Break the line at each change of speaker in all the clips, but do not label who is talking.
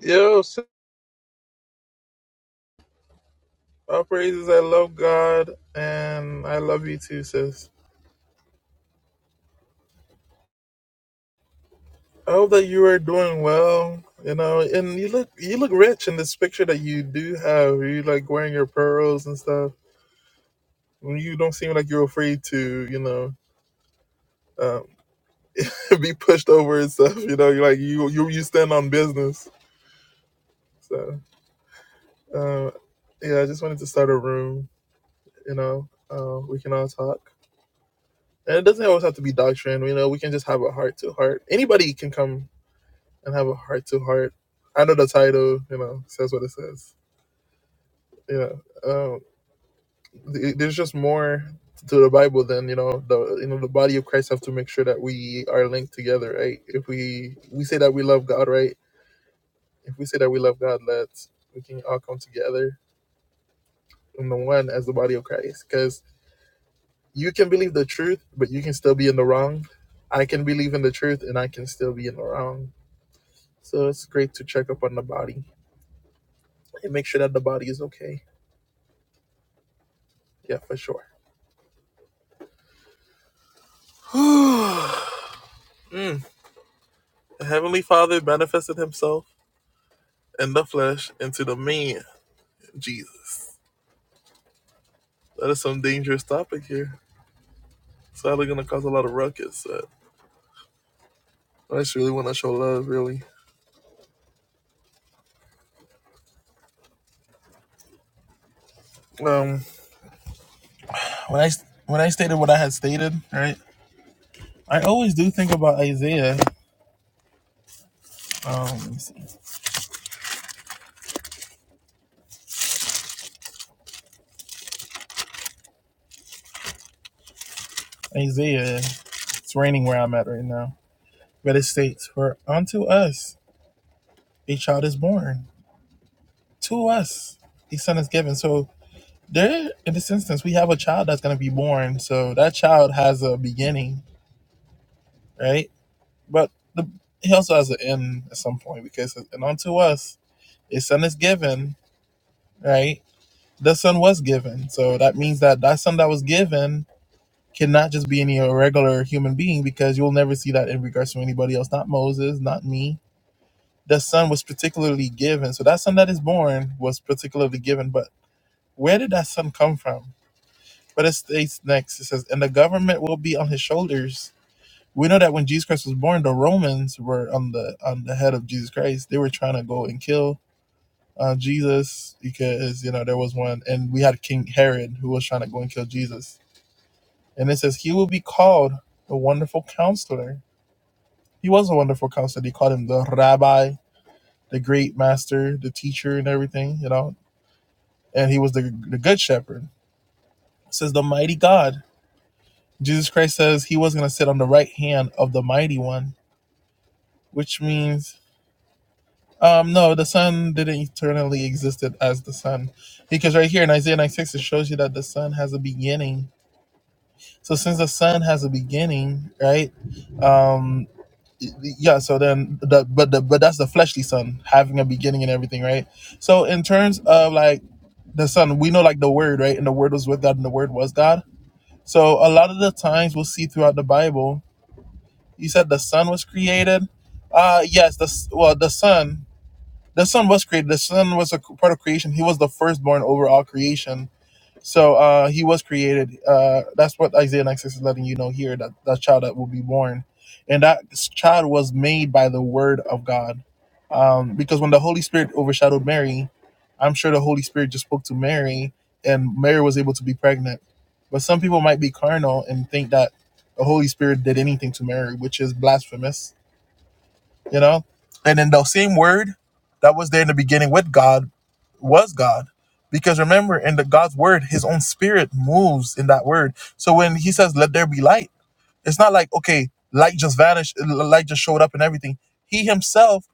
Yo, sis, all praises. I love God and I love you too, sis. I hope that you are doing well. You know, and you look you look rich in this picture that you do have. You like wearing your pearls and stuff. You don't seem like you're afraid to, you know, um, be pushed over and stuff. You know, you're like you you you stand on business. So, um, yeah, I just wanted to start a room. You know, uh, we can all talk. And it doesn't always have to be doctrine. You know, we can just have a heart to heart. Anybody can come and have a heart to heart. I know the title, you know, says what it says. You know, um, th- there's just more to the Bible than you know the you know the body of Christ have to make sure that we are linked together, right? If we we say that we love God, right? If we say that we love God, let's we can all come together in the one as the body of Christ, because you can believe the truth, but you can still be in the wrong. I can believe in the truth, and I can still be in the wrong. So it's great to check up on the body and make sure that the body is okay. Yeah, for sure. Mm. Heavenly Father manifested himself in the flesh into the man, Jesus. That is some dangerous topic here. Sadly, gonna cause a lot of ruckus. But I just really want to show love, really. Um, when I when I stated what I had stated, right? I always do think about Isaiah. Um, let me see. Isaiah. It's raining where I'm at right now, but it states, "For unto us a child is born, to us a son is given." So There, in this instance, we have a child that's going to be born, so that child has a beginning, right? But the, he also has an end at some point because, and unto us, a son is given, right? The son was given, so that means that that son that was given cannot just be any regular human being because you'll never see that in regards to anybody else, not Moses, not me. The son was particularly given, so that son that is born was particularly given. But where did that son come from? But it states next, it says, and the government will be on his shoulders. We know that when Jesus Christ was born, the Romans were on the on the head of Jesus Christ. They were trying to go and kill uh, Jesus because you know there was one, and we had King Herod who was trying to go and kill Jesus. And it says he will be called the Wonderful Counselor. He was a wonderful counselor. They called him the Rabbi, the Great Master, the Teacher, and everything. You know, and he was the the Good Shepherd. It says the Mighty God. Jesus Christ says he was going to sit on the right hand of the mighty one, which means um no, the son didn't eternally existed as the son. Because right here in Isaiah 96 it shows you that the son has a beginning. So since the son has a beginning, right? Um yeah, so then the but the but that's the fleshly son having a beginning and everything, right? So in terms of like the son, we know like the word, right? And the word was with God and the word was God. So a lot of the times we'll see throughout the Bible You said the sun was created. Uh, yes, the s- well, the sun, the sun was created. The sun was a c- part of creation. He was the firstborn over all creation so uh, he was created. Uh, that's what Isaiah 96 is letting you know here that that child that will be born, and that s- child was made by the word of God, um, because when the Holy Spirit overshadowed Mary, I'm sure the Holy Spirit just spoke to Mary, and Mary was able to be pregnant. But some people might be carnal and think that the Holy Spirit did anything to Mary, which is blasphemous you know and in the same word that was there in the beginning with god was god because remember in the god's word his own spirit moves in that word so when he says let there be light it's not like okay light just vanished light just showed up and everything he himself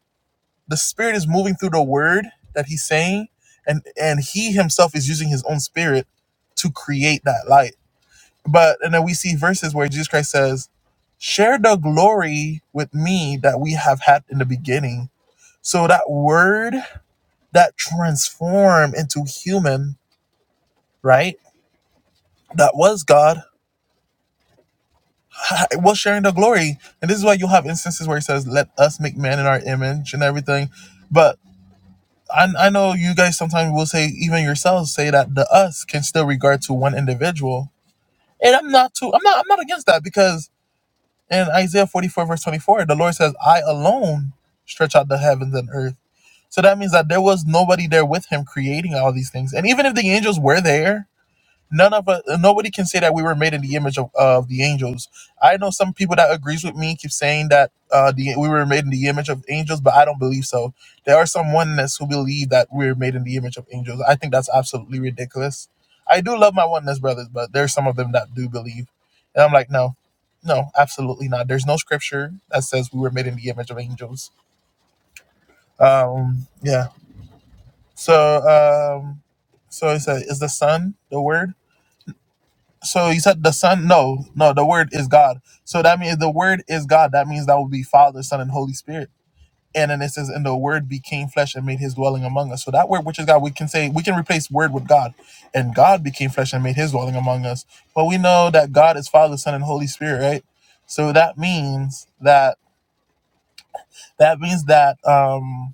the spirit is moving through the word that he's saying and and he himself is using his own spirit to create that light but and then we see verses where jesus christ says share the glory with me that we have had in the beginning so that word that transformed into human, right? That was God, was sharing the glory. And this is why you have instances where he says, Let us make man in our image and everything. But I, I know you guys sometimes will say, even yourselves say that the us can still regard to one individual. And I'm not too I'm not I'm not against that because In Isaiah 44, verse 24, the Lord says, I alone stretch out the heavens and earth. So that means that there was nobody there with him creating all these things. And even if the angels were there, none of us nobody can say that we were made in the image of, of the angels i know some people that agrees with me keep saying that uh the, we were made in the image of angels but i don't believe so there are some oneness who believe that we are made in the image of angels i think that's absolutely ridiculous i do love my oneness brothers but there's some of them that do believe and i'm like no no absolutely not there's no scripture that says we were made in the image of angels um yeah so um so it's a, is the son the word So he said the Son. No, no, the Word is God. So that means the Word is God. That means that will be Father, Son, and Holy Spirit. And then it says, and the Word became flesh and made His dwelling among us. So that Word, which is God, we can say we can replace Word with God, and God became flesh and made His dwelling among us. But we know that God is Father, Son, and Holy Spirit, right? So that means that that means that um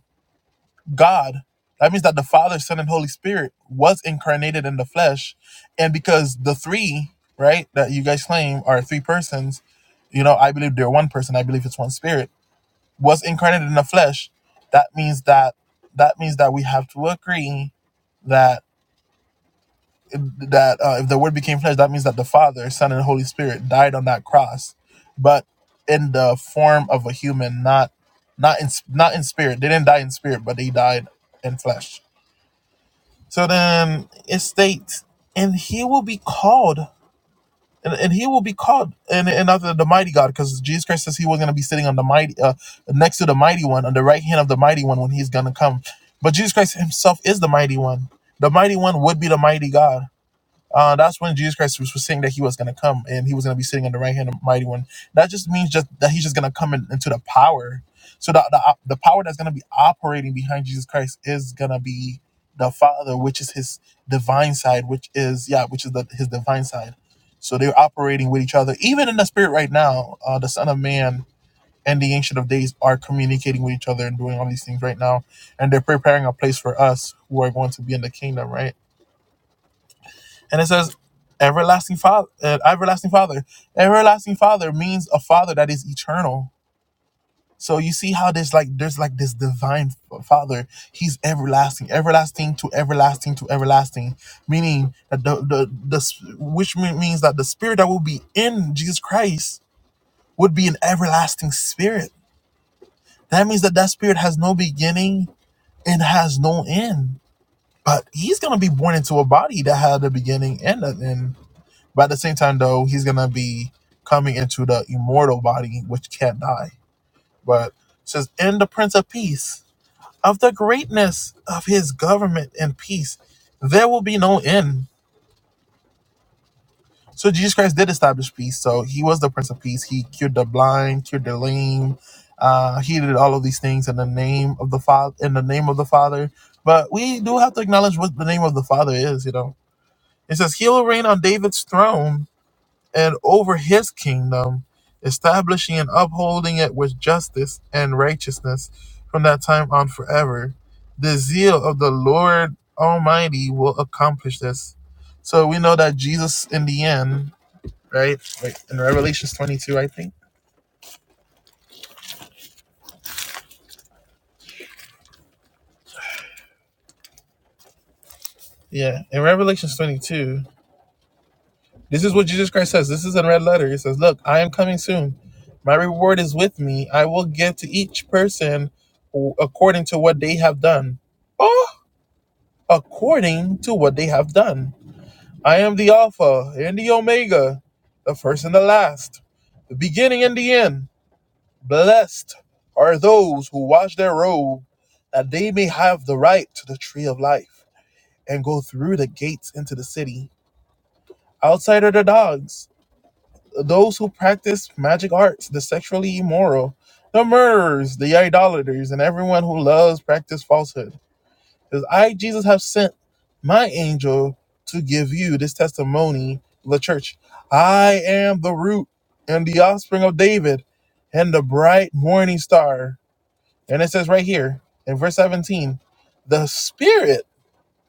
God, that means that the Father, Son, and Holy Spirit was incarnated in the flesh. And because the three, right, that you guys claim are three persons, you know, I believe they're one person, I believe it's one spirit, was incarnated in the flesh, that means that that means that we have to agree that that uh, if the word became flesh, that means that the Father, Son, and Holy Spirit died on that cross, but in the form of a human, not not in not in spirit. They didn't die in spirit, but they died in flesh. So then it states, and he will be called, and, and he will be called, and, and not the, the mighty God, because Jesus Christ says he was going to be sitting on the mighty, uh, next to the mighty one, on the right hand of the mighty one when he's going to come. But Jesus Christ himself is the mighty one. The mighty one would be the mighty God. Uh, that's when Jesus Christ was, was saying that he was going to come and he was going to be sitting on the right hand of the mighty one. That just means just that he's just going to come in, into the power. So the, the the power that's going to be operating behind Jesus Christ is going to be the Father, which is his divine side, which is yeah, which is the, his divine side. So they're operating with each other, even in the spirit right now. Uh, the Son of Man and the Ancient of Days are communicating with each other and doing all these things right now, and they're preparing a place for us who are going to be in the kingdom, right? and it says everlasting father uh, everlasting father everlasting father means a father that is eternal so you see how there's like there's like this divine f- father he's everlasting everlasting to everlasting to everlasting meaning that the the, the s- which me- means that the spirit that will be in jesus christ would be an everlasting spirit that means that that spirit has no beginning and has no end but he's gonna be born into a body that had a beginning and an end But at the same time, though, he's gonna be coming into the immortal body, which can't die. But it says, "In the Prince of Peace, of the greatness of his government and peace, there will be no end." So Jesus Christ did establish peace. So he was the Prince of Peace. He cured the blind, cured the lame. Uh, he did all of these things in the name of the Father. In the name of the Father. But we do have to acknowledge what the name of the Father is. You know, it says he will reign on David's throne and over his kingdom, establishing and upholding it with justice and righteousness from that time on forever. The zeal of the Lord Almighty will accomplish this. So we know that Jesus, in the end, right? Wait, in Revelations 22, I think. Yeah, in Revelations 22, this is what Jesus Christ says. This is in red letter. He says, Look, I am coming soon. My reward is with me. I will give to each person according to what they have done. Oh, according to what they have done. I am the Alpha and the Omega, the first and the last, the beginning and the end. Blessed are those who wash their robe, that they may have the right to the tree of life and go through the gates into the city. Outside are the dogs, those who practice magic arts, the sexually immoral, the murderers, the idolaters, and everyone who loves practice falsehood. says, I, Jesus, have sent my angel to give you this testimony, the church. I am the root and the offspring of David and the bright morning star. And it says right here in verse 17, the spirit,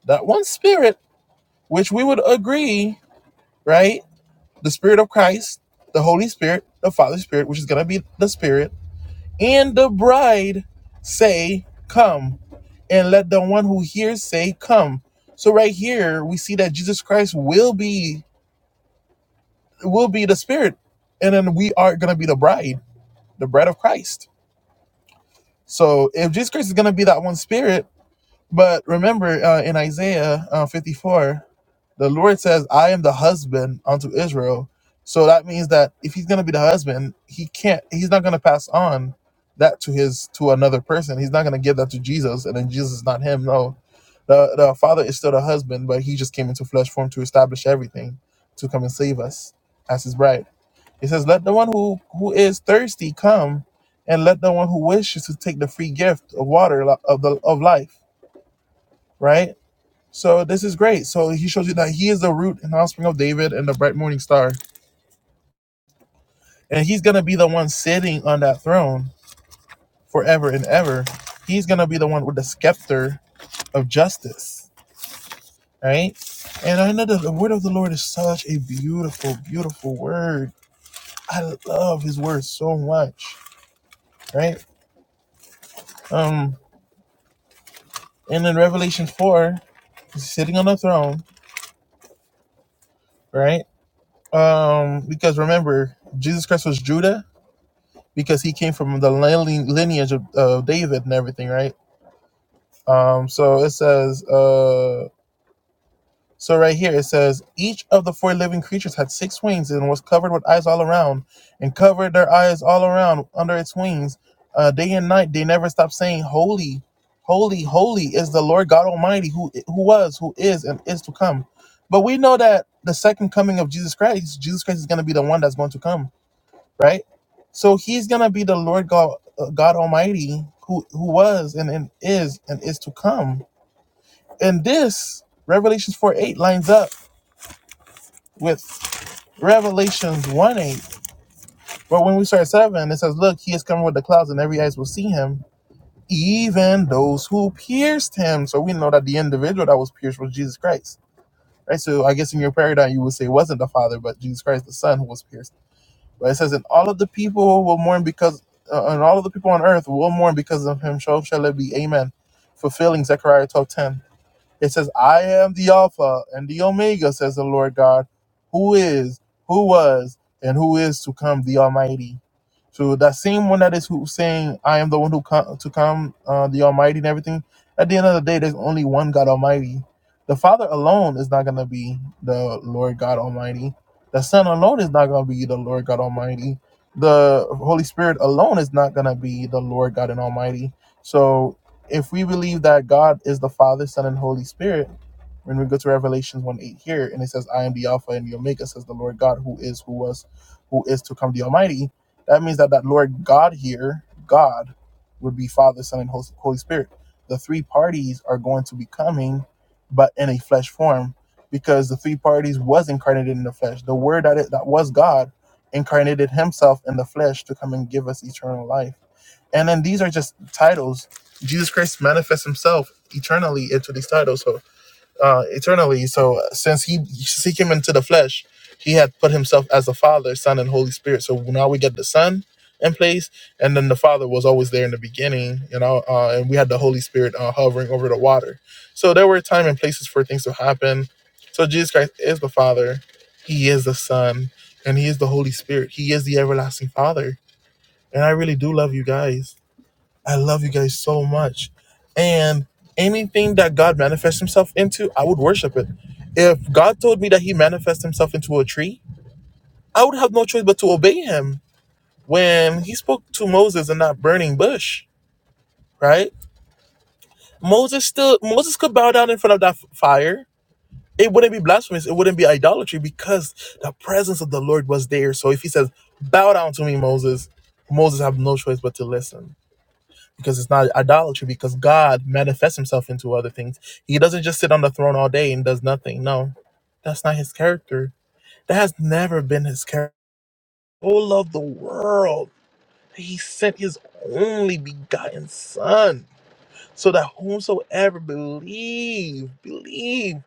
that one spirit, which we would agree, right? The spirit of Christ, the Holy Spirit, the Father Spirit, which is going to be the spirit and the bride say, Come. And let the one who hears say, Come. So right here we see that Jesus Christ will be will be the spirit. And then we are gonna be the bride, the bride of Christ. So if Jesus Christ is gonna be that one spirit, But remember uh, in Isaiah uh, 54, the Lord says, I am the husband unto Israel. So that means that if he's going to be the husband, he can't, he's not going to pass on that to his, to another person. He's not going to give that to Jesus and then Jesus is not him. No, the, the father is still the husband, but he just came into flesh form to establish everything, to come and save us as his bride. It says, let the one who, who is thirsty come and let the one who wishes to take the free gift of water of the, of life, right? So this is great. So he shows you that he is the root and offspring of David and the bright morning star. And he's going to be the one sitting on that throne forever and ever. He's going to be the one with the scepter of justice, right? And I know that the word of the Lord is such a beautiful, beautiful word. I love his word so much, right? Um, and in Revelation 4, he's sitting on the throne, right? Um, because remember, Jesus Christ was Judah because he came from the lin- lineage of, of David and everything, right? Um, so it says, uh, so right here it says, each of the four living creatures had six wings and was covered with eyes all around, and covered their eyes all around under its wings. Uh, day and night they never stopped saying, Holy, holy, holy is the Lord God Almighty, who who was, who is, and is to come. But we know that the second coming of Jesus Christ, Jesus Christ is going to be the one that's going to come right? So he's gonna be the Lord God, uh, God Almighty, who who was and, and is and is to come. And this Revelations four eight lines up with Revelations one eight. But when we start seven, it says, "Look, he is coming with the clouds, and every eyes will see him, even those who pierced him." So we know that the individual that was pierced was Jesus Christ, right? So I guess in your paradigm, you would say it wasn't the Father, but Jesus Christ, the Son, who was pierced But it says, and all of the people will mourn because, uh, and all of the people on earth will mourn because of him. So shall it be. Amen. Fulfilling Zechariah 12:10. It says, I am the Alpha and the Omega, says the Lord God, who is, who was, and who is to come, the Almighty. So that same one that is who saying, "I am the one who come to come, uh, the Almighty and everything." At the end of the day, there's only one God Almighty. The Father alone is not gonna be the Lord God Almighty. The Son alone is not gonna be the Lord God Almighty. The Holy Spirit alone is not gonna be the Lord God and Almighty. So if we believe that God is the Father, Son, and Holy Spirit, when we go to Revelations 1 8 here, and it says, I am the Alpha and the Omega, says the Lord God, who is, who was, who is to come, the Almighty that means that that Lord God here, God, would be Father, Son, and Holy Spirit. The three parties are going to be coming, but in a flesh form, because the three parties was incarnated in the flesh. The Word that it, that was God incarnated Himself in the flesh to come and give us eternal life. And then these are just titles. Jesus Christ manifests Himself eternally into these titles. So uh, eternally. So uh, since he he came into the flesh, he had put himself as the Father, Son, and Holy Spirit. So now we get the Son in place, and then the Father was always there in the beginning, you know, uh, and we had the Holy Spirit uh, hovering over the water. So there were time and places for things to happen. So Jesus Christ is the Father, He is the Son, and He is the Holy Spirit. He is the everlasting Father. And I really do love you guys. I love you guys so much. And anything that God manifests himself into, I would worship it. If God told me that he manifests himself into a tree, I would have no choice but to obey him when he spoke to Moses in that burning bush, right? Moses still Moses could bow down in front of that f- fire. It wouldn't be blasphemous, it wouldn't be idolatry because the presence of the Lord was there. So if he says, "Bow down to me, Moses," Moses have no choice but to listen because it's not idolatry because God manifests himself into other things. He doesn't just sit on the throne all day and does nothing. No, that's not his character. That has never been his character. Oh, love the world. that He sent his only begotten son so that whomsoever believe, believe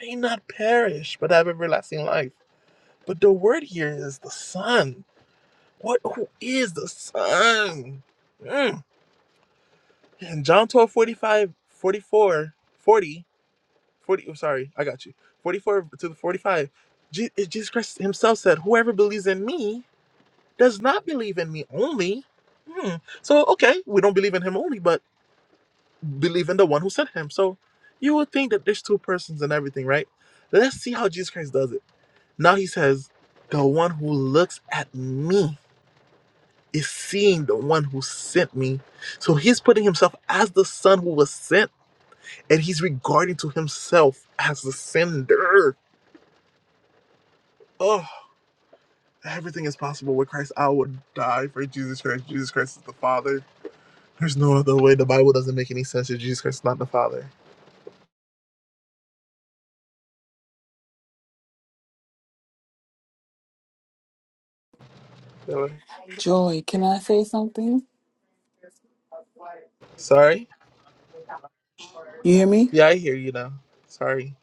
may not perish but have everlasting life. But the word here is the son. What who is the son? Mm. And John 12, forty-five, forty-four, forty, forty, oh, sorry, I got you. 44 to the 45. Je- Jesus Christ himself said, Whoever believes in me does not believe in me only. Hmm. So, okay, we don't believe in him only, but believe in the one who sent him. So, you would think that there's two persons and everything, right? Let's see how Jesus Christ does it. Now he says, The one who looks at me is seeing the one who sent me. So, he's putting himself as the son who was sent and he's regarding to himself as the sender. Oh, everything is possible with Christ. I would die for Jesus Christ. Jesus Christ is the Father. There's no other way. The Bible doesn't make any sense if Jesus Christ is not the Father. Really?
Joy, can I say something?
Sorry?
You hear me?
Yeah, I hear you now. Sorry.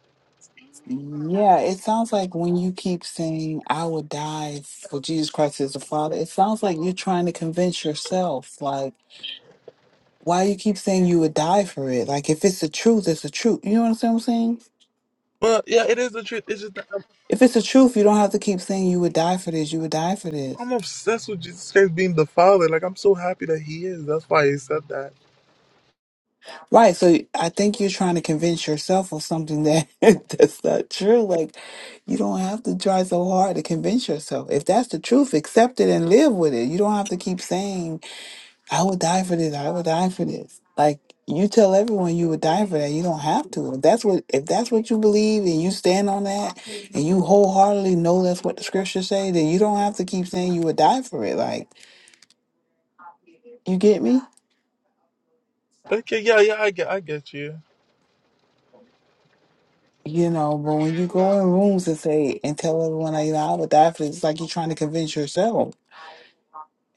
Yeah, it sounds like when you keep saying, I will die for Jesus Christ as the Father, it sounds like you're trying to convince yourself. Like, why you keep saying you would die for it? Like, if it's the truth, it's the truth. You know what I'm saying?
But yeah, it is the truth. It's just that I'm,
If it's the truth, you don't have to keep saying you would die for this, you would die for this.
I'm obsessed with Jesus Christ being the Father. Like I'm so happy that He is. That's why He said that.
Right. So I think you're trying to convince yourself of something that that's not true. Like you don't have to try so hard to convince yourself. If that's the truth, accept it and live with it. You don't have to keep saying, I would die for this, I would die for this. Like you tell everyone you would die for that. You don't have to. If that's what if that's what you believe and you stand on that and you wholeheartedly know that's what the scriptures say, then you don't have to keep saying you would die for it. Like you get me?
Okay, yeah, yeah, I get, I get you.
You know, but when you go in rooms and say and tell everyone like, you know, i would die a athlete, it's like you're trying to convince yourself.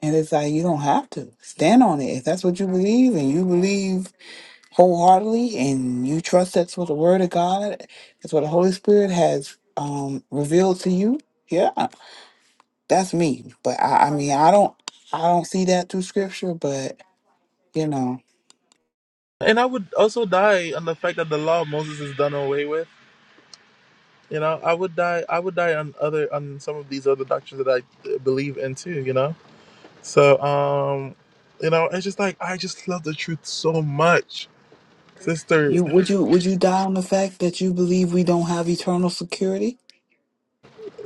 And it's like you don't have to. Stand on it. If that's what you believe and you believe wholeheartedly and you trust that's what the word of God, that's what the Holy Spirit has um revealed to you, yeah. That's me. But I, I mean I don't I don't see that through scripture, but you know.
And I would also die on the fact that the law of Moses is done away with. You know, I would die. I would die on other on some of these other doctrines that I uh, believe in too. You know, so um, you know, it's just like I just love the truth so much, sister.
You would you would you die on the fact that you believe we don't have eternal security?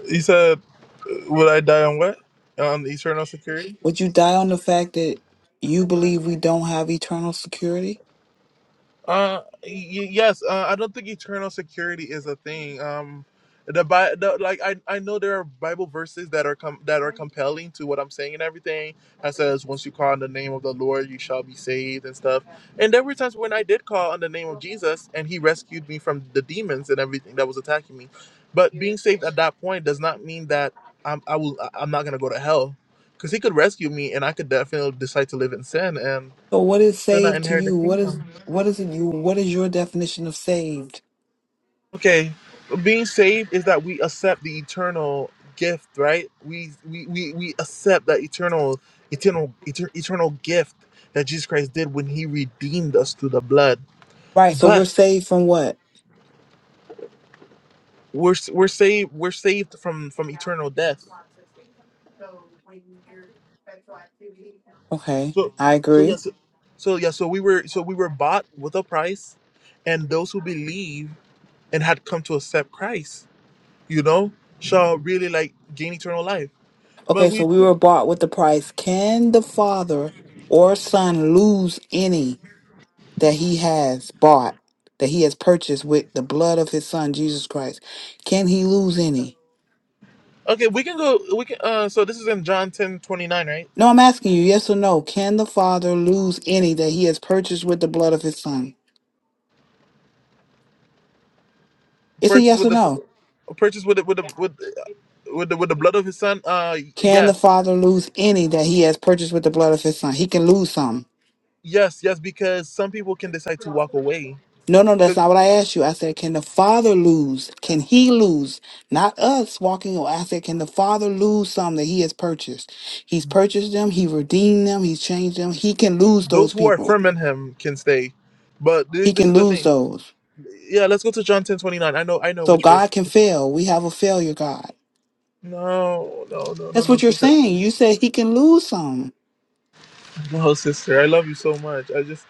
He said, uh, "Would I die on what? On eternal security?"
Would you die on the fact that you believe we don't have eternal security?
Uh, y- yes. Uh, I don't think eternal security is a thing. Um, the, Bi- the like I I know there are Bible verses that are com- that are compelling to what I'm saying and everything. That says once you call on the name of the Lord, you shall be saved and stuff. And there were times when I did call on the name of Jesus, and He rescued me from the demons and everything that was attacking me. But being saved at that point does not mean that I'm I will I- I'm not gonna go to hell, because He could rescue me, and I could definitely decide to live in sin and
So what is
still not
saved to
inherit the
you? What
kingdom.
is what is it you what is your definition of saved?
Okay, being saved is that we accept the eternal gift, right? We we we, we accept that eternal eternal eter, eternal gift that Jesus Christ did when he redeemed us through the blood.
Right, so we're
But
saved from what?
we're s- we're saved we're saved from from eternal death.
Okay,
So
I
so
agree.
yes so yeah so we were so we were bought with a price and those who believe and had come to accept Christ, you know, shall really like gain eternal life. But
Okay,
we
so we
do
were bought with the price. Can the father or son lose any that he has bought, that he has purchased with the blood of his son Jesus Christ? Can he lose any?
Okay, we can go. We can. Uh, so this is in John ten twenty nine, right?
No, I'm asking you, yes or no. Can the father lose any that he has purchased with the blood of his son? It's a
Purchase
yes
with
or
the
no.
purchase with the, with the with the, with the with the blood of his son. Uh,
Can the
yes,
father lose any that he has purchased with the blood of his son? He can lose some.
yes, yes. Because some people can decide to walk away.
No, no, that's
Because
not what I asked you. I said, can the father lose? Can he lose? Not us walking away. I said, can the father lose some that he has purchased? He's purchased them. He redeemed them. He's changed them. He can lose
those
those
who are
people.
firm in him can stay. But thi-
He
this
can
is the
lose
thing.
those.
Yeah, let's go to John ten twenty nine. I know. I know
So
which
God
verse.
can fail. We have a failure God.
No, no, no, no,
That's
no,
what you're
sister.
saying. You said he can lose some.
No, sister. I love you so much. I just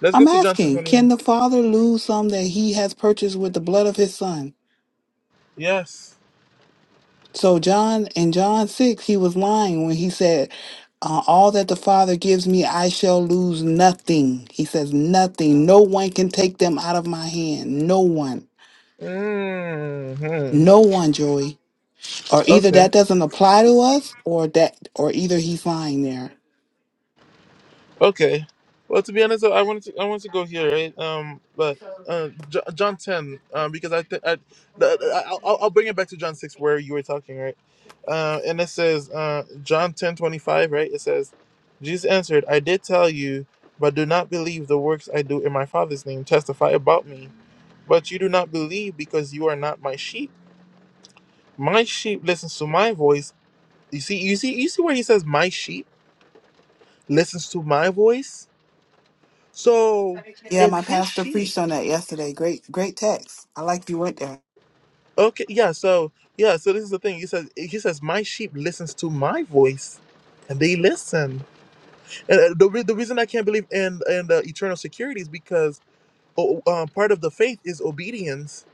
let's go
I'm
to John ten
asking,
twenty
can
nine.
the father lose some that he has purchased with the blood of his son?
Yes.
So John in John six, he was lying when he said, uh, "All that the Father gives me, I shall lose nothing." He says, "Nothing. No one can take them out of my hand. No one.
hmm
No one, Joey. Or either
Okay.
that doesn't apply to us, or that, or either he's lying there."
Okay. Well, to be honest, I wanted to I wanted to go here, right? Um, but uh, J- John ten, um, because I think I, the- the- I'll I'll I'll bring it back to John six where you were talking, right? Uh, and it says uh, John ten twenty five, right? It says, Jesus answered, "I did tell you, but do not believe the works I do in my Father's name testify about me, but you do not believe because you are not my sheep. My sheep listens to my voice. You see, you see, you see where he says my sheep listens to my voice." So
Yeah,
if
my
his
pastor
sheep,
preached on that yesterday. Great, great text. I like you went there.
okay, yeah, so yeah, so this is the thing. He says he says my sheep listens to my voice, and they listen. And uh, the re- the reason I can't believe in in the eternal security is because oh, um, part of the faith is obedience,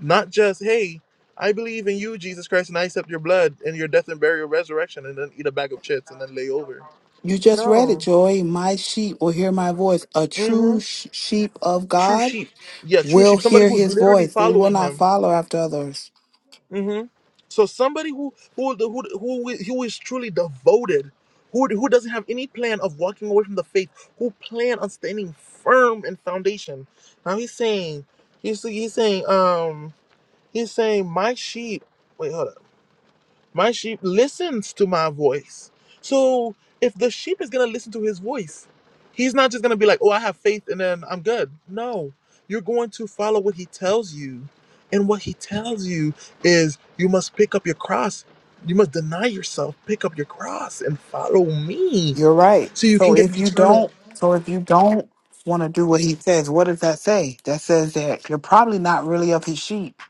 not just hey. I believe in you, Jesus Christ, and I accept your blood and your death and burial, resurrection, and then eat a bag of chips and then lay over.
You just read it,
No.
Joy. My sheep will hear my voice. A true
Mm-hmm.
sh- sheep of
True
God
sheep. Yeah, true
will
sheep. Somebody
hear
who's
his
literally
voice. They will
following
not
him.
follow after others.
hmm So somebody who who who who is- who is truly devoted, who who doesn't have any plan of walking away from the faith, who plan on standing firm in foundation. Now he's saying, he's he's saying, um, he's saying, my sheep. Wait, hold up. My sheep listens to my voice. So if the sheep is going to listen to his voice, he's not just going to be like, oh, I have faith and then I'm good. No, you're going to follow what he tells you. And what he tells you is you must pick up your cross. You must deny yourself, pick up your cross and follow me
You're right.
so you
So
can get the
if you
eternal.
don't, so if you don't want to do what he says, what does that say? That says that you're probably not really of his sheep.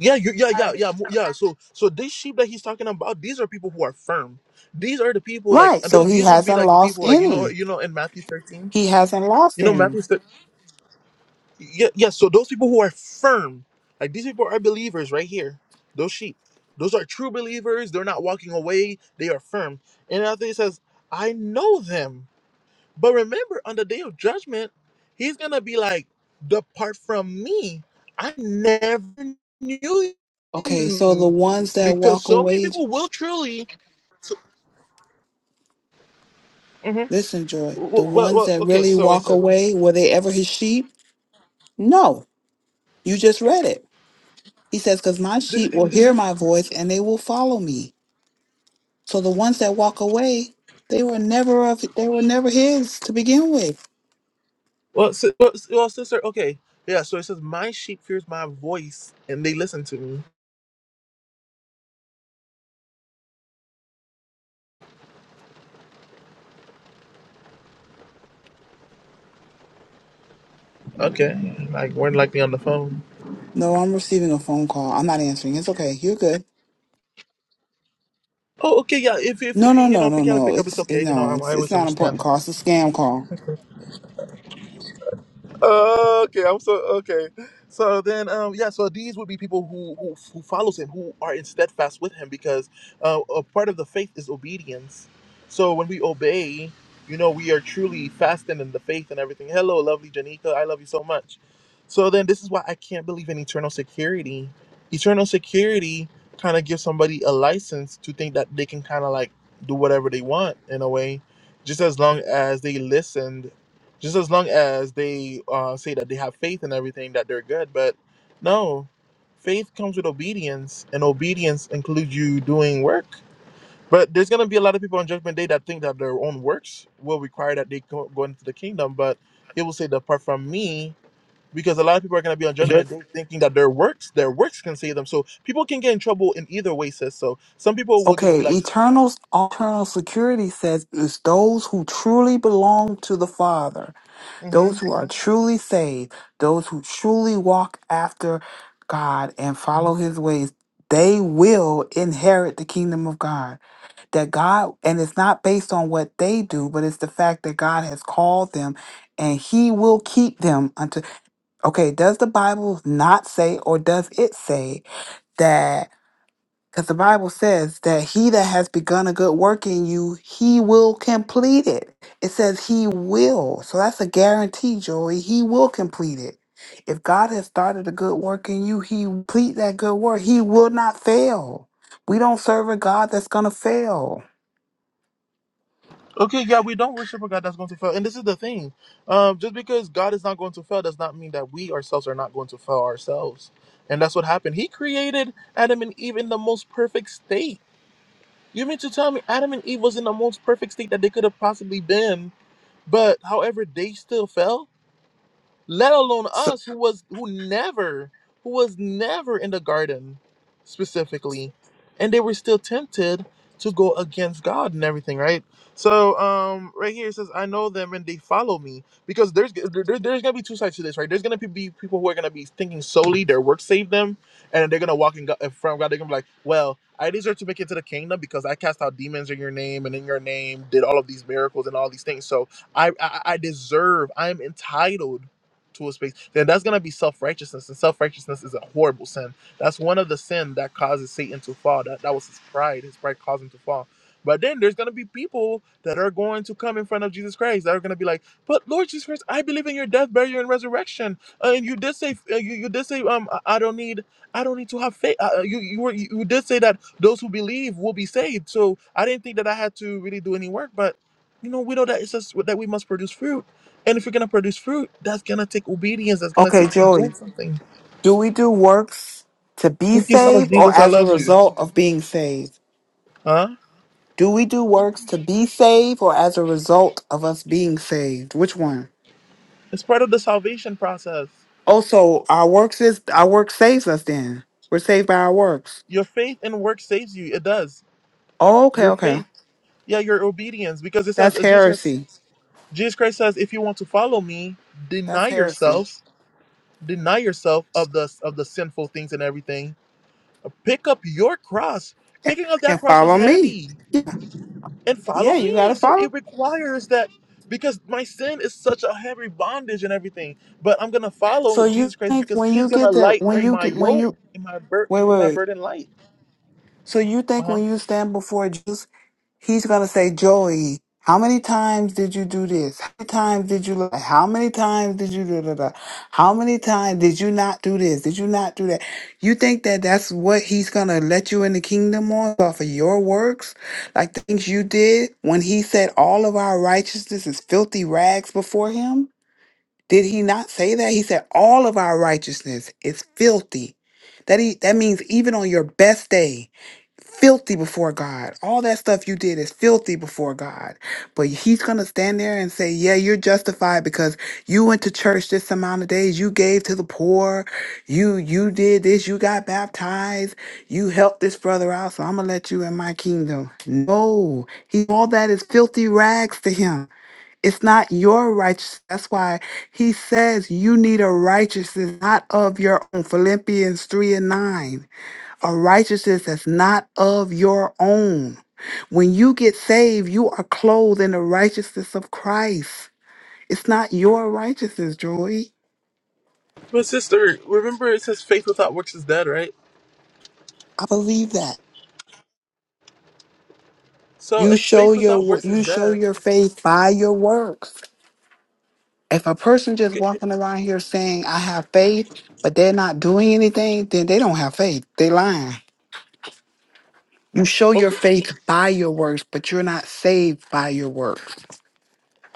Yeah, you, yeah, yeah, yeah, mo- yeah. So, so these sheep that he's talking about, these are people who are firm. These are the people like
Right.
and
So
those,
he
these would be
hasn't
like the
lost
people like you know
any.
you know in Matthew 13
He hasn't
You
lost
know,
any.
Matthew said, yeah, yeah, so those people who are firm, like these people are believers right here, those sheep. Those are true believers. They're not walking away. They are firm. And after he says, I know them. But remember, on the day of judgment, he's going to be like, Depart from me. I never knew
Okay. So the
you.
ones that
Because
walk
so many
away,
people will truly. So, Mhm.
listen, Joy, the
well, well,
ones
well,
that
okay,
really
so he
walk
says,
away, were they ever his sheep? No. You just read it. He says, because my sheep will
this.
hear my voice and they will follow me. So the ones that walk away, they were never of, they were never his to begin with.
Well, si- well, s- well, sister. Okay, yeah. So it says, "My sheep hears my voice, and they listen to me." Okay, like we're likely on the phone.
No, I'm receiving a phone call. I'm not answering. It's okay. You're good.
Oh, okay, yeah. If if,
No,
if you
no,
you know
no,
if you
no,
gotta
no.
pick up, it's
It's
okay. You know,
no,
I,
it's
I
it's
always
not an
understand
important call. It's a scam call.
Oh, okay, I'm so okay. So then, um, yeah. So these would be people who who, who follows him, who are in steadfast with him, because uh, a part of the faith is obedience. So when we obey, you know, we are truly fasting in the faith and everything. Hello, lovely Janika, I love you so much. So then, this is why I can't believe in eternal security. Eternal security kind of gives somebody a license to think that they can kind of like do whatever they want in a way, just as long as they listened just as long as they uh, say that they have faith and everything that they're good but no faith comes with obedience and obedience includes you doing work but there's going to be a lot of people on judgment day that think that their own works will require that they go, go into the kingdom but it will say that apart from me because a lot of people are going to be on judgment day thinking that their works their works can save them so people can get in trouble in either way sis so some people will just
Okay,
be like
Eternal's Eternal Security says it's those who truly belong to the Father,
mm-hmm,
those who are truly saved, those who truly walk after God and follow his ways, they will inherit the kingdom of God. That God and it's not based on what they do, but it's the fact that God has called them and he will keep them Okay, does the Bible not say, or does it say that? Because the Bible says that he that has begun a good work in you, he will complete it. It says he will. So that's a guarantee, Joey. He will complete it. If God has started a good work in you, he will complete that good work. He will not fail. We don't serve a God that's going to fail.
Okay, yeah, we don't worship a God that's going to fail. And this is the thing. Um, just because God is not going to fail does not mean that we ourselves are not going to fail ourselves. And that's what happened. He created Adam and Eve in the most perfect state. You mean to tell me Adam and Eve was in the most perfect state that they could have possibly been, but however, they still fell? let alone
So,
us who was who never who was never in the garden specifically and they were still tempted to go against god and everything right so um right here it says i know them and they follow me because there's there, there- there's gonna be two sides to this right there's gonna be people who are gonna be thinking solely their work saved them and they're gonna walk in, God, in front of god they're gonna be like well i deserve to make it to the kingdom because i cast out demons in your name and in your name did all of these miracles and all these things so i i, I deserve i'm entitled to a space, then that's gonna be self righteousness, and self righteousness is a horrible sin. That's one of the sin that causes Satan to fall. That that was his pride. His pride caused him to fall. But then there's gonna be people that are going to come in front of Jesus Christ that are gonna be like, "But Lord Jesus Christ, I believe in your death, burial, and resurrection. Uh, and you did say, uh, you, you did say, um, I, I don't need, I don't need to have faith. Uh, uh, you you were you did say that those who believe will be saved. So I didn't think that I had to really do any work, but you know we know that it's just that we must produce fruit. And if you're gonna produce fruit, that's gonna take obedience. That's gonna
okay,
take you
Joey,
doing something.
do we do works to be
Thank you, Son of
saved or
Jesus. I
as a
love you.
result of being saved?
Huh?
Do we do works to be saved or as a result of us being saved? Which one?
It's part of the salvation process.
Oh, so our works is our work saves us then. We're saved by our works.
Your faith and work saves you. It does.
Oh, okay,
Your
okay.
faith, yeah, your obedience, because it says
That's
uh, Jesus.
heresy.
Jesus Christ says, if you want to follow me, deny
That's heresy.
yourself, deny yourself of the of the sinful things and everything. Pick up your cross.
And,
Picking up that
and
cross was
follow me.
heavy.
Yeah.
and
Yeah,
follow
you
me.
gotta
So
follow.
it requires that because my sin is such a heavy bondage and everything. But I'm gonna
So
follow
you
Jesus Christ
think
because
when
He's
you
gonna
get that
light
when
in
you
my
get when
yoke,
you
in my burden,
wait,
and
wait,
make my
wait.
burden light.
So you think
Uh-huh.
when you stand before Jesus He's going to say, Joey, how many times did you do this? How many times did you lie? How many times did you da da da? How many times did you not do this? Did you not do that? You think that that's what he's going to let you in the kingdom on off of your works? Like the things you did when he said all of our righteousness is filthy rags before him? Did he not say that? He said all of our righteousness is filthy. That he, that means even on your best day filthy before God. All that stuff you did is filthy before God. But he's going to stand there and say, Yeah, you're justified because you went to church this amount of days, you gave to the poor, you you did this, you got baptized, you helped this brother out, so I'm going to let you in my kingdom. No. He all that is filthy rags to him. It's not your righteousness. That's why he says you need a righteousness not of your own. Philippians 3 and 9 a righteousness that's not of your own. When you get saved, you are clothed in the righteousness of Christ. It's not your righteousness, Joy.
But sister, remember it says faith without works is dead, right?
I believe that.
So
You
if
show
faith
your
without
wo-
works
you
is
show
dead,
your faith by your works. If a person just walking around here saying I have faith, but they're not doing anything, then they don't have faith. They lying. You show
okay,
your faith by your works, but you're not saved by your works.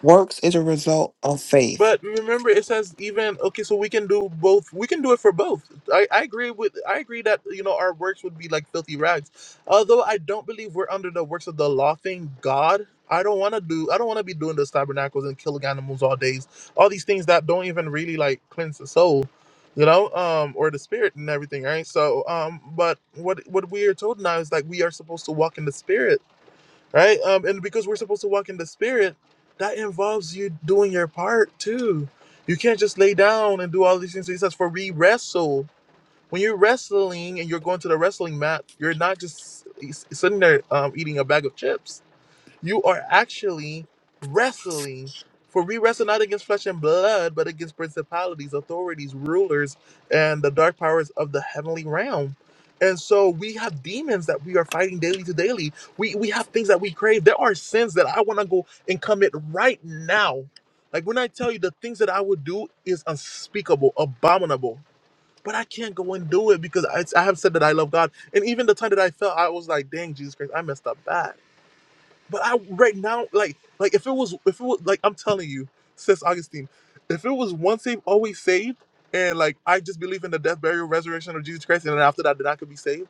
Works is a result of faith.
But remember, it says even okay, so we can do both. We can do it for both. I, I agree with I agree that you know our works would be like filthy rags. Although I don't believe we're under the works of the law. Thank God. I don't want to do. I don't want to be doing those tabernacles and killing animals all days. All these things that don't even really like cleanse the soul, you know, um, or the spirit and everything, right? So, um, but what what we are told now is like we are supposed to walk in the spirit right? Um, and because we're supposed to walk in the spirit, that involves you doing your part too. You can't just lay down and do all these things. He says, "For we wrestle." When you're wrestling and you're going to the wrestling mat, you're not just s- sitting there um, eating a bag of chips you are actually wrestling for we wrestle not against flesh and blood but against principalities authorities rulers and the dark powers of the heavenly realm and so we have demons that we are fighting daily to daily we we have things that we crave there are sins that i want to go and commit right now like when i tell you the things that i would do is unspeakable abominable but i can't go and do it because i, I have said that i love god and even the time that i felt i was like dang jesus christ i messed up bad but I right now, like like if it was if it was like I'm telling you, sis Augustine, if it was once saved, always saved, and like I just believe in the death, burial, resurrection of Jesus Christ, and then after that, then I could be saved.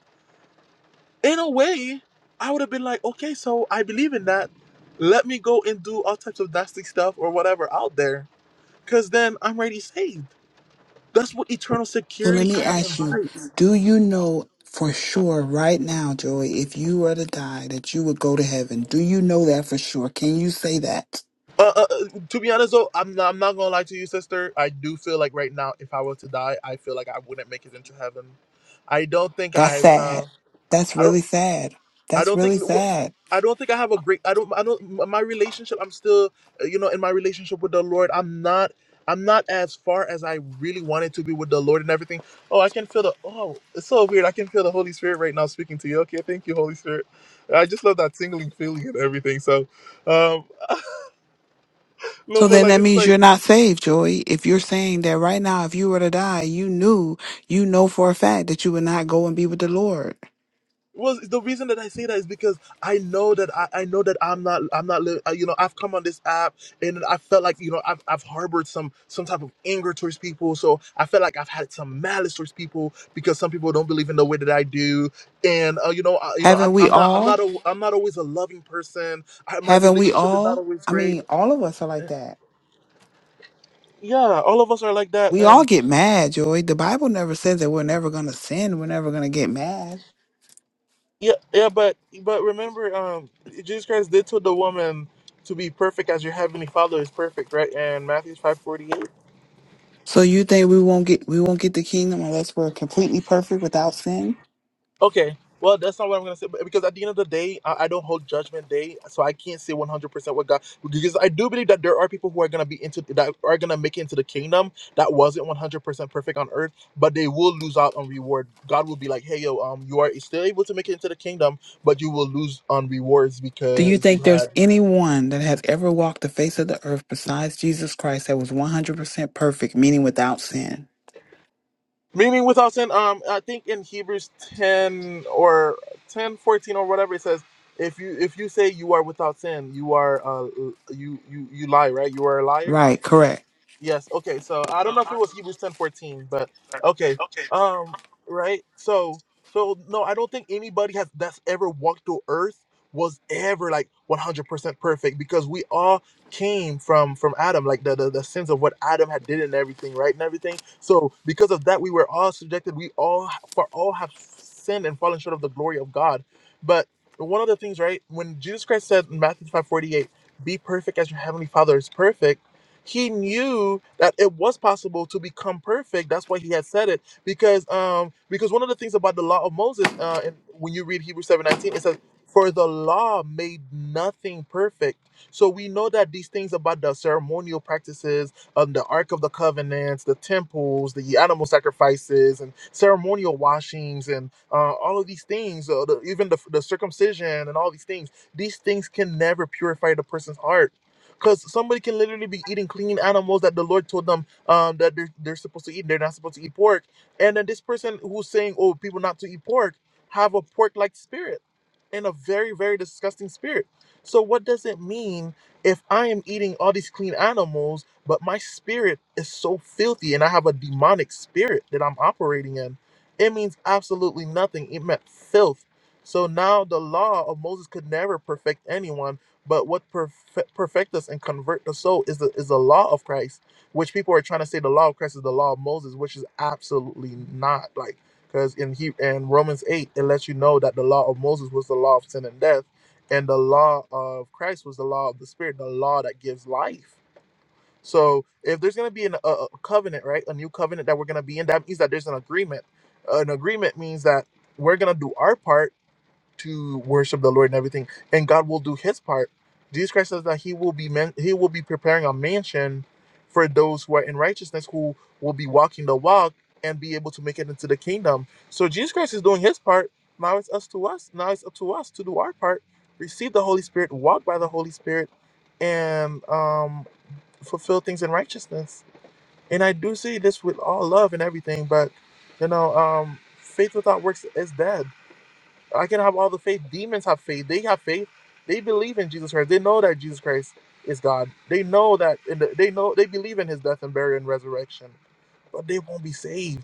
In a way, I would have been like, okay, so I believe in that. Let me go and do all types of nasty stuff or whatever out there, cause then I'm already saved. That's what eternal
So
security
let me
kind of
ask you,
invites.
do you know for sure right now, Joy, if you were to die, that you would go to heaven? Do you know that for sure? Can you say that?
Uh, uh, uh, to be honest though, I'm not, I'm not gonna lie to you, sister. I do feel like right now, if I were to die, I feel like I wouldn't make it into heaven. I don't think
That's
I.
sad.
Uh,
That's
I don't.
really sad.
I
That's
don't think.
really
wh-
sad.
I don't think I have a great. I don't. I don't. m- My relationship. I'm still. uh, You know, in my relationship with the Lord, I'm not. I'm not as far as I really wanted to be with the Lord and everything. Oh, I can feel the. Oh, it's so weird. I can feel the Holy Spirit right now speaking to you. Okay, thank you, Holy Spirit. I just love that tingling feeling and everything. So, um, no,
So
but
then
like
that
it's
means
like
you're not saved, Joy. If you're saying that right now, if you were to die, you knew, you know for a fact that you would not go and be with the Lord.
Well, the reason that I say that is because I know that I, I know that I'm not I'm not li- uh, you know I've come on this app and I felt like you know I've I've harbored some some type of anger towards people, so I felt like I've had some malice towards people because some people don't believe in the way that I do, and uh, you know I, you know
Haven't
I'm
we
I'm not I'm not
all?
a, I'm not always a loving person. I, my
Haven't we
relationship is not
all?
always
I
great.
mean, all of us are like that
Yeah, all of us are like that,
We
and.
all get mad, Joy. The Bible never says that we're never gonna sin. We're never gonna get mad.
Yeah, yeah, but but remember, um, Jesus Christ did tell the woman to be perfect as your heavenly Father is perfect, right? And Matthew five forty eight.
So you think we won't get we won't get the kingdom unless we're completely perfect without sin?
Okay, well, that's not what I'm gonna say, but- because at the end of the day, I, I don't hold Judgment Day, so I can't say one hundred percent what God. Because I do believe that there are people who are gonna be into that are gonna make it into the kingdom that wasn't one hundred percent perfect on earth, but they will lose out on reward. God will be like, hey, yo, um, you are still able to make it into the kingdom, but you will lose on rewards
Do you
because
think
you had
there's anyone that has ever walked the face of the earth besides Jesus Christ that was 100% perfect, meaning without sin?
Meaning without sin, um, I think in Hebrews 10 or 10 14 or whatever it says, if you if you say you are without sin, you are uh you you you lie, right? You are a liar.
Right, correct.
Yes. Okay. So I don't know if it was Hebrews ten fourteen, but okay. Um. Right. So. So no, I don't think anybody has that's ever walked through Earth was ever like one hundred percent perfect because we all came from from Adam, like the, the the sins of what Adam had did and everything, right, and everything. So because of that, we were all subjected. We all ha- for all have sinned and fallen short of the glory of God. But one of the things, right, when Jesus Christ said in Matthew five forty eight, "Be perfect as your heavenly Father is perfect." he knew that it was possible to become perfect. That's why he had said it because um because one of the things about the law of Moses uh and when you read Hebrews 7:19 it says for the law made nothing perfect. So we know that these things about the ceremonial practices, um, the Ark of the Covenants, the temples, the animal sacrifices, and ceremonial washings, and uh, all of these things, uh, the, even the, the circumcision and all these things, these things can never purify the person's heart because somebody can literally be eating clean animals that the Lord told them um, that they're, they're supposed to eat. They're not supposed to eat pork. And then this person who's saying, oh, people not to eat pork, have a pork like spirit and a very, very disgusting spirit. So, what does it mean if I am eating all these clean animals, but my spirit is so filthy and I have a demonic spirit that I'm operating in? It means absolutely nothing. It meant filth. So now the law of Moses could never perfect anyone but what perfect, perfect us and convert the soul is the is the law of Christ, which people are trying to say the law of Christ is the law of Moses, which is absolutely not. Like, because in he in Romans eight, it lets you know that the law of Moses was the law of sin and death, and the law of Christ was the law of the Spirit, the law that gives life. So, if there's going to be an, a, a covenant, right, a new covenant that we're going to be in, that means that there's an agreement. An agreement means that we're going to do our part to worship the Lord and everything, and God will do His part. Jesus Christ says that He will be man, He will be preparing a mansion for those who are in righteousness, who will be walking the walk and be able to make it into the kingdom. So Jesus Christ is doing His part. Now it's us to us. Now it's up to us to do our part, receive the Holy Spirit, walk by the Holy Spirit, and um, fulfill things in righteousness. And I do say this with all love and everything, but you know, um, faith without works is dead I can have all the faith. Demons have faith. They have faith. They believe in Jesus Christ. They know that Jesus Christ is God. They know that, and they know they believe in His death and burial and resurrection. But they won't be saved.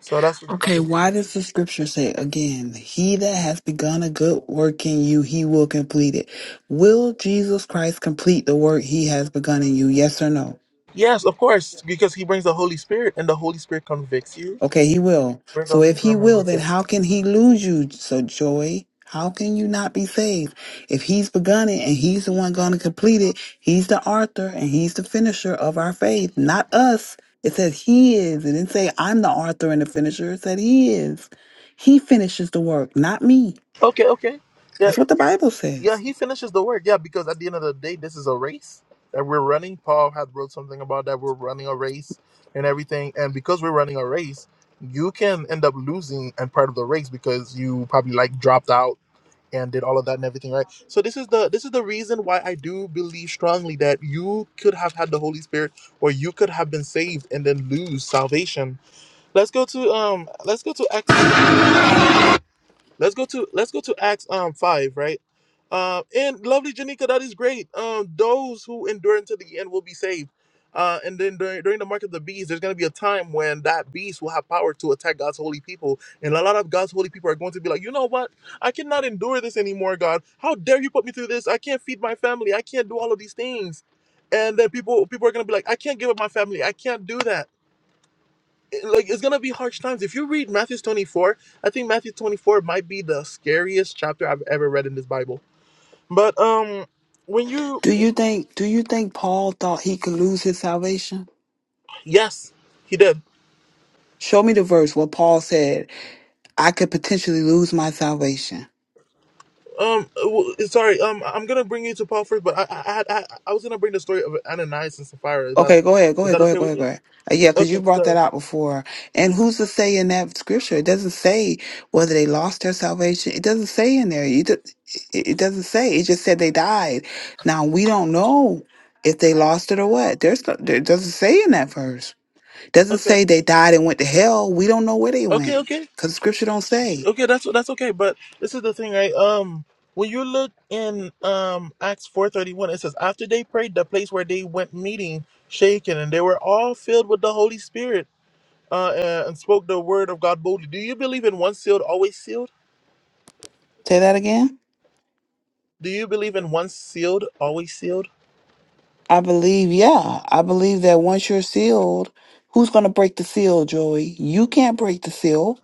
So that's what's
Okay,
interesting.
why does the scripture say again, he that has begun a good work in you, he will complete it. Will Jesus Christ complete the work he has begun in you? Yes or no?
Yes, of course, because He brings the Holy Spirit, and the Holy Spirit convicts you.
Okay, he will.
Brings
So
all
if
things to
he will,
remembrance.
then
Yes.
how can he lose you? So Joy, how can you not be saved? If he's begun it and he's the one going to complete it, he's the author and he's the finisher of our faith, not us. It says he is. It didn't say I'm the author and the finisher. It said he is. He finishes the work, not me.
Okay. Okay. Yeah,
That's what the Bible
Yeah,
says.
he finishes the work. Yeah, because at the end of the day, this is a race that we're running. Paul had wrote something about that we're running a race and everything. And because we're running a race, you can end up losing and part of the race because you probably like dropped out and did all of that and everything, right? So this is the this is the reason why I do believe strongly that you could have had the Holy Spirit or you could have been saved and then lose salvation. Let's go to um let's go to Acts Let's go to let's go to Acts um five, right? Um, and lovely Janika, that is great. Um, those who endure until the end will be saved. Uh, and then during, during the mark of the beast, there's going to be a time when that beast will have power to attack God's holy people, and a lot of God's holy people are going to be like, you know what? I cannot endure this anymore, God. How dare you put me through this? I can't feed my family. I can't do all of these things. And then people people are going to be like, I can't give up my family. I can't do that like it's gonna be harsh times. If you read Matthew 24, I think Matthew 24 might be the scariest chapter I've ever read in this Bible. But um, when you
Do you think do you think Paul thought he could lose his salvation?
yes, he did.
Show me the verse where Paul said, I could potentially lose my salvation.
Um, w- sorry. Um, I'm gonna bring you to Paul first, but I I had- I, I was gonna bring the story of Ananias and Sapphira. Is that
Okay, go ahead, go
is
ahead,
that
go ahead,
okay
go
with
ahead, go
you?
ahead. Uh, yeah, because you
Okay,
brought that
so
out before. And who's to say in that scripture? It doesn't say whether they lost their salvation. It doesn't say in there. You do, it it doesn't say. It just said they died. Now we don't know if they lost it or what. There's no, there it doesn't say in that verse. doesn't
okay,
say they died and went to hell. We don't know where they
okay,
went
okay.
because scripture don't say.
Okay, that's that's okay, but this is the thing, right? Um, when you look in um Acts four thirty one, it says after they prayed, the place where they went meeting shaken, and they were all filled with the Holy Spirit, uh, and and spoke the word of God boldly. Do you believe in once sealed, always sealed?
Say that again.
Do you believe in once sealed, always sealed?
I believe, yeah, I believe that once you're sealed, who's going to break the seal, Joey? You can't break the seal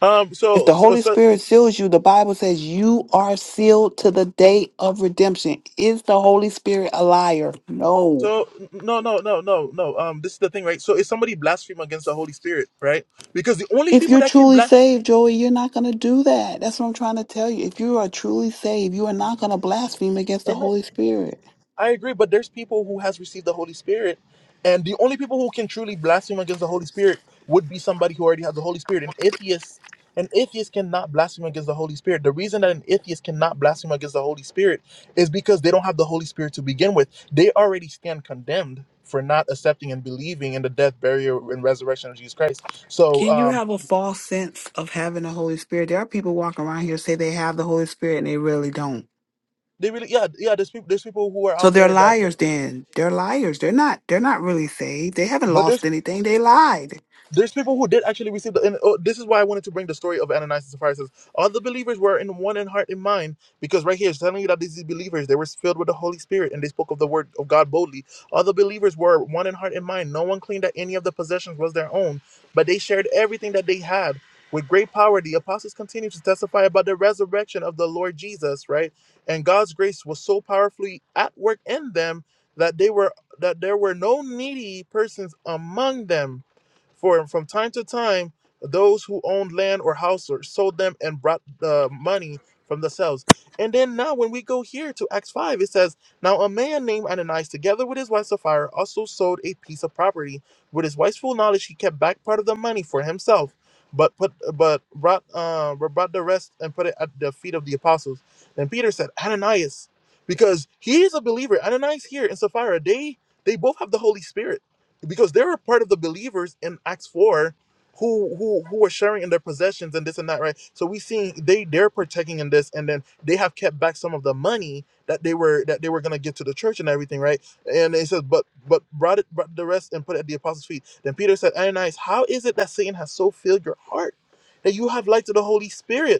Um,
If
so
the
so
Holy
so.
Spirit seals you, the Bible says you are sealed to the day of redemption. Is the Holy Spirit a liar? No.
So no no no no no um this is the thing right so if somebody blaspheme against the Holy Spirit right because the only
If
people
you're
that can
truly
blaspheme
saved, Joey, you're not going to do that. That's what I'm trying to tell you. If you are truly saved, you are not going to blaspheme against the Holy Spirit.
I agree, but there's people who has received the Holy Spirit, and the only people who can truly blaspheme against the Holy Spirit would be somebody who already has the Holy Spirit. An atheist, an atheist cannot blaspheme against the Holy Spirit. The reason that an atheist cannot blaspheme against the Holy Spirit is because they don't have the Holy Spirit to begin with. They already stand condemned for not accepting and believing in the death, burial, and resurrection of Jesus Christ. So,
Can you
um,
have a false sense of having the Holy Spirit? There are people walking around here say they have the Holy Spirit and they really don't.
they really, yeah, yeah. There's people, there's people who are
So
out
they're
there that,
liars then. They're liars. They're not they're not really saved. They haven't
but there's
lost anything. They lied.
there's people who did actually receive the and oh, this is why i wanted to bring the story of ananias and sapphira It says all the believers were in one in heart and mind because right here it's telling you that these believers they were filled with the holy spirit and they spoke of the word of god boldly all the believers were one in heart and mind no one claimed that any of the possessions was their own but they shared everything that they had with great power the apostles continued to testify about the resurrection of the lord jesus right and god's grace was so powerfully at work in them that they were that there were no needy persons among them for from time to time, those who owned land or houses sold them and brought the money from themselves. And then now, when we go here to Acts 5, it says, Now a man named Ananias, together with his wife Sapphira, also sold a piece of property. With his wife's full knowledge, he kept back part of the money for himself, but put but brought uh brought the rest and put it at the feet of the apostles. Then Peter said, Ananias, because he is a believer. Ananias here and Sapphira, they they both have the Holy Spirit because they were part of the believers in Acts four, who who who were sharing in their possessions and this and that, right? So we see they they're partaking in this, and then they have kept back some of the money that they were that they were gonna give to the church and everything, right? And it says, but but brought it brought the rest and put it at the apostles' feet. Then Peter said, Ananias, how is it that Satan has so filled your heart that you have lied to the Holy Spirit?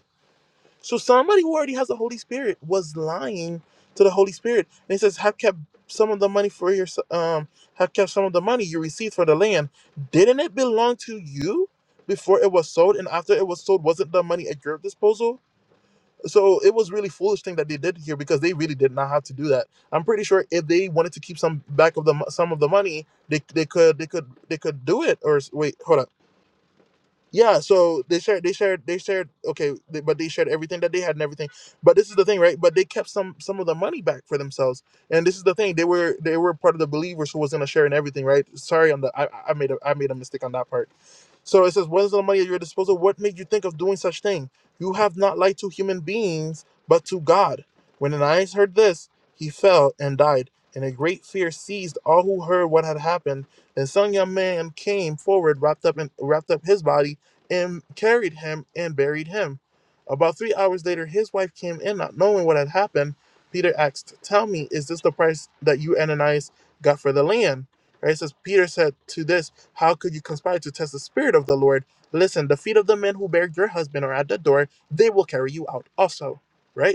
So somebody who already has the Holy Spirit was lying to the Holy Spirit, and he says, "Have kept some of the money for your um, have kept some of the money you received for the land. Didn't it belong to you before it was sold, and after it was sold, wasn't the money at your disposal?" So it was really foolish thing that they did here because they really did not have to do that. I'm pretty sure if they wanted to keep some back of the mo- some of the money, they, they could they could they could do it. Or s- wait, hold up. Yeah, so they shared, they shared, they shared. Okay, they, but they shared everything that they had and everything. But this is the thing, right? But they kept some some of the money back for themselves. And this is the thing, they were they were part of the believers who was in a share and everything, right? Sorry on the I, I made a I made a mistake on that part. So it says, "What is the money at your disposal? What made you think of doing such thing? You have not lied to human beings, but to God." When Ananias heard this, he fell and died, and a great fear seized all who heard what had happened. And some young man came forward, wrapped up in wrapped up his body and carried him and buried him. About three hours later, his wife came in, not knowing what had happened. Peter asked, Tell me, is this the price that you, Ananias, got for the land? Right? It says, Peter said to this, How could you conspire to test the spirit of the Lord? Listen, the feet of the men who buried your husband are at the door. They will carry you out also. Right?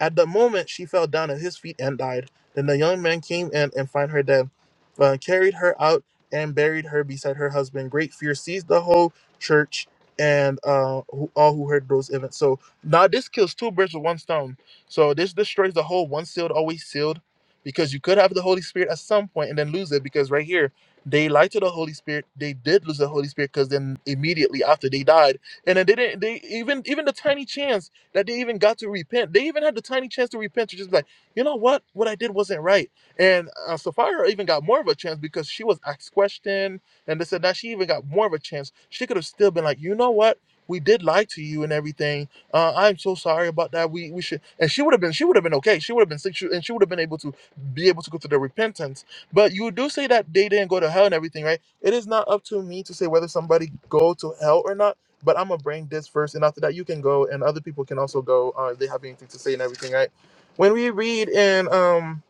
At the moment, she fell down at his feet and died. Then the young man came in and found her dead, but carried her out and buried her beside her husband. Great fear seized the whole church and uh, who, all who heard those events. So now this kills two birds with one stone. So this destroys the whole one sealed, always sealed, because you could have the Holy Spirit at some point and then lose it. Because right here, they lied to the Holy Spirit. They did lose the Holy Spirit because then immediately after they died, and then they didn't. They even even the tiny chance that they even got to repent. They even had the tiny chance to repent to just be like, you know what, what I did wasn't right. And uh, Sapphira even got more of a chance because she was asked question and they said that she even got more of a chance. She could have still been like, you know what, we did lie to you and everything. Uh, I'm so sorry about that. We we should and she would have been she would have been okay. She would have been sick she- and she would have been able to be able to go through the repentance. But you do say that they didn't go to hell and everything, right? It is not up to me to say whether somebody go to hell or not but I'm gonna bring this first, and after that, you can go, and other people can also go. Uh, if they have anything to say and everything, right? When we read in um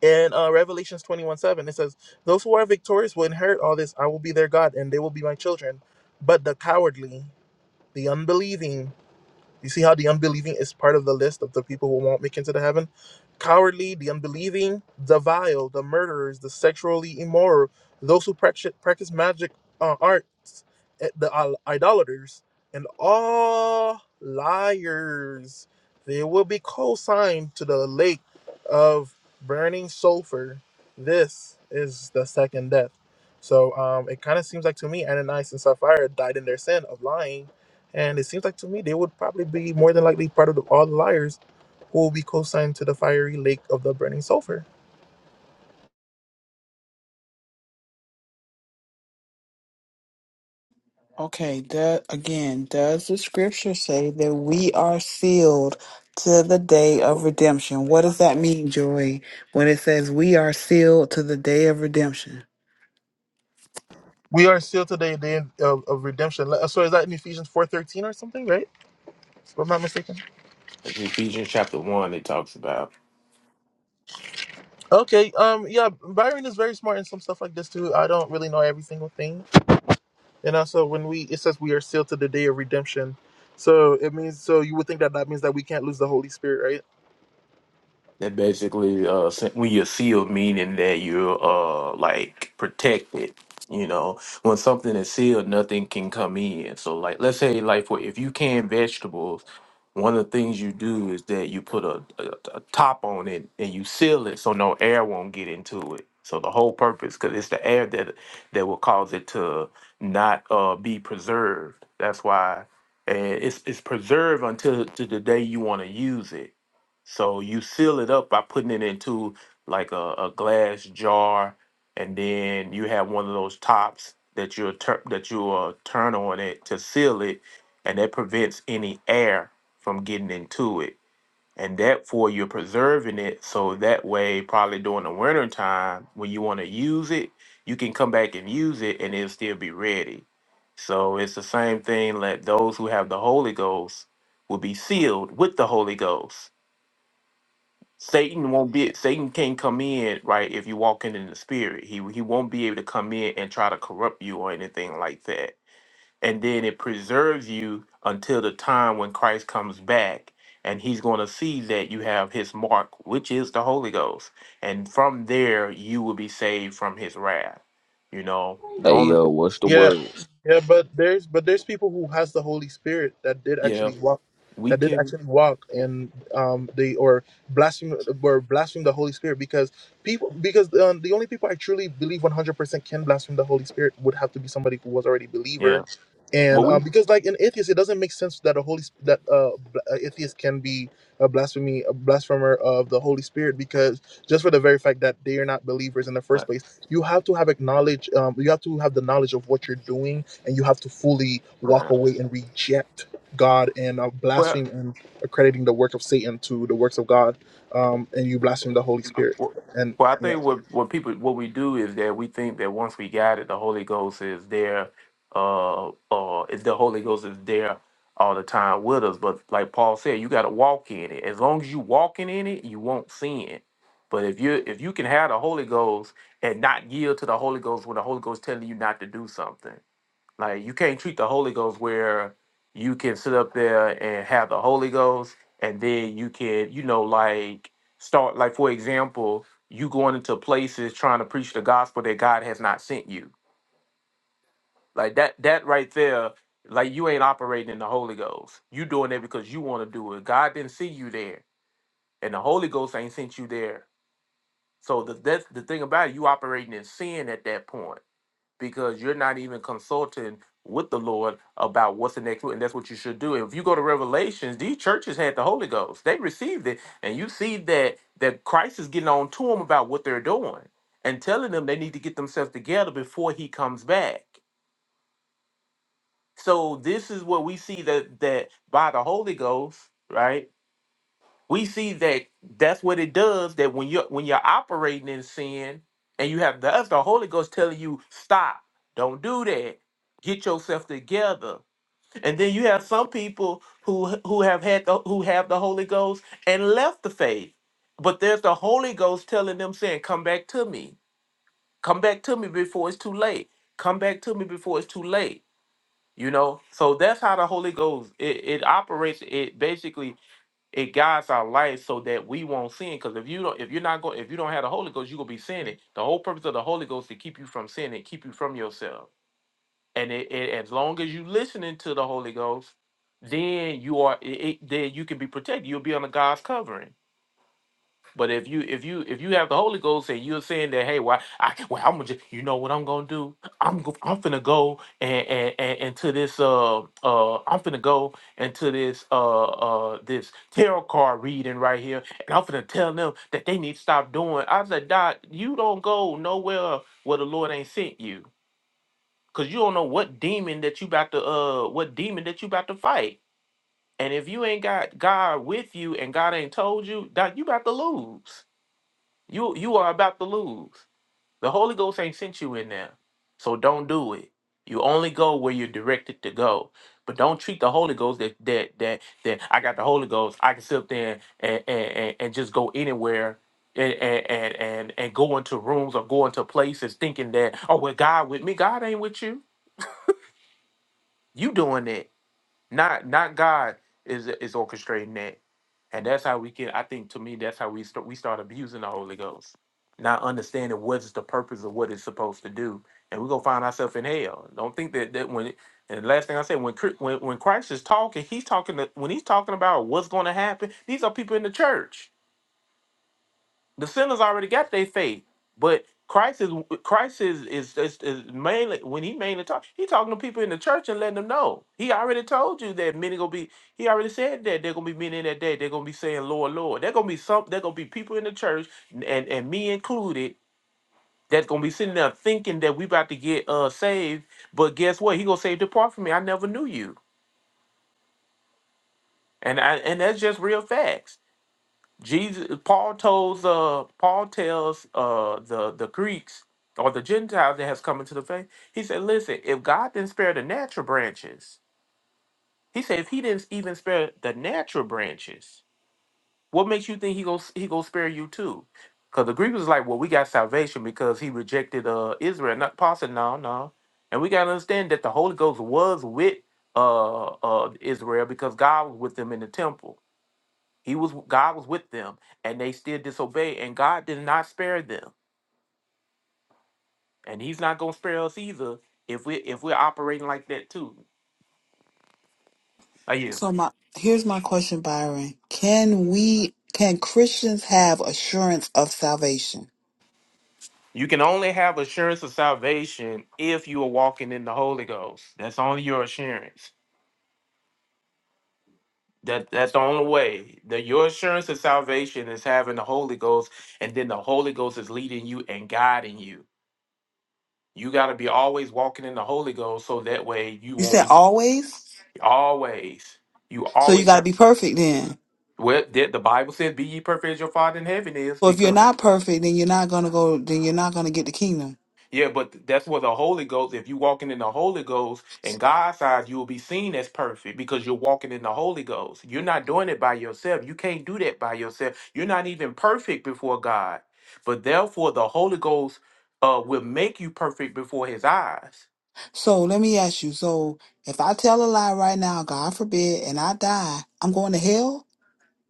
in uh, Revelations 21 7, it says, "Those who are victorious will inherit all this. I will be their God, and they will be my children. But the cowardly, the unbelieving." You see how the unbelieving is part of the list of the people who won't make it into the heaven? Cowardly, the unbelieving, the vile, the murderers, the sexually immoral, those who practice, practice magic uh, arts, eh, the idol- idolaters, and all liars. They will be co-signed to the lake of burning sulfur. This is the second death. So um, it kind of seems like to me Ananias and Sapphira died in their sin of lying and it seems like to me they would probably be more than likely part of the, all the liars who will be co-signed to the fiery lake of the burning sulfur.
Okay, that again, does the scripture say that we are sealed to the day of redemption? What does that mean, Joy, when it says we are sealed to the day of redemption?
We are still today the day of, of redemption. Le- So is that in Ephesians four thirteen or something, right? If I'm not mistaken.
That's Ephesians chapter 1 it talks about.
Okay. Um. Yeah. Byron is very smart in some stuff like this too. I don't really know every single thing, And also, when we it says we are sealed to the day of redemption, so it means so you would think that that means that we can't lose the Holy Spirit, right?
That basically, uh, se- when you're sealed, meaning that you're uh like protected. You know, when something is sealed, nothing can come in. So, like, let's say, like, for if you can vegetables, one of the things you do is that you put a, a, a top on it and you seal it so no air won't get into it. So the whole purpose, because it's the air that that will cause it to not uh be preserved. That's why, and it's it's preserved until to the day you want to use it so you seal it up by putting it into like a, a glass jar, and then you have one of those tops that you'll tur- that you'll uh, turn on it to seal it, and that prevents any air from getting into it. And therefore, you're preserving it so that way, probably during the winter time when you want to use it, you can come back and use it, and it'll still be ready. So it's the same thing. Let those who have the Holy Ghost will be sealed with the Holy Ghost. Satan won't be Satan can't come in, right, if you walk in in the spirit. He he won't be able to come in and try to corrupt you or anything like that. And then it preserves you until the time when Christ comes back and he's going to see that you have his mark, which is the Holy Ghost. And from there you will be saved from his wrath. You know, the
Hey
only
yo,
th-
what's the
Yeah,
word?
yeah, but there's but there's people who has the Holy Spirit that did
yeah,
actually walk,
we
that did
can
actually walk, and um they or blaspheme were blaspheme the Holy Spirit because people because um, the only people I truly believe one hundred percent can blaspheme the Holy Spirit would have to be somebody who was already a
yeah.
believer, and
Well, we
um, because like an atheist, it doesn't make sense that a holy Sp- that uh bl- a atheist can be a blasphemy a blasphemer of the Holy Spirit because just for the very fact that they are not believers in the first
but,
place you have to have acknowledge um, you have to have the knowledge of what you're doing and you have to fully walk
yeah.
away and reject god and uh,
Well,
blaspheme and accrediting the work of satan to the works of god um, and you blaspheme the holy spirit
Well,
and
well, I
yeah
think what what people what we do is that we think that once we got it, the Holy Ghost is there. Uh, uh, is the Holy Ghost is there all the time with us. But like Paul said, you got to walk in it. As long as you walking in it, you won't sin. But if you if you can have the Holy Ghost and not yield to the Holy Ghost when the Holy Ghost telling you not to do something. Like you can't treat the Holy Ghost where you can sit up there and have the Holy Ghost and then you can, you know, like start like for example, you going into places trying to preach the gospel that God has not sent you. Like that that right there, like you ain't operating in the Holy Ghost. You doing it because you want to do it. God didn't see you there. And the Holy Ghost ain't sent you there. So the that's the thing about it, you operating in sin at that point because you're not even consulting with the Lord about what's the next move. And that's what you should do. If you go to Revelations, these churches had the Holy Ghost. They received it. And you see that that Christ is getting on to them about what they're doing and telling them they need to get themselves together before he comes back. So this is what we see that that by the Holy Ghost, right? we see that that's what it does that when you're when you're operating in sin and you have that's the holy ghost telling you stop don't do that get yourself together and then you have some people who who have had the, who have the holy ghost and left the faith but there's the holy ghost telling them saying come back to me come back to me before it's too late come back to me before it's too late you know so that's how the holy ghost it, it operates it basically it guides our life so that we won't sin. Because if you don't, if you're not going, if you don't have the Holy Ghost, you're gonna be sinning. The whole purpose of the Holy Ghost is to keep you from sinning, keep you from yourself. And it, it, as long as you listening to the Holy Ghost, then you are, it, it- then you can be protected. You'll be under God's covering. But if you if you if you have the Holy Ghost and you're saying that, hey, why I well I'm gonna just, you know what I'm gonna do? I'm go, I'm finna go and and, and into this uh uh I'm finna go into this uh uh this tarot card reading right here and I'm finna tell them that they need to stop doing. I said, Doc, you don't go nowhere where the Lord ain't sent you. Cause you don't know what demon that you about to uh what demon that you about to fight. And if you ain't got God with you and God ain't told you, Doc, you about to lose. You you are about to lose. The Holy Ghost ain't sent you in there. So don't do it. You only go where you're directed to go. But don't treat the Holy Ghost that that that that I got the Holy Ghost. I can sit up there and and, and, and just go anywhere and, and and and and go into rooms or go into places thinking that, oh well God with me. God ain't with you. You doing that. Not not God is is orchestrating that. And that's how we can, I think to me, that's how we start, we start abusing the Holy Ghost, not understanding what is the purpose of what it's supposed to do. And we're going to find ourselves in hell. Don't think that, that when, and the last thing I said, when, Chri- when, when Christ is talking, he's talking, to, when he's talking about what's going to happen, these are people in the church the sinners already got their faith, but Christ is Christ is is, is, is mainly when he mainly talks, he talking to people in the church and letting them know. He already told you that many gonna be. He already said that they're gonna be many in that day. They're gonna be saying, "Lord, Lord." They're gonna be some. They're gonna be people in the church and and me included. That's gonna be sitting there thinking that we about to get uh saved, but guess what? He gonna say, "Depart from me, I never knew you." And I and that's just real facts. Jesus Paul tells uh Paul tells uh the the Greeks or the Gentiles that has come into the faith. He said, listen, if God didn't spare the natural branches, he said if he didn't even spare the natural branches, what makes you think he goes he gonna spare you too? Because the Greek was like, well, we got salvation because he rejected uh Israel. Not Paul said, no, no. And we gotta understand that the Holy Ghost was with uh uh Israel because God was with them in the temple. He was God was with them, and they still disobeyed, and God did not spare them, and He's not gonna spare us either if we if we're operating like that too. Are you?
So my here's my question, Byron. Can we can Christians have assurance of salvation?
You can only have assurance of salvation if you are walking in the Holy Ghost. That's only your assurance. That that's the only way. That your assurance of salvation is having the Holy Ghost, and then the Holy Ghost is leading you and guiding you. You got to be always walking in the Holy Ghost, so that way you
You
won't
said
be
always?
always. You
So you
always have.
gotta be perfect then.
Well, that the Bible says, "Be ye perfect as your Father in heaven is,"
So if you're
because
not perfect, then you're not gonna go then you're not gonna get the kingdom.
yeah, but that's where the Holy Ghost. If you walking in the Holy Ghost in God's eyes, you will be seen as perfect because you're walking in the Holy Ghost. You're not doing it by yourself. You can't do that by yourself. You're not even perfect before God. But therefore, the Holy Ghost uh, will make you perfect before His eyes.
So let me ask you. So if I tell a lie right now, God forbid, and I die, I'm going to hell?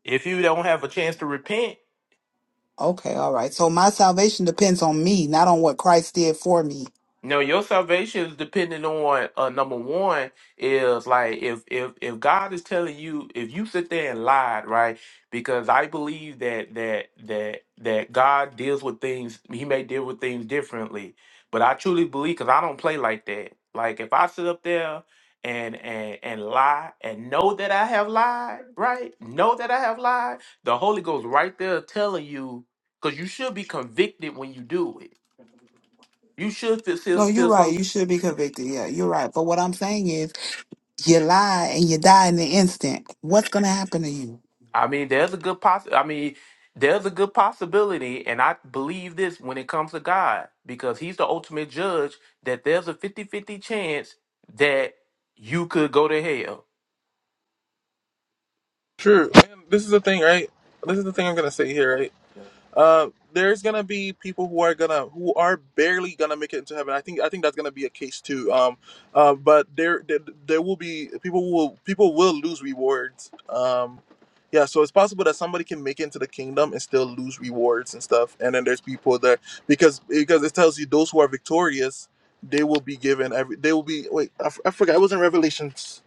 If you don't have a chance to repent,
Okay, all right. So my salvation depends on me, not on what Christ did for me.
No, your salvation is dependent on uh, number one is like if if if God is telling you if you sit there and lied right because I believe that that that that God deals with things He may deal with things differently, but I truly believe because I don't play like that. Like if I sit up there and and and lie and know that I have lied, right? Know that I have lied. The Holy Ghost right there telling you because you should be convicted when you do it. You should feel feel,
No, you're
feel some
right. You should be convicted. Yeah, you're right. But what I'm saying is, you lie and you die in the instant. What's going to happen to you?
I mean, there's a good poss. I mean, there's a good possibility, and I believe this when it comes to God, because He's the ultimate judge, that there's a fifty-fifty chance that you could go to hell.
Sure. And this is the thing, right? This is the thing I'm gonna say here, right? Uh, there's gonna be people who are gonna who are barely gonna make it into heaven. I think I think that's gonna be a case too. Um, uh, but there, there there will be people will people will lose rewards. Um, yeah, so it's possible that somebody can make it into the kingdom and still lose rewards and stuff. And then there's people that because because it tells you those who are victorious they will be given every they will be wait I, f- I forgot it was in Revelations.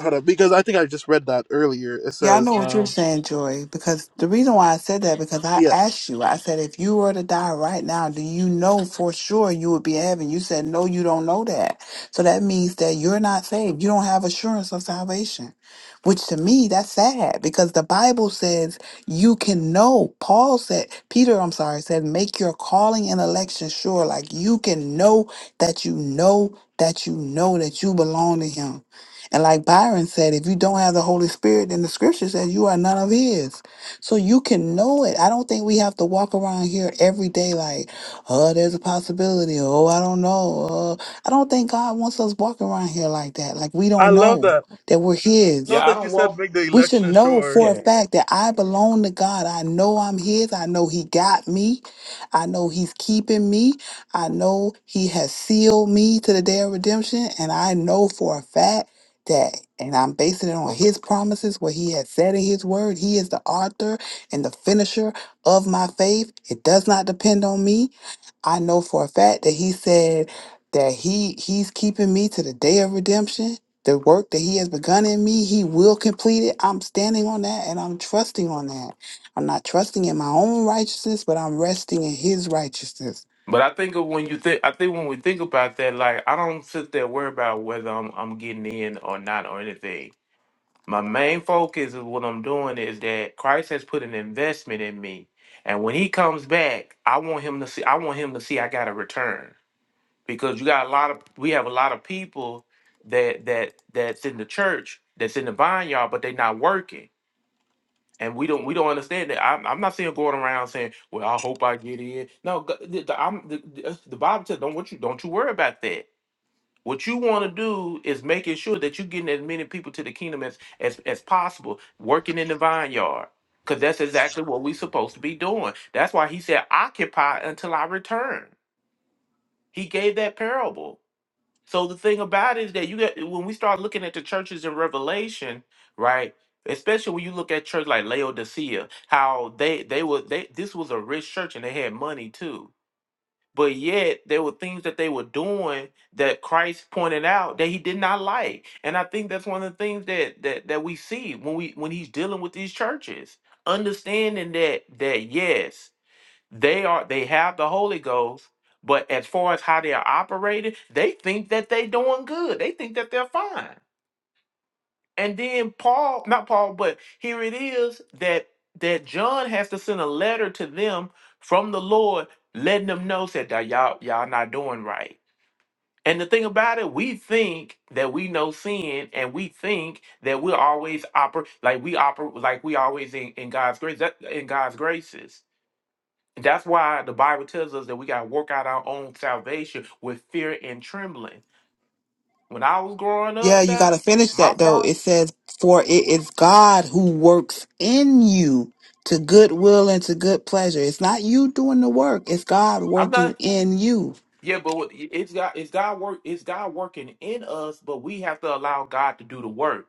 Hold up, because I think I just read that earlier. It
Yeah, I
says
know what you're
um
saying, Joy, because the reason why I said that, because I
yeah
asked you, I said, if you were to die right now, do you know for sure you would be in heaven? You said, no, you don't know that. So that means that you're not saved. You don't have assurance of salvation, which to me, that's sad because the Bible says you can know. Paul said, Peter, I'm sorry, said, make your calling and election sure. Like you can know that you know that you know that you belong to him. And like Byron said, if you don't have the Holy Spirit, then the scripture says you are none of his. So you can know it. I don't think we have to walk around here every day like, oh, there's a possibility. Oh, I don't know. Uh, I don't think God wants us walking around here like that. Like we
I
don't
love
know
that
that we're his.
love
Yeah, I
that you
don't
said
walk.
make the
We should
election
know
sure.
for a
Yeah,
fact that I belong to God. I know I'm His. I know He got me. I know He's keeping me. I know He has sealed me to the day of redemption. And I know for a fact that, and I'm basing it on
okay.
His promises, what He has said in His word. He is the author and the finisher of my faith. It does not depend on me. I know for a fact that he said that he he's keeping me to the day of redemption. The work that he has begun in me, he will complete it. I'm standing on that and I'm trusting on that. I'm not trusting in my own righteousness, but I'm resting in his righteousness.
But I think of when you think, I think when we think about that, like, I don't sit there worry about whether I'm, I'm getting in or not or anything. My main focus of what I'm doing is that Christ has put an investment in me. And when he comes back, I want him to see I want him to see I got a return. Because you got a lot of we have a lot of people that that that's in the church, that's in the vineyard, but they're not working. And we don't we don't understand that. I'm, I'm not saying going around saying, "Well, I hope I get in." No, g- the, the, I'm, the, the the Bible says, "Don't what you don't you worry about that." What you want to do is making sure that you're getting as many people to the kingdom as as, as possible, working in the vineyard. Because that's exactly what we're supposed to be doing. That's why he said, occupy until I return. He gave that parable. So the thing about it is that you got when we start looking at the churches in Revelation, right? Especially when you look at church like Laodicea, how they they were they this was a rich church and they had money too but yet there were things that they were doing that Christ pointed out that he did not like. And I think that's one of the things that that that we see when we when he's dealing with these churches, understanding that that yes, they are they have the Holy Ghost, but as far as how they are operating, they think that they're doing good. They think that they're fine. And then Paul, not Paul, but here it is that that John has to send a letter to them from the Lord, letting them know that "Now y'all y'all not doing right. And the thing about it, we think that we know sin, and we think that we're always oper like we oper like we always in, in God's grace that, in God's graces. And That's why the Bible tells us that we gotta work out our own salvation with fear and trembling. When I was growing
Yeah,
up,
you got to
that
finish
my
that though. It
father,
says, For it is God who works in you to good will and to good pleasure. It's not you doing the work, it's God
I'm not.
working in you.
Yeah, but what- it's God. It's God work. It's God working in us, but we have to allow God to do the work.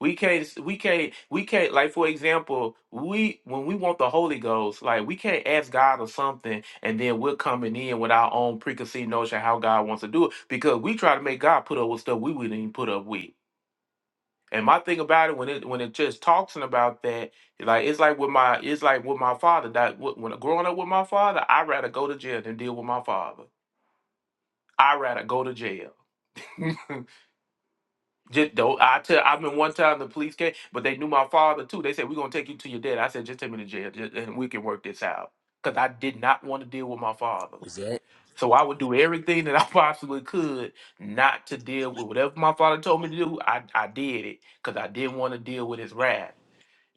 We can't. We can't. We can't. Like for example, we when we want the Holy Ghost, like we can't ask God or something, and then we're coming in with our own preconceived notion how God wants to do it because we try to make God put up with stuff we wouldn't even put up with. And my thing about it when it when it just talks about that, like it's like with my it's like with my father. That when growing up with my father, I would rather go to jail than deal with my father. I would rather go to jail. Just though I tell I mean one time the police came, but they knew my father too. They said we're gonna take you to your dad. I said just take me to jail just, and we can work this out because I did not want to deal with my father.
Was that?
So I would do everything that I possibly could not to deal with whatever my father told me to do. I, I did it because I didn't want to deal with his wrath.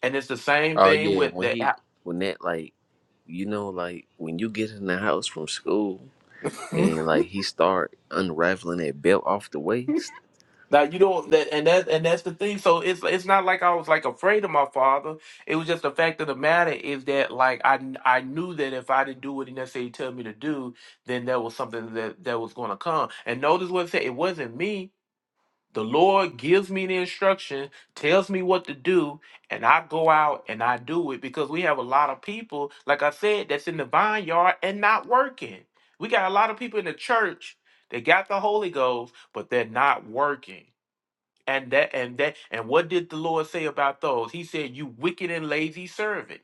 And it's the same
Oh
thing
yeah,
with
when he
that.
when that like you know like when you get in the house from school and like he start unraveling that belt off the waist.
Like you don't that and that and that's the thing. So it's it's not like I was like afraid of my father. It was just the fact of the matter is that like I kn- I knew that if I didn't do what he necessarily tell me to do, then there was something that that was going to come. And notice what it said. It wasn't me. The Lord gives me the instruction, tells me what to do, and I go out and I do it because we have a lot of people, like I said, that's in the vineyard and not working. We got a lot of people in the church that got the Holy Ghost, but they're not working. And that and that and what did the Lord say about those? He said, You wicked and lazy servant.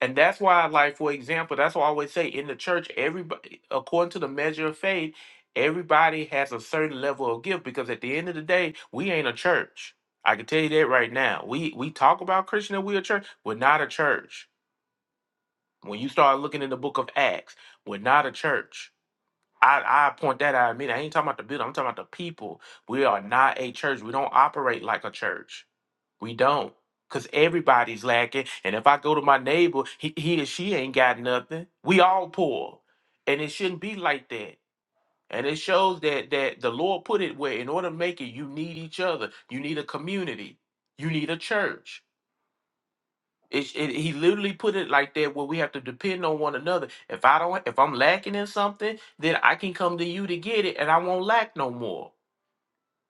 And that's why, like, for example, that's why I always say in the church, everybody according to the measure of faith, everybody has a certain level of gift because at the end of the day, we ain't a church. I can tell you that right now. We we talk about Christian and we're a church. We're not a church. When you start looking in the book of Acts, we're not a church. I, I point that out. I mean, I ain't talking about the building. I'm talking about the people. We are not a church. We don't operate like a church we don't. Cause everybody's lacking. And if I go to my neighbor, he, he or she ain't got nothing. We all poor. And it shouldn't be like that. And it shows that that the Lord put it where in order to make it, you need each other. You need a community. You need a church. It, it, he literally put it like that where we have to depend on one another. If I don't if I'm lacking in something, then I can come to you to get it and I won't lack no more.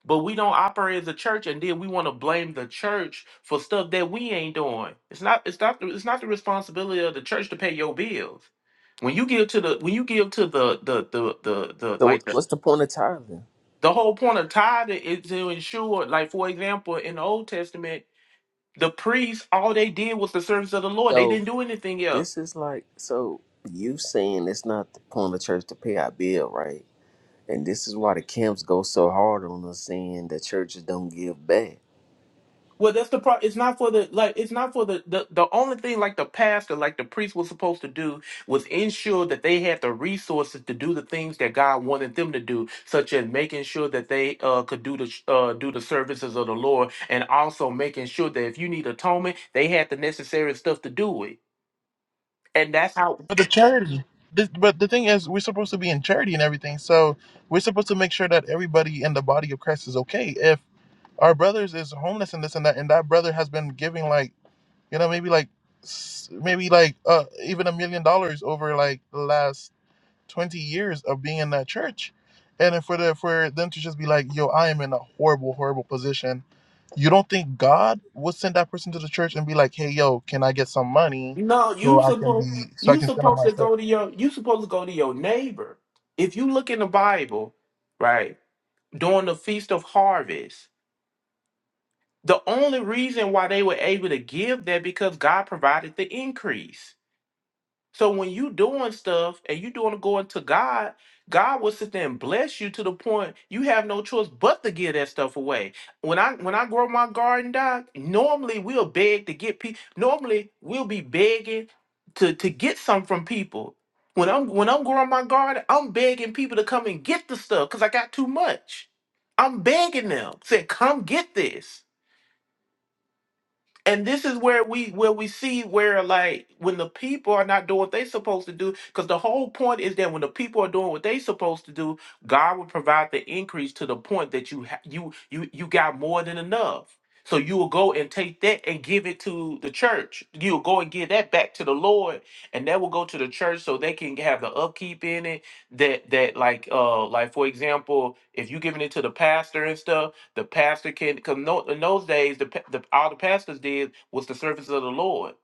But we don't operate as a church, and then we want to blame the church for stuff that we ain't doing. It's not. It's not. The, it's not the responsibility of the church to pay your bills. When you give to the. When you give to the the the the, the
So
like
what-
the
what's the point of tithing?
the whole point of tithing is to ensure, like for example, in the Old Testament, the priests all they did was the service of the Lord. They
So
didn't do anything else.
this is like so you saying it's not the point of church to pay our bill, right? And this is why the camps go so hard on us saying that churches don't give back.
Well, that's the part. It's not for the like. It's not for the, the the only thing like the pastor, like the priest, was supposed to do was ensure that they had the resources to do the things that God wanted them to do, such as making sure that they uh, could do the uh, do the services of the Lord, and also making sure that if you need atonement, they had the necessary stuff to do it. And that's how.
But the charity. This, but the thing is, we're supposed to be in charity and everything, so we're supposed to make sure that everybody in the body of Christ is okay. If our brothers is homeless and this and that, and that brother has been giving like you know maybe like s- maybe like uh even a million dollars over like the last 20 years of being in that church and for the, for them to just be like yo i am in a horrible horrible position you don't think god would send that person to the church and be like hey yo can i get some money
No,
so
you
i can
supposed
be so i
you
can stand on
supposed
my
to
foot
go to your you supposed to go to your neighbor. If you look in the Bible, right during the feast of harvest The only reason why they were able to give that because God provided the increase. So when you doing stuff and you doing going to God, God will sit there and bless you to the point you have no choice but to give that stuff away. When I when I grow my garden, doc, normally we'll beg to get people. Normally we'll be begging to to get some from people. When I'm when I'm growing my garden, I'm begging people to come and get the stuff because I got too much. I'm begging them, saying, "Come get this." and this is where we where we see where like when the people are not doing what they supposed to do because the whole point is that when the people are doing what they supposed to do god will provide the increase to the point that you ha- you you you got more than enough so you will go and take that and give it to the church you'll go and give that back to the lord and that will go to the church so they can have the upkeep in it that that like uh like for example if you're giving it to the pastor and stuff the pastor can, because no, in those days, the, pa- the all the pastors did was the service of the Lord.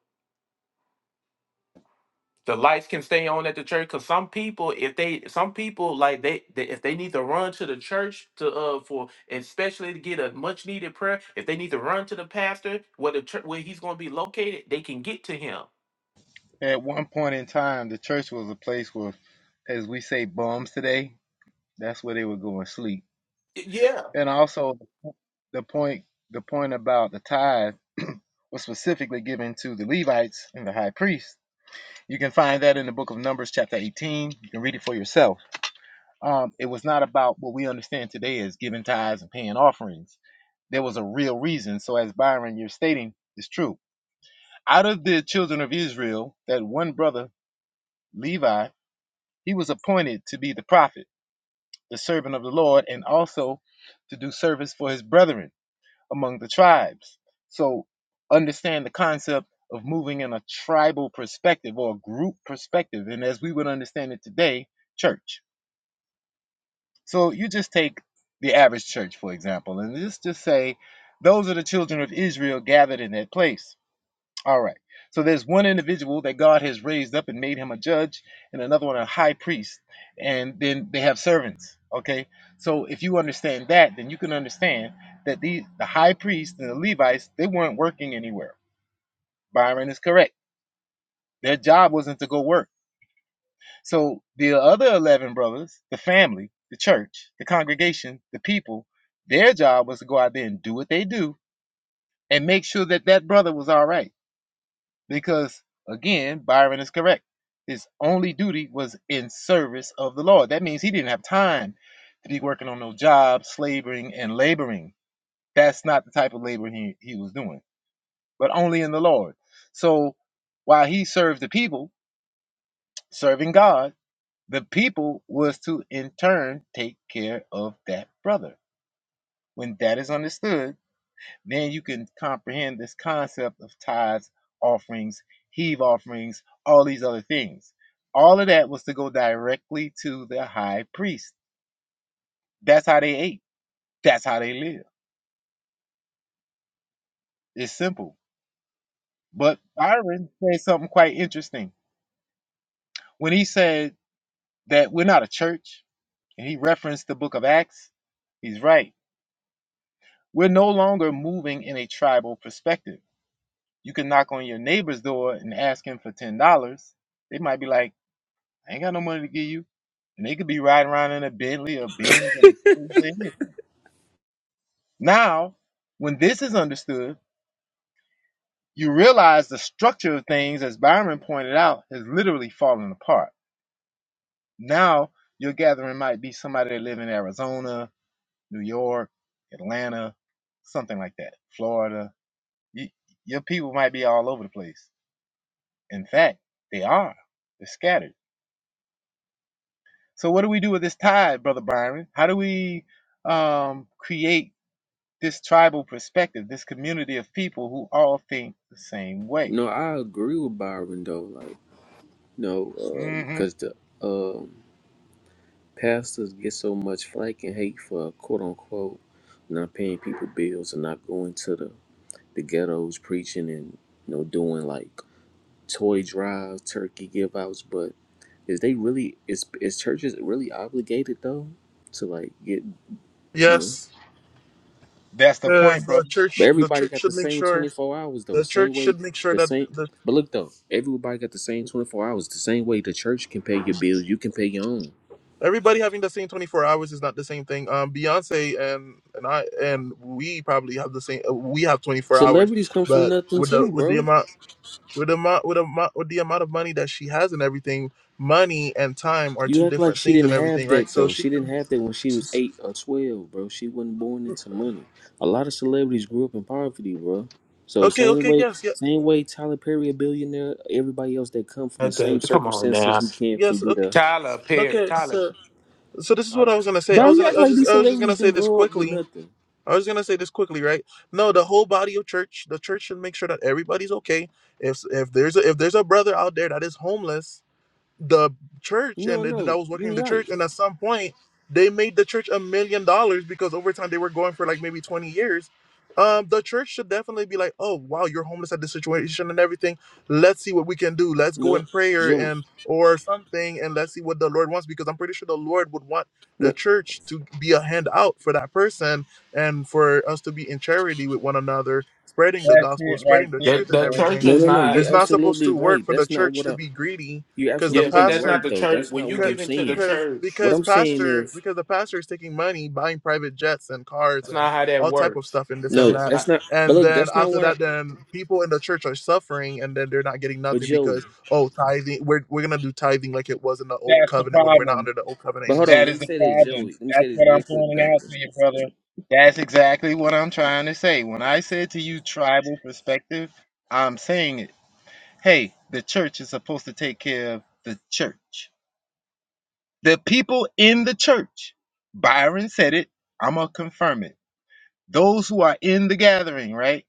The lights can stay on at the church because some people, if they, some people like they, they, if they need to run to the church to uh for, especially to get a much needed prayer, if they need to run to the pastor where the church where he's going to be located, they can get to him.
At one point in time, the church was a place where, as we say, bums today. That's where they would go and sleep.
Y- Yeah,
And also, the point the point about the tithe was specifically given to the Levites and the high priest. You can find that in the book of Numbers, chapter 18. You can read it for yourself. Um, it was not about what we understand today as giving tithes and paying offerings. There was a real reason. So, as Byron, you're stating, is true. Out of the children of Israel, that one brother, Levi, He was appointed to be the prophet, the servant of the Lord, and also to do service for his brethren among the tribes. So understand the concept of moving in a tribal perspective or a group perspective, and as we would understand it today, church. So you just take the average church, for example, and just just say those are the children of Israel gathered in that place. All right. So there's one individual that God has raised up and made him a judge, and another one a high priest, and then they have servants. Okay. So if you understand that, then you can understand that the the high priest and the Levites they weren't working anywhere. Byron is correct. Their job wasn't to go work. So the other eleven brothers, the family, the church, the congregation, the people, their job was to go out there and do what they do and make sure that that brother was all right because again byron is correct his only duty was in service of the lord that means he didn't have time to be working on no job slavering and laboring that's not the type of labor he, he was doing but only in the lord so while he served the people serving god the people was to in turn take care of that brother when that is understood Then you can comprehend this concept of tithes, offerings, heave offerings, all these other things. All of that was to go directly to the high priest. That's how they ate. That's how they lived. It's simple. But Byron said something quite interesting when he said that we're not a church, and he referenced the book of Acts. He's right. We're no longer moving in a tribal perspective. You can knock on your neighbor's door and ask him for ten dollars. They might be like, I ain't got no money to give you. And they could be riding around in a Bentley or Benz or anything. Now, when this is understood, you realize the structure of things, as Byron pointed out, has literally fallen apart. Now, your gathering might be somebody that live in Arizona, New York, Atlanta, something like that, Florida. You, your people might be all over the place. In fact, they are. They're scattered. So, what do we do with this tide, Brother Byron? How do we um, create? this tribal perspective, this community of people who all think the same way.
No, I agree with Byron though. Like no,
hmm
because the um Pastors get so much flack and hate for quote unquote not paying people bills and not going to the, the ghettos preaching and you know doing like toy drives, turkey give outs, but is they really is is churches really obligated though to like get you know
yes
That's the point,
because the
brother.
but
church the
everybody
church
got the
should make
same twenty
sure
four hours though,
the
same
church
way
should make sure
the
that
same
the
but look though, everybody got the same twenty four hours, the same way the church can pay your bills, you can pay your own.
everybody having the same 24 hours is not the same thing um beyonce and and i and we probably have the same uh, we have 24 hours
Celebrities come from
but
nothing
with the
too,
with the
bro.
amount with the amount with, the amount with the amount of money that she has and everything money and time are two
You act like
different
she
things and
didn't
everything
have
right
that
so
though.
she
She didn't
can
have that when she was eight or twelve, bro. She wasn't born into money. A lot of celebrities grew up in poverty, bro. So
okay
same
okay
way,
yes yeah,
same way Tyler Perry a billionaire. Everybody else that come from
Uh,
the same
the- come on now,
circumstances he can can
yes
be
okay,
there.
Tyler Perry,
okay
Tyler.
so so this is
I,
what i was gonna say i
Bro,
was
you
gonna
act
i was
like
just
these
i was just
celebrities
gonna say
didn't
this
grow up with
quickly
nothing.
i was gonna say this quickly right no the whole body of church the church should make sure that everybody's okay if if there's a if there's a brother out there that is homeless the church
No,
and then I
no,
was working in the
you're right.
church and at some point they made the church a million dollars because over time they were going for like maybe 20 years. Um, the church should definitely be like, oh wow, you're homeless at this situation and everything. Let's see what we can do. Let's go
No,
in prayer
Joey.
and or something and let's see what the Lord wants because I'm pretty sure the Lord would want the
No,
church to be a handout for that person and for us to be in charity with one another, spreading the
That's it
gospel,
right
spreading the
the
there,
truth and
the
boy.
church
everything.
no,
is
no, no.
not.
It's
You're
not supposed
absolutely
to work
right.
for the
That's not
church
what
to
I.
be greedy
You're
because the
Yeah, but
absolutely
that's not
right
the
pastor
though.
church.
That's
When
not
you
what I'm
give into the
saying.
because
church.
What
because
I'm saying
pastor
is
because the pastor is taking money buying private jets and cars
That's
and
not how that
all type of
works.
stuff and this and
no.
That's
that
That's
not
not. But
and
look,
then
that's not
after
what I.
that then people in the church are suffering and then they're not getting
But
nothing
Joey,
because oh tithing we're, we're gonna do tithing like it was in the old
That's the
covenant when we're not
problem.
under the old covenant
but hold
anymore
on,
That
let
is
me
the
say this,
problem.
Joey. Let me
That's
say this
what I'm
real quick,
pointing out
Doctor.
to you, brother. That's exactly what I'm trying to say. When I said to you tribal perspective, I'm saying it. Hey, the church is supposed to take care of the church. The people in the church. Byron said it. I'm going to confirm it. Those who are in the gathering, right?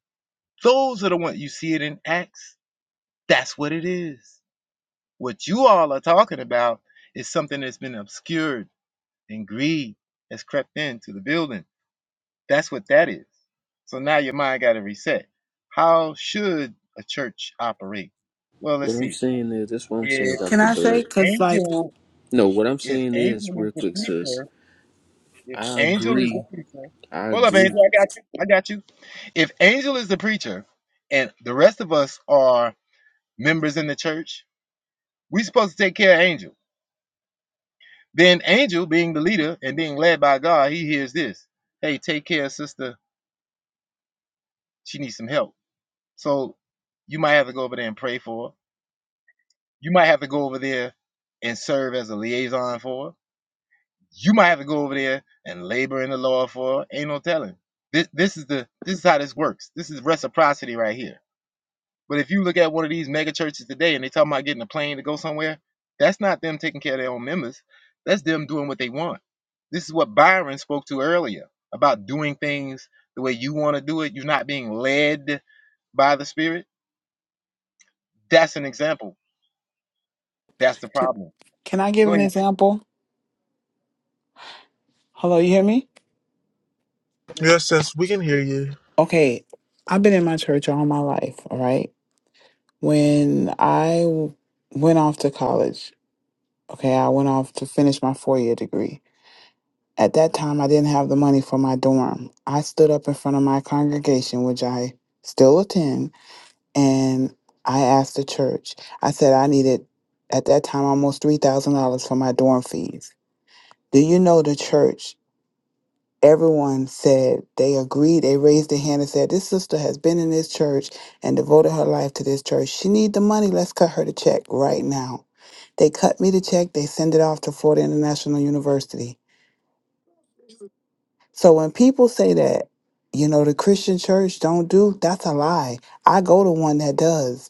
Those are the ones you see it in Acts. That's what it is. What you all are talking about is something that's been obscured and greed has crept into the building. That's what that is. So now your mind got to reset. How should a church operate? Well, let's
What I'm
see.
saying is, that's what I'm saying,
If
Can
Doctor
I say,
Bird.
because, like,
angel,
No, what I'm
if
saying is,
angel is
real
the
quick, sis.
preacher, if
I
angel is the
agree.
preacher,
I
hold up,
agree.
angel, I got you, I got you. If angel is the preacher, and the rest of us are members in the church, we supposed to take care of Angel. Then Angel, being the leader and being led by God, he hears this. Hey, take care of sister. She needs some help. So you might have to go over there and pray for her. You might have to go over there and serve as a liaison for her. You might have to go over there and labor in the Lord for her. Ain't no telling. This this is the this is how this works. This is reciprocity right here But if you look at one of these mega churches today and they talking about getting a plane to go somewhere, that's not them taking care of their own members. That's them doing what they want. This is what Byron spoke to earlier about doing things the way you want to do it. You're not being led by the Spirit. That's an example. That's the
can
problem.
can I give
Go
an example? Hello, you hear me?
ahead.
yes yes we can hear you
Okay, I've been in my church all my life, all right? When I w- went off to college, okay, I went off to finish my four-year degree. At that time, I didn't have the money for my dorm. I stood up in front of my congregation, which I still attend, and I asked the church. I said I needed, at that time, almost $3,000 for my dorm fees. Do you know the church everyone said they agreed they raised their hand and said this sister has been in this church and devoted her life to this church she need the money let's cut her the check right now they cut me the check they send it off to florida international university so when people say that you know the christian church don't do that's a lie i go to one that does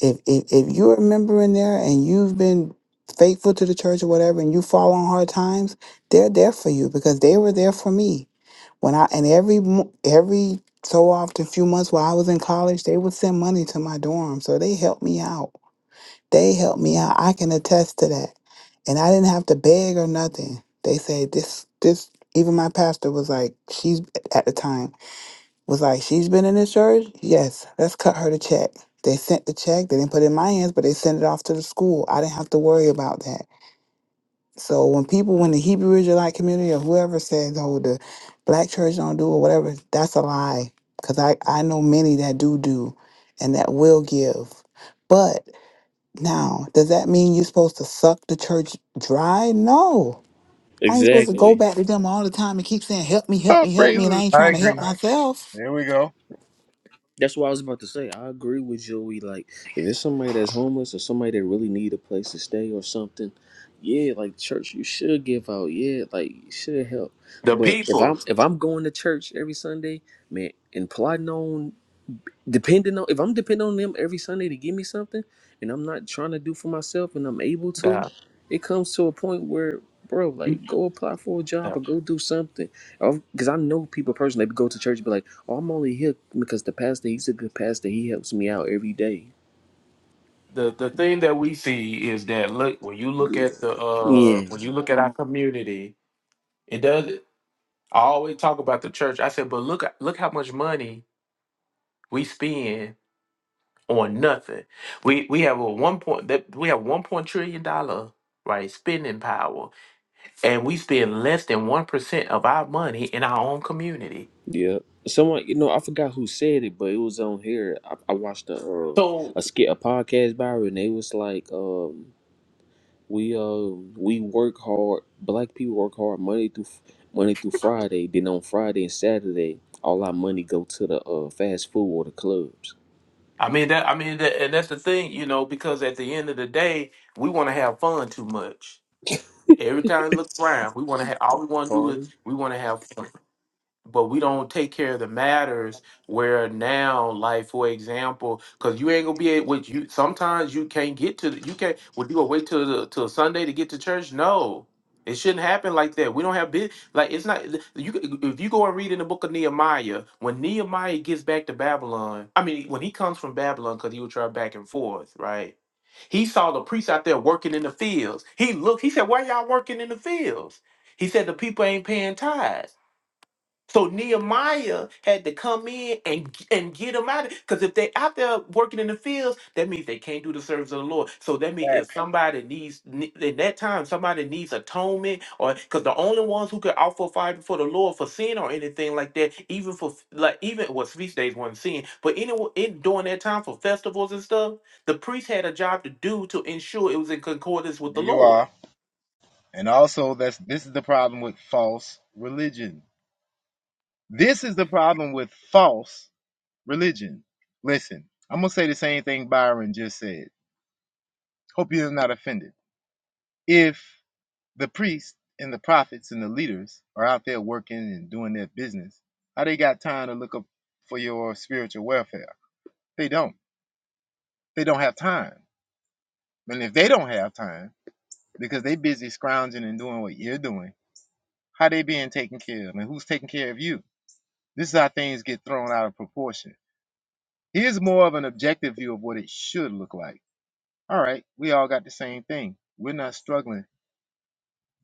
if if, if you're a member in there and you've been faithful to the church or whatever and you fall on hard times they're there for you because they were there for me when I and every mo- every so often, few months while I was in college, they would send money to my dorm, so they helped me out. They helped me out. I can attest to that, and I didn't have to beg or nothing. They said this this. Even my pastor was like, she's at the time was like, she's been in this church. Yes, let's cut her the check. They sent the check. They didn't put it in my hands, but they sent it off to the school. I didn't have to worry about that. So when people when the Hebrew Israelite community or whoever says, "Oh, the black church don't do or whatever," that's a lie. Because I I know many that do do, and that will give. But now, does that mean you're supposed to suck the church dry? No, I ain't supposed to go
Exactly.
back to them all the time and keep saying, "Help me, help
Oh,
me, help me," and I
praises.
ain't
I
trying to help
agree.
myself.
There we go.
That's what I was about to say. I agree with Joey. Like, if it's somebody that's homeless or somebody that really need a place to stay or something, yeah, like church, you should give out. Yeah, like you should help.
the
But if
people.
I'm if I'm going to church every Sunday, man, and plotting on depending on if I'm depending on them every Sunday to give me something and I'm not trying to do for myself and I'm able to,
The,
it comes to a point where, bro, like
you,
go apply for a job
the
or go do something. Because I know people personally they go to church and be like, oh, I'm only here because the pastor, he's a good pastor. He helps me out every day.
the the thing that we see is that look when you look
Good.
at the uh
Yeah.
when you look at our community, it does. I always talk about the church. I said, but look look how much money we spend on nothing. We we have a one point that we have one point trillion dollar right spending power, and we spend less than one percent of our money in our own community.
Yeah. Someone, you know, I forgot who said it, but it was on here. I, I watched a, uh,
So
a skit, a podcast by her, and they was like, um, We uh we work hard. Black people work hard Monday through Monday through Friday. Then on Friday and Saturday, all our money go to the uh fast food or the clubs.
I mean that. I mean that, and that's the thing, you know, because at the end of the day, we want to have fun too much. Every time we look around, we want to have. All we want to do is
Party.
we want to have fun but we don't take care of the matters where now like for example because you ain't gonna be able Which you sometimes you can't get to the, you can't would you gonna wait till the, till sunday to get to church no it shouldn't happen like that we don't have big like it's not you if you go and read in the book of nehemiah when nehemiah gets back to babylon i mean when he comes from babylon because he would travel back and forth right he saw the priests out there working in the fields he looked he said why y'all working in the fields he said the people ain't paying tithes so Nehemiah had to come in and and get them out of because if they out there working in the fields, that means they can't do the service of the Lord. So that
All
means
Right.
if somebody needs ne- in that time somebody needs atonement or because the only ones who could offer fire before the Lord for sin or anything like that, even for f- like even well feast days wasn't sin, but any in during that time for festivals and stuff, the priest had a job to do to ensure it was in concordance with
There
the
you
Lord.
are. And also, that's this is the problem with false religion. This is the problem with false religion. Listen, I'm gonna say the same thing Byron just said. Hope you're not offended. If the priests and the prophets and the leaders are out there working and doing their business, how they got time to look up for your spiritual welfare? They don't. They don't have time. And if they don't have time, because they busy scrounging and doing what you're doing, how they being taken care of and who's taking care of you? This is how things get thrown out of proportion. Here's more of an objective view of what it should look like. All right, we all got the same thing. We're not struggling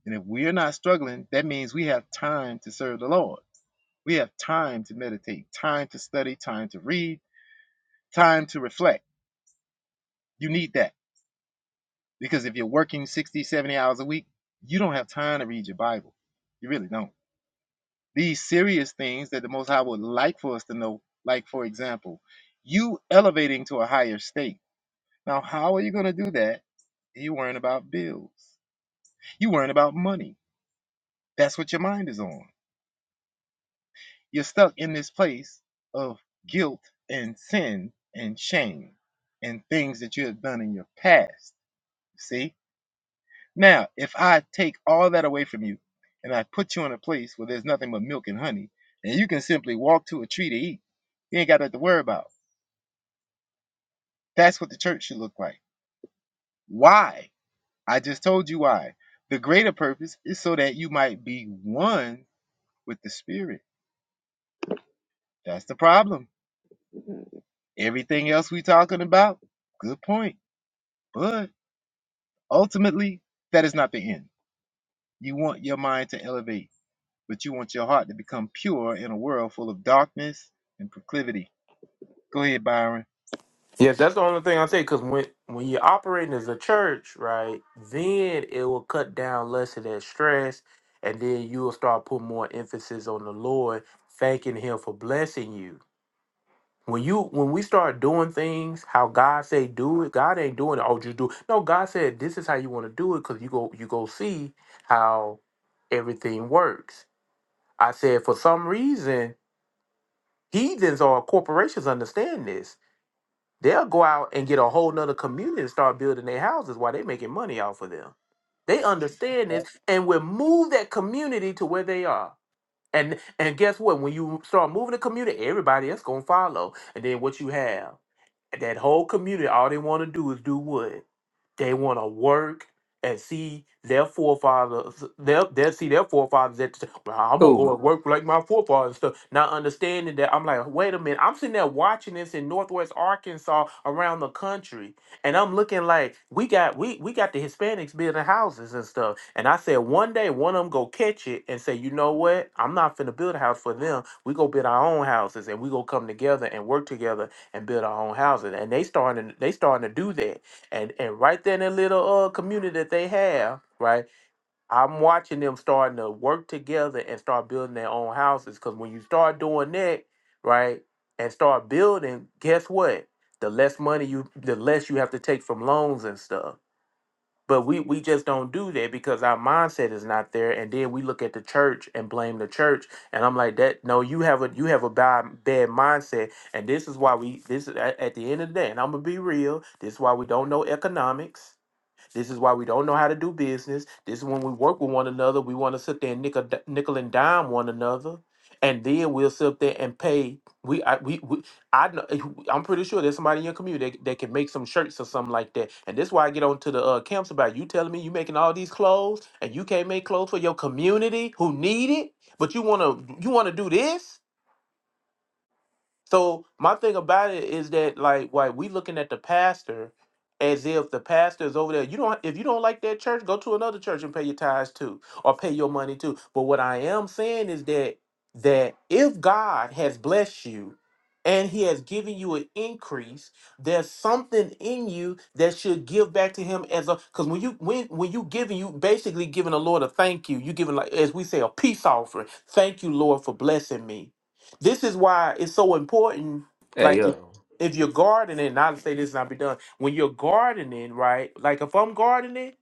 And if we're not struggling, that means we have time to serve the Lord. We have time to meditate, time to study, time to read, time to reflect. You need that because if you're working 60, 70 hours a week, you don't have time to read your Bible. You really don't. These serious things that the Most High would like for us to know, like, for example, you elevating to a higher state. Now, how are you going to do that? You're worrying about bills, you're worrying about money. That's what your mind is on. You're stuck in this place of guilt and sin and shame and things that you have done in your past. See? Now, if I take all that away from you and I put you in a place where there's nothing but milk and honey, and you can simply walk to a tree to eat, you ain't got nothing to worry about. That's what the church should look like. Why? I just told you why. The greater purpose is so that you might be one with the Spirit. That's the problem. Everything else we talking about, good point. But Ultimately, that is not the end. You want your mind to elevate, but you want your heart to become pure in a world full of darkness and proclivity. Go ahead, Byron.
Yeah, that's the only thing I say. Because when when you're operating as a church, right, then it will cut down less of that stress, and then you will start putting more emphasis on the Lord, thanking Him for blessing you. When you when we start doing things how God say do it, God ain't doing it. Oh, just do it. No, God said this is how you want to do it because you go you go see how everything works. I said for some reason heathens or corporations understand this They'll go out and get a whole nother community and start building their houses while they making money off of them. They understand
There
this and will move that community to where they are. And and guess what? When you start moving the community, everybody else gonna follow. And then what you have, that whole community, all they wanna do is do what? They want to work and see their forefathers. They'll, they'll see their forefathers at the time. Well, I'm gonna go and work like my forefathers. So not understanding that, I'm like, wait a minute. I'm sitting there watching this in Northwest Arkansas around the country, and I'm looking like we got we we got the Hispanics building houses and stuff. And I said one day one of them go catch it and say, you know what? I'm not finna build a house for them. We go build our own houses and we go come together and work together and build our own houses. And they starting they starting to do that and and right there in the little uh community that they have, right? I'm watching them starting to work together and start building their own houses. Cause when you start doing that, right, and start building, guess what? The less money you, the less you have to take from loans and stuff. But we we just don't do that because our mindset is not there. And then we look at the church and blame the church. And I'm like, that no, you have a you have a bad bad mindset. And this is why we this is at, at the end of the day. And I'm gonna be real. This is why we don't know economics this is why we don't know how to do business. This is when we work with one another. We want to sit there and nickel, nickel and dime one another, and then we'll sit up there and pay. We, I, we, we I know, I'm pretty sure there's somebody in your community that, that can make some shirts or something like that. And this is why I get on to the uh, camps about you telling me you making all these clothes and you can't make clothes for your community who need it, but you wanna you wanna do this. So my thing about it is that like why we looking at the pastor as if the pastor is over there. You don't if you don't like that church, go to another church and pay your tithes too, or pay your money too. But what I am saying is that that if God has blessed you and he has given you an increase, there's something in you that should give back to him as a because when you when when you giving you basically giving the Lord a thank you. You giving like as we say a peace offering. Thank you, Lord, for blessing me this is why it's so important.
Hey
Like if,
yo,
if you're gardening, not to say this not be done. When you're gardening, right? Like if I'm gardening,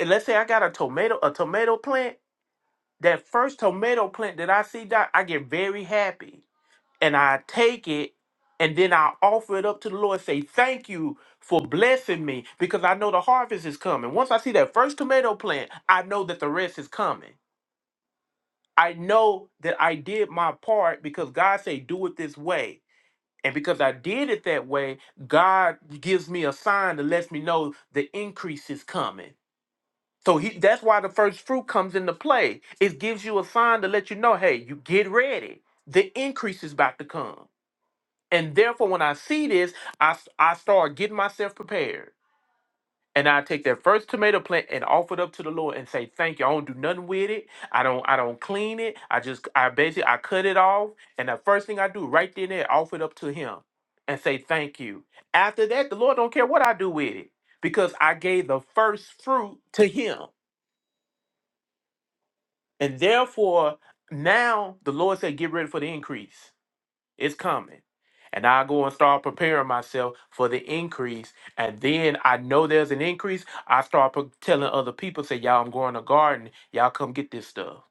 and let's say I got a tomato, a tomato plant. That first tomato plant that I see, Doc, I get very happy, and I take it, and then I offer it up to the Lord. Say thank you for blessing me because I know the harvest is coming. Once I see that first tomato plant, I know that the rest is coming. I know that I did my part because God said, "Do it this way." And because I did it that way, God gives me a sign that lets me know the increase is coming. So he, that's why the first fruit comes into play. It gives you a sign to let you know, hey, you get ready. The increase is about to come. And therefore, when I see this, I, s- I start getting myself prepared and I take that first tomato plant and offer it up to the Lord and say, "Thank you. I don't do nothing with it. I don't. I don't clean it. I just. I basically. I cut it off. And the first thing I do right then and there, offer it up to Him, and say, "Thank you. After that, the Lord don't care what I do with it because I gave the first fruit to Him, and therefore now the Lord said, "Get ready for the increase." It's coming. And I go and start preparing myself for the increase. And then I know there's an increase. I start pro- telling other people, say, y'all, I'm growing a garden. Y'all come get this stuff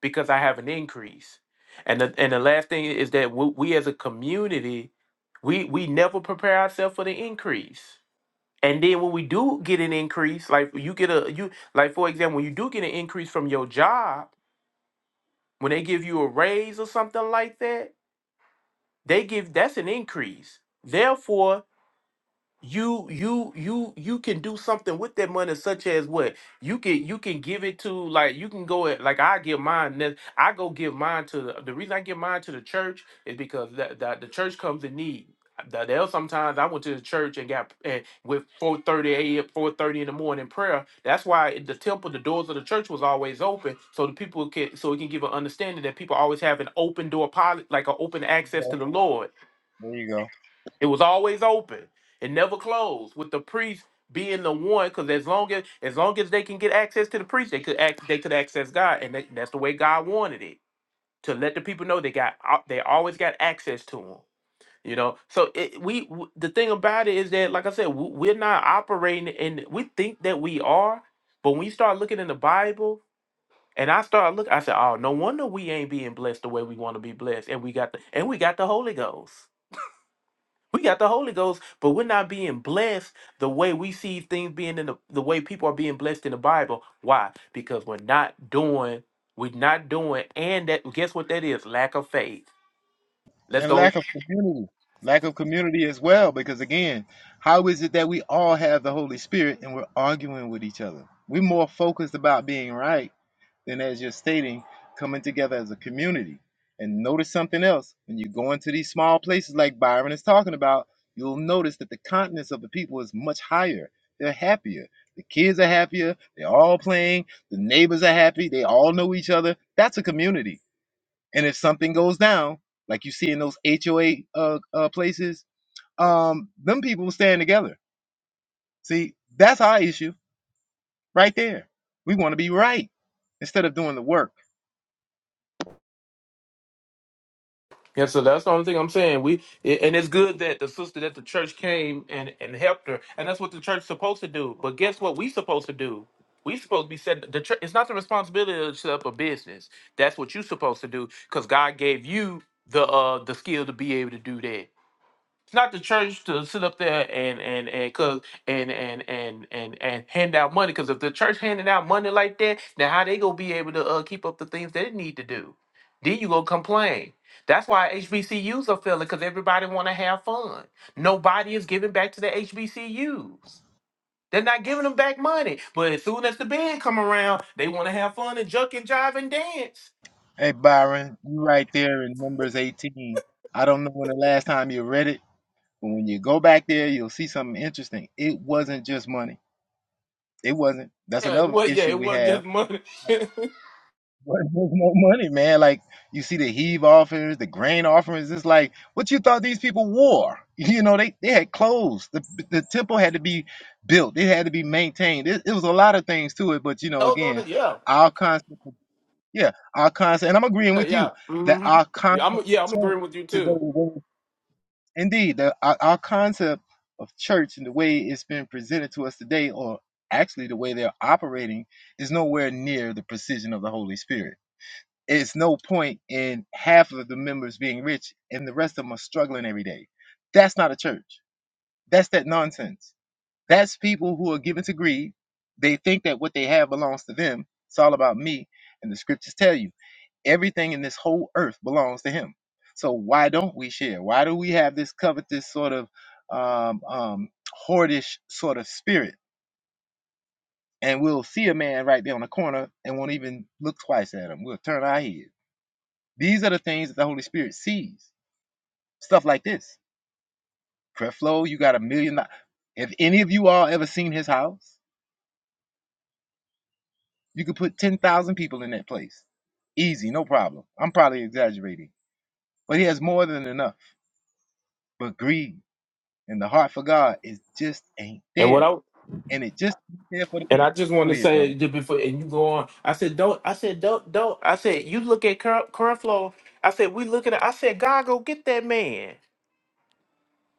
because I have an increase. And the, and the last thing is that w- we as a community, we, we never prepare ourselves for the increase. And then when we do get an increase, like you get a you like for example, when you do get an increase from your job, when they give you a raise or something like that, they give that's an increase. Therefore, you you you you can do something with that money, such as what you can you can give it to like you can go at like I give mine. ne- I go give mine to the, the reason I give mine to the church is because that, that the church comes in need. That there sometimes I went to the church and got and with four thirty a.m. four thirty in the morning prayer. That's why in the temple, the doors of the church was always open, so the people can so it can give an understanding that people always have an open door policy, like an open
you
access to
go.
the Lord
There you go.
it was always open. It never closed. With the priest being the one, because as long as as long as they can get access to the priest, they could act they could access God, and that, that's the way God wanted it to let the people know they got al- they always got access to Him. You know, so it, we w- the thing about it is that, like I said, w- we're not operating, and we think that we are, but when you start looking in the Bible, and I started looking, I said, oh, no wonder we ain't being blessed the way we want to be blessed, and we got the and we got the Holy Ghost. We got the Holy Ghost, but we're not being blessed the way we see things being in the, the way people are being blessed in the Bible. Why? Because we're not doing, we're not doing, and that guess what that is? Lack of faith. Let's
And
go.
lack of community. Lack of community as well, because again, how is it that we all have the Holy Spirit and we're arguing with each other? We're more focused about being right Then, as you're stating, coming together as a community. And notice something else when you go into these small places like Byron is talking about, you'll notice that the continence of the people is much higher. They're happier. The kids are happier. They're all playing. The neighbors are happy. They all know each other. That's a community. And if something goes down, like you see in those HOA uh, uh, places, um, them people stand together. See, that's our issue right there. We want to be right instead of doing the work.
Yeah, so that's the only thing I'm saying. We a- and it's good that the sister that the church came and, and helped her, and that's what the church's supposed to do. But guess what we supposed to do? We supposed to be said The church, it's not the responsibility to set up a business. That's what you're supposed to do because God gave you the uh the skill to be able to do that. It's not the church to sit up there and and and cause and and and and and hand out money. Because if the church handing out money like that, then how they gonna be able to uh, keep up the things they need to do? Then you gonna complain. That's why HBCUs are failing because everybody want to have fun. Nobody is giving back to the HBCUs. They're not giving them back money. But as soon as the band come around, they want to have fun and junk and jive and dance.
Hey Byron, you right there in Numbers 18. I don't know when the last time you read it, but when you go back there, you'll see something interesting. It wasn't just money. It wasn't. That's
Yeah, it
another
was. Yeah,
issue
it
we
wasn't
have.
just money.
But there's no money, man. Like you see the heave offerings, the grain offerings. It's like what you thought these people wore. You know, they, they had clothes. The the temple had to be built. It had to be maintained. It, it was a lot of things to it. But you know,
Those are the-
again,
yeah.
our concept. Yeah, our concept, and I'm agreeing
Yeah,
with
yeah.
you that
hmm
our
Yeah,
concept
I'm
of
yeah, I'm
church
agreeing with you
today,
too.
the way- indeed, the, our, our concept of church and the way it's been presented to us today, or actually the way they're operating, is nowhere near the precision of the Holy Spirit. It's no point in half of the members being rich and the rest of them are struggling every day. That's not a church. That's that nonsense. That's people who are given to greed. They think that what they have belongs to them. It's all about me, and the scriptures tell you. Everything in this whole earth belongs to him. So why don't we share? Why do we have this covetous sort of um, um, hoardish sort of spirit? And we'll see a man right there on the corner and won't even look twice at him. We'll turn our head. These are the things that the Holy Spirit sees. Stuff like this. Creflo, you got a million. do- If any of you all ever seen his house, you could put 10,000 people in that place. Easy, no problem. I'm probably exaggerating, but he has more than enough. But greed, And the heart for God is just ain't
And what
there.
I
And it just ain't there for the
and I
people.
just want
Go
to
ahead, brother.
say just before and you go on, I said don't I said don't don't I said you look at Car- Carflo. I said we looking at I said God go get that man.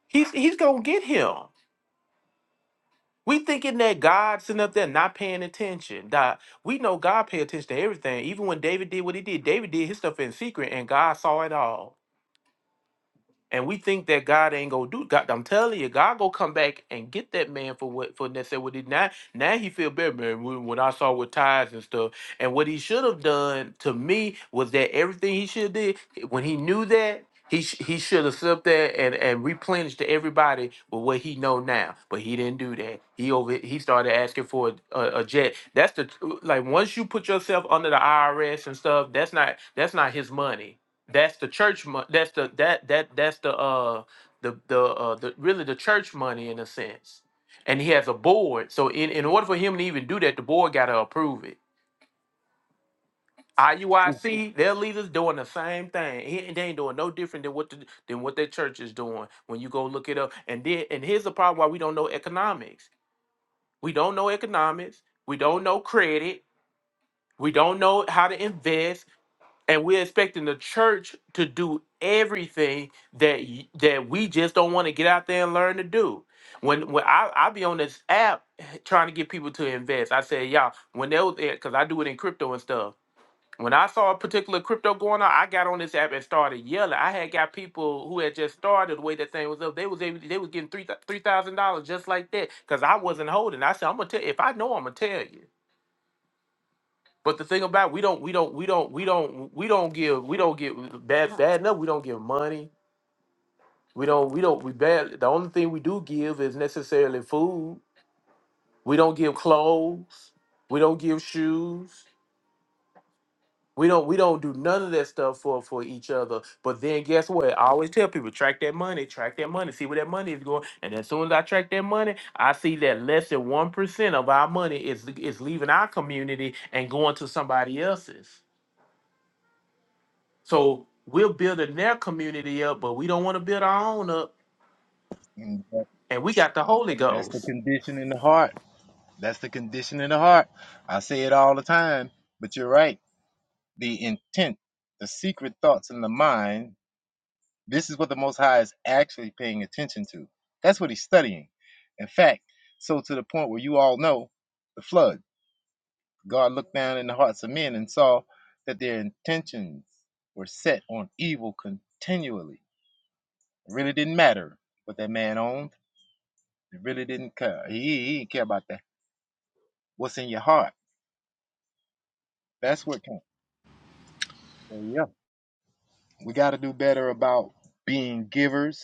He's he's gonna get him. We thinking that God sitting up there not paying attention. Nah, we know God pay attention to everything. Even when David did what he did, David did his stuff in secret and God saw it all. and we think that God ain't gonna do. God, I'm telling you, God gonna come back and get that man for what for necessarily what he now. Now he feel better, man. When, when I saw with ties and stuff, and what he should have done to me was that everything he should have did when he knew that. He, sh- he should have slipped there and, and replenished to everybody with what he know now, but he didn't do that. He over he started asking for a, a, a jet. That's the like once you put yourself under the IRS and stuff, that's not that's not his money that's the church money that's the that that that's the uh the the uh the really the church money in a sense and he has a board so in, in order for him to even do that the board got to approve it IUIC, their leaders doing the same thing. He- They ain't doing no different than what the, than what their church is doing. When you go look it up, and then and here's the problem: why we don't know economics. We don't know economics. We don't know credit. We don't know how to invest. and we're expecting the church to do everything that y- that we just don't want to get out there and learn to do. When when I I be on this app trying to get people to invest, I said y'all when they was because I do it in crypto and stuff. When I saw a particular crypto going on, I got on this app and started yelling. I had got people who had just started the way that thing was up. They was able, they was getting three three thousand dollars just like that because I wasn't holding. I said I'm gonna tell if I know I'm gonna tell you. But the thing about we don't we don't we don't we don't we don't give we don't give bad bad enough. We don't give money. We don't we don't we bad. The only thing we do give is necessarily food. We don't give clothes. We don't give shoes. We don't we don't do none of that stuff for for each other. But then guess what? I always tell people track that money, track that money, see where that money is going. And as soon as I track that money, I see that less than one percent of our money is is leaving our community and going to somebody else's. So we're building their community up, but we don't want to build our own up.
And that-
And we got the Holy
That's the
Ghost.
condition in the heart. That's the condition in the heart. I say it all the time, but you're right. The intent, the secret thoughts in the mind, this is what the Most High is actually paying attention to. That's what he's studying. In fact, so to the point where you all know the flood, God looked down in the hearts of men and saw that their intentions were set on evil continually It really didn't matter what that man owned. It really didn't care. He, he didn't care about that. What's in your heart? That's what counts. So yeah, we got to do better about being givers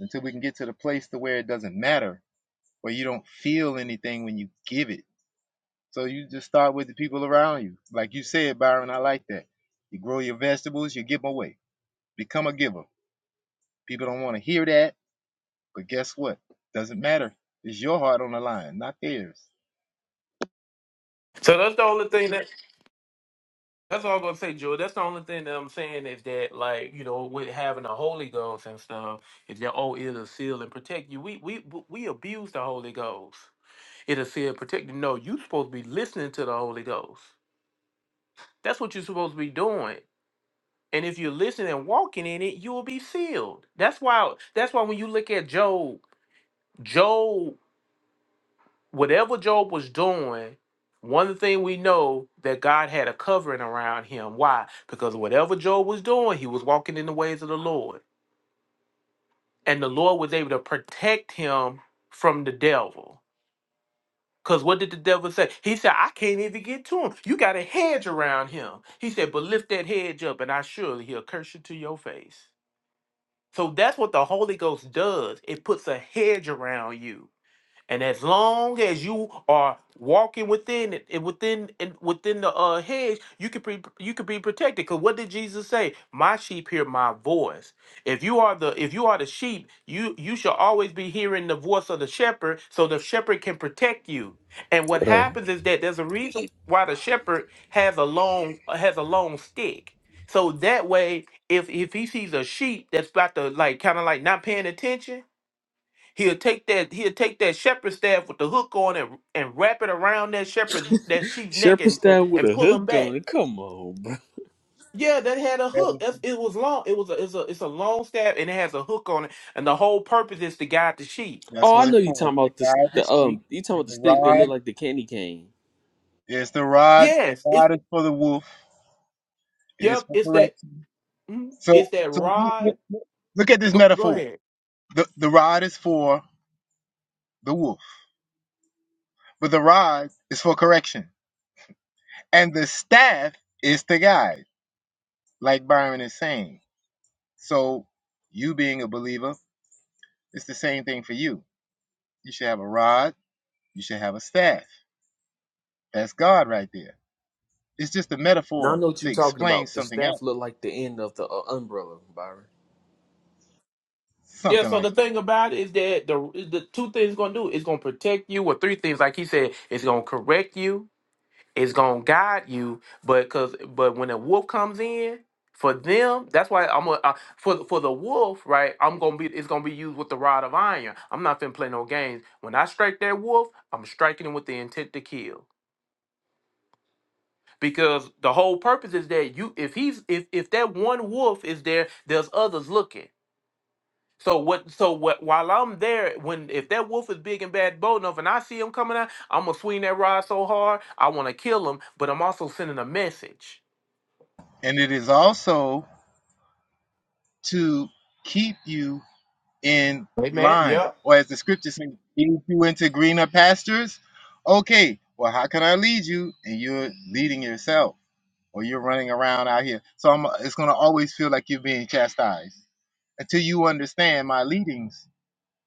until we can get to the place to where it doesn't matter, where you don't feel anything when you give it. So you just start with the people around you. Like you said, Byron, I like that. You grow your vegetables, you give 'em away. Become a giver. People don't want to hear that, but guess what? Doesn't matter. It's your heart on the line, not theirs.
So that's the only thing that that's all I'm gonna say, Joe. That's the only thing that I'm saying is that like, you know, with having the Holy Ghost and stuff, is that oh it'll seal and protect you. We we we abuse the Holy Ghost. It'll seal and protect you. No, you supposed to be listening to the Holy Ghost. That's what you're supposed to be doing. And if you're listening and walking in it, you will be sealed. That's why that's why when you look at Job, Job. whatever Job was doing, one thing we know that God had a covering around him. Why? Because whatever Job was doing, he was walking in the ways of the Lord. And the Lord was able to protect him from the devil. Because what did the devil say? He said, I can't even get to him. You got a hedge around him. He said, But lift that hedge up, and I surely he'll curse you to your face. So that's what the Holy Ghost does. It puts a hedge around you And as long as you are walking within it, it- within it- within the uh, hedge, you could be you could be protected. Because what did Jesus say? My sheep hear my voice. If you are the if you are the sheep, you you shall always be hearing the voice of the shepherd, so the shepherd can protect you. And what
what up?
happens is that there's a reason why the shepherd has a long has a long stick. So that way, if if he sees a sheep that's about to like kind of like not paying attention He'll take that he'll take that shepherd's staff with the hook on and, and wrap it around that shepherd's that sheep's neck
Shepherd
and and
stand with
and
a
pull him
hook on
back.
it. Come on, bro.
Yeah, that had a
That
hook. That's, it was long. It was a, it's a it's a long staff and it has a hook on it. And the whole purpose is to guide the sheep.
That's
Oh, I
what
know
it's
you
for.
talking
It's
about
the
this.
guide the
The
sheep,
um, you talking
and
about the
the
stick that look
rod
like the candy cane.
is the rod.
Yes,
The
it's
rod is for the wolf. It is
yep.
for
It's that
correction.
mm, it's
So,
that
so look,
rod.
look- look- look at this
Go, go
metaphor.
ahead.
The the rod is for the wolf, but the rod is for correction, and the staff is the guide, like Byron is saying. So, you being a believer, it's the same thing for you. You should have a rod. You should have a staff. That's God right there. It's just a
Now I
metaphor
know what
to
you talking
explain
about. The
something
staff
else,
look like the end of the uh, umbrella, Byron.
Yeah.
something
So
like. that.
the thing about it is that the the two things it's gonna do is gonna protect you, or three things like he said. It's gonna correct you is gonna guide you, but cause but when a wolf comes in, for them, that's why I'm gonna uh, for for the wolf, right? I'm gonna be it's gonna be used with the rod of iron. I'm not finna play no games. When I strike that wolf, I'm striking him with the intent to kill. Because the whole purpose is that you if he's if if that one wolf is there, there's others looking. So what so what while I'm there, when if that wolf is big and bad bold enough and I see him coming out, I'm gonna swing that rod so hard, I wanna kill him, but I'm also sending a message
and it is also to keep you in
Hey man,
line,
yeah,
or as the scripture says, lead you into greener pastures. Okay, well, how can I lead you? And you're leading yourself, or you're running around out here. So I'm, it's going to always feel like you're being chastised until you understand my leadings.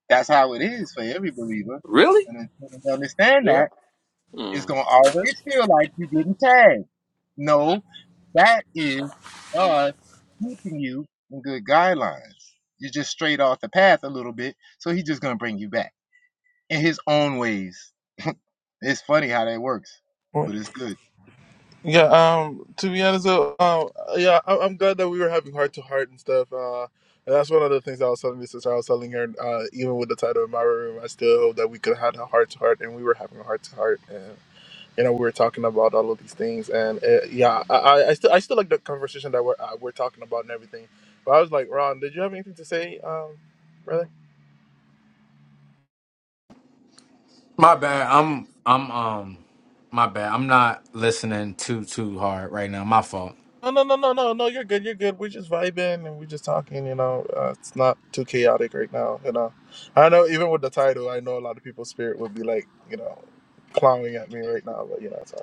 That's how it is for every believer,
Really?
and until you understand
yeah.
that, it's
Mm.
going to always feel like you're getting tagged. No, that is God keeping you in good guidelines. You're just straight off the path a little bit, so he's just gonna bring you back in his own ways. It's funny how that works, but it's good.
Yeah, um, to be honest, though, um, yeah, I- I'm glad that we were having heart to heart and stuff. Uh, and that's one of the things I was telling my sister. I was telling her, uh, even with the title in my room, I still hope that we could have a heart to heart, and we were having a heart to heart, and you know, we were talking about all of these things, and uh, yeah, I, I, I still, I still like the conversation that we're uh, we're talking about and everything. But I was like, Ron, did you have anything to say, um, brother?
My bad. I'm I'm um my bad. I'm not listening too too hard right now. My fault.
No, no, no, no, no, no. You're good. You're good. We're just vibing and we're just talking. You know, uh, it's not too chaotic right now. You know, I know even with the title, I know a lot of people's spirit would be like, you know, clowning at me right now. But you know, it's all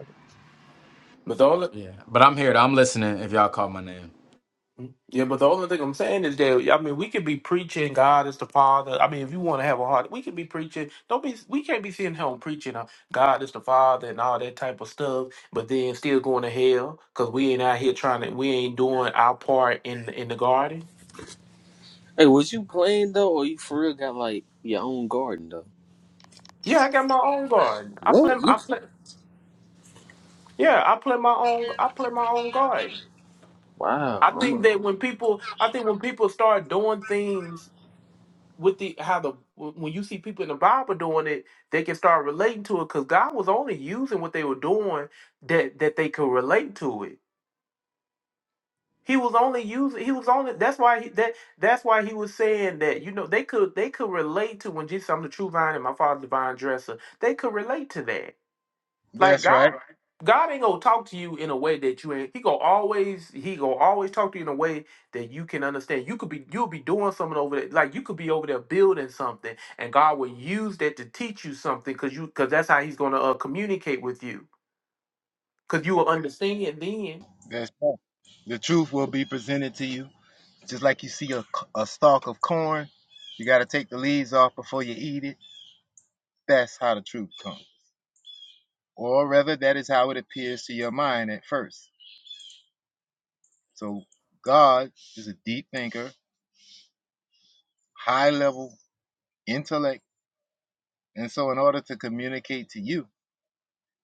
But the only
Yeah. But I'm here. I'm listening if y'all call my name.
yeah, but the only thing I'm saying is that I mean we could be preaching God is the Father. I mean if you want to have a heart, we could be preaching. Don't be we can't be sitting home preaching uh, God is the Father and all that type of stuff, but then still going to hell because we ain't out here trying to we ain't doing our part in in the garden.
Hey, was you playing though, or you for real got like your own garden though?
Yeah, I got my own garden. I play
What?
I play yeah, I play my own I play my own garden.
Wow.
I
I'm a,
think that when people I think when people start doing things with the how the when you see people in the Bible doing it, they can start relating to it because God was only using what they were doing that that they could relate to it. He was only using. He was only. That's why he that that's why he was saying that. You know, they could they could relate to when Jesus. I'm the true vine, and my father's the vine dresser. They could relate to that like
That's
God,
right.
God ain't gonna talk to you in a way that you ain't. He gonna always, he gonna always talk to you in a way that you can understand. You could be, you'll be doing something over there, like you could be over there building something, and God will use that to teach you something, cause you, cause that's how He's gonna uh, communicate with you, cause you will understand then.
That's right. The truth will be presented to you, just like you see a, a stalk of corn. You got to take the leaves off before you eat it. That's how the truth comes, or rather, that is how it appears to your mind at first. So God is a deep thinker, high level intellect, and so in order to communicate to you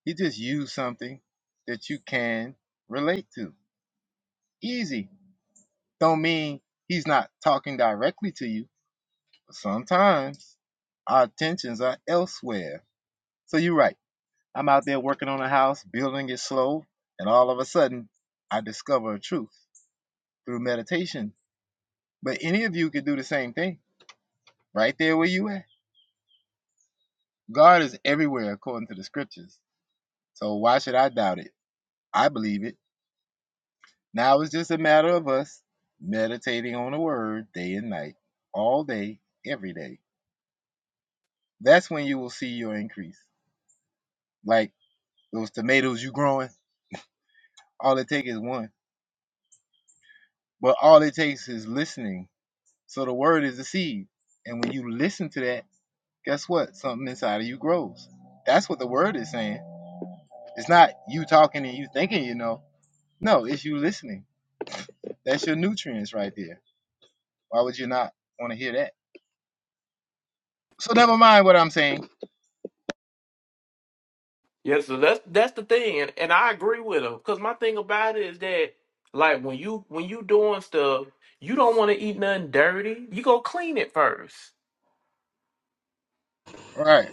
He just used something that you can relate to. Easy. Don't mean he's not talking directly to you. But sometimes our attentions are elsewhere. So you're right. I'm out there working on a house, building it slow, and all of a sudden I discover a truth through meditation. But any of you could do the same thing right there where you at. God is everywhere according to the scriptures. So why should I doubt it? I believe it. Now it's just a matter of us meditating on the word day and night, all day, every day. That's when you will see your increase. Like those tomatoes you growing, all it takes is one. But all it takes is listening. So the word is the seed. And when you listen to that, guess what? Something inside of you grows. That's what the word is saying. It's not you talking and you thinking you know. No, it's you listening. That's your nutrients right there. Why would you not want to hear that? So never mind what I'm saying.
Yeah, so that's that's the thing, and, and I agree with him, cause my thing about it is that, like when you when you doing stuff, you don't want to eat nothing dirty. You go clean it first.
Right.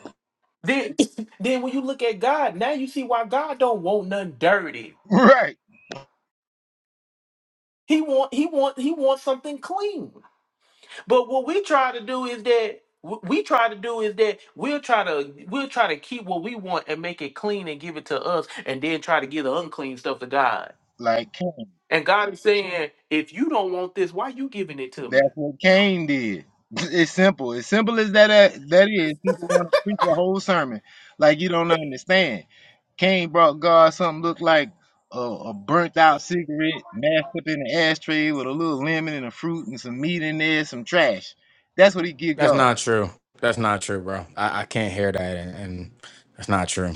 Then, then when you look at God, now you see why God don't want nothing dirty.
Right.
He want he want he wants something clean. But what we try to do is that what we try to do is that we'll try to we'll try to keep what we want and make it clean and give it to us, and then try to give the unclean stuff to God.
Like
And God is saying, if you don't want this, why you giving it to me?
that's what Cain did. It's simple. As simple as that that is. People want to preach a whole sermon like you don't understand. Cain brought God something looked like a, a burnt out cigarette mashed up in an ashtray with a little lemon and a fruit and some meat in there, some trash. That's what he give
That's
God.
not true. That's not true, bro. I, I can't hear that and, and that's not true.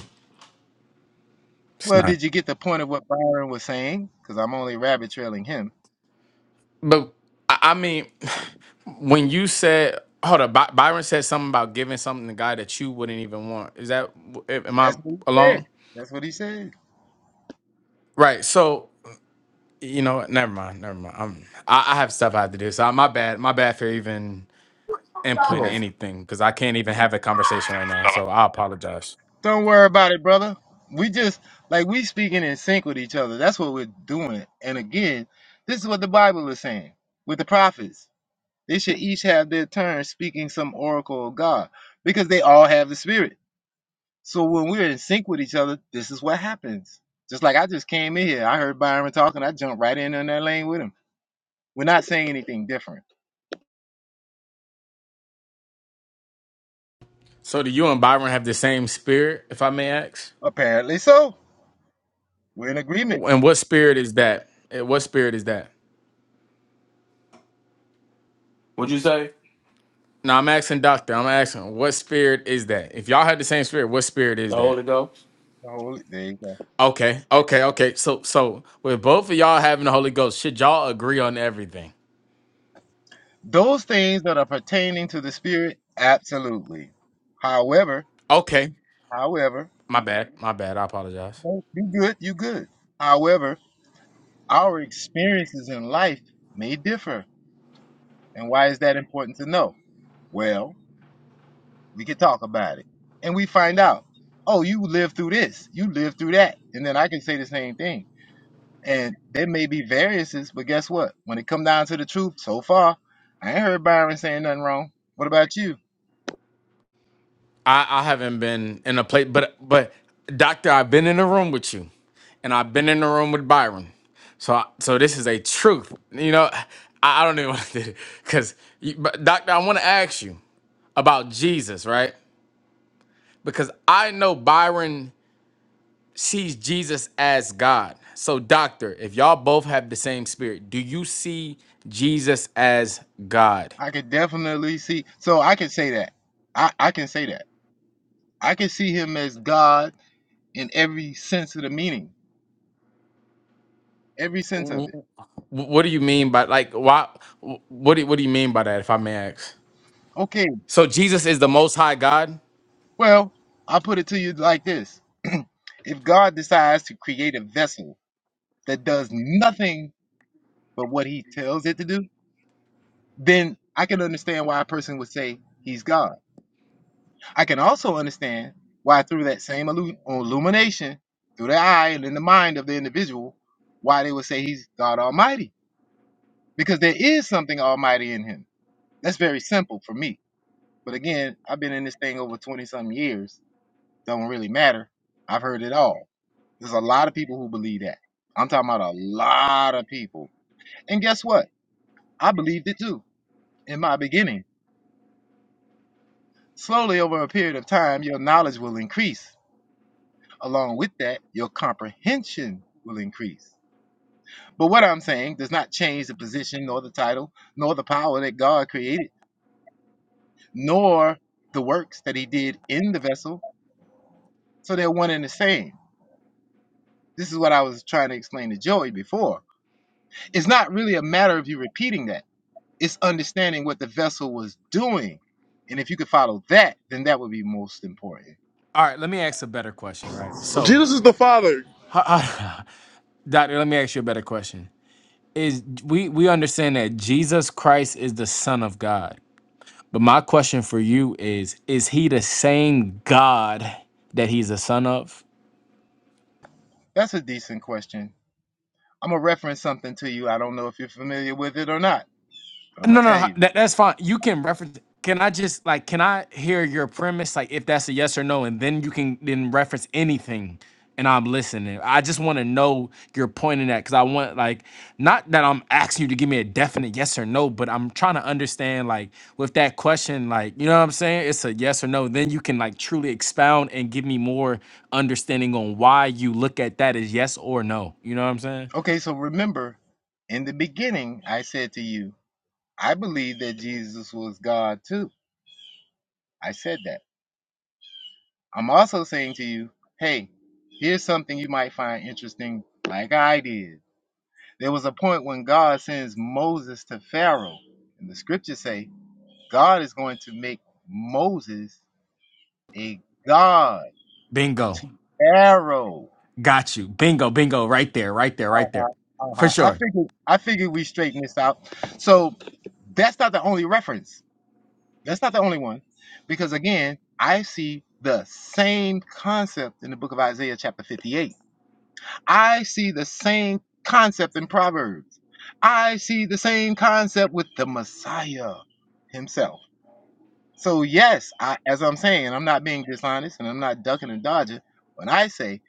It's
Well,
not.
did you get the point of what Byron was saying? Because I'm only rabbit trailing him.
But I, I mean when you said hold up, By- Byron said something about giving something to God that you wouldn't even want. Is that am I
That's what he said.
alone?
That's what he said.
Right. So you know, what? never mind, never mind. I'm, I, I have stuff I have to do. So my bad, my bad for even input in anything because I can't even have a conversation right now. So I apologize.
Don't worry about it, brother. We just like we speaking in sync with each other. That's what we're doing. And again, this is what the Bible is saying with the prophets. They should each have their turn speaking some oracle of God because they all have the Spirit. So when we're in sync with each other, this is what happens. Just like I just came in here, I heard Byron talking, I jumped right in on that lane with him. We're not saying anything different.
So do you and Byron have the same spirit, if I may ask?
Apparently so. We're in agreement.
And what spirit is that? Eh, What spirit is that?
Would you say
No, I'm asking doctor. I'm asking what spirit is that? If y'all had the same spirit, what spirit
the
is that?
Holy Ghost?
The Holy- There you go.
Okay, okay, okay. So so with both of y'all having the Holy Ghost, should y'all agree on everything?
Those things that are pertaining to the spirit, absolutely. However,
Okay.
however,
My bad. My bad. I apologize.
you good, you good. However, our experiences in life may differ. And why is that important to know? Well, we can talk about it. And we find out, oh, you lived through this, you lived through that. And then I can say the same thing. And there may be variances, but guess what? When it come down to the truth, so far, I ain't heard Byron saying nothing wrong. What about you?
I, I haven't been in a place, but but doctor, I've been in a room with you, and I've been in a room with Byron. So I, so this is a truth. You know, I, I don't even want to do it because, but doctor, I want to ask you about Jesus, right? Because I know Byron sees Jesus as God. So doctor, if y'all both have the same spirit, do you see Jesus as God?
I could definitely see. So I can say that. I, I can say that. I can see him as God in every sense of the meaning, every sense
Wh-
of it.
wh- What do you mean by like why? wh- What do what do you mean by that? If I may ask.
Okay,
So Jesus is the Most High God.
well, I'll put it to you like this if God decides to create a vessel that does nothing but what he tells it to do, then I can understand why a person would say he's God. I can also understand why, through that same illu- illumination, through the eye and in the mind of the individual, why they would say he's God Almighty because there is something almighty in him. That's very simple for me. But again, I've been in this thing over 20 some years. Don't really matter. I've heard it all. There's a lot of people who believe that. I'm talking about a lot of people. And guess what? I believed it too in my beginning. Slowly over a period of time, your knowledge will increase. Along with that, your comprehension will increase. But what I'm saying does not change the position nor the title nor the power that God created. nor the works that he did in the vessel. So they're one and the same. This is what I was trying to explain to Joey before. It's not really a matter of you repeating that, it's understanding what the vessel was doing. And if you could follow that, then that would be most important.
All right, let me ask a better question, right?
good.
So,
Jesus is the Father.
Doctor, let me ask you a better question. Is we we understand that Jesus Christ is the Son of God, but my question for you is: Is he the same God that he's the Son of?
That's a decent question. I'm going to reference something to you. I don't know if you're familiar with it or not, but I'm going
No,
to tell
no,
you.
that, that's fine. You can reference. Can I just like? Can I hear your premise? Like, if that's a yes or no, and then you can then reference anything, and I'm listening. I just want to know your point in that because I want like not that I'm asking you to give me a definite yes or no, but I'm trying to understand like with that question, like you know what I'm saying? It's a yes or no. Then you can like truly expound and give me more understanding on why you look at that as yes or no. You know what I'm saying?
Okay, so remember, in the beginning, I said to you, I believe that Jesus was God too. I said that. I'm also saying to you, hey, here's something you might find interesting, like I did. There was a point when God sends Moses to Pharaoh, and the scriptures say God is going to make Moses a god
Bingo.
to Pharaoh.
Got you. Bingo, bingo, right there, right there, right
Uh-huh,
there. For
uh-huh. I
sure.
figured I figured we straighten this out. So that's not the only reference. That's not the only one. Because again, I see the same concept in the book of Isaiah chapter 58 I see the same concept in Proverbs. I see the same concept with the Messiah himself. So, yes, I, as I'm saying, I'm not being dishonest and I'm not ducking and dodging. When I say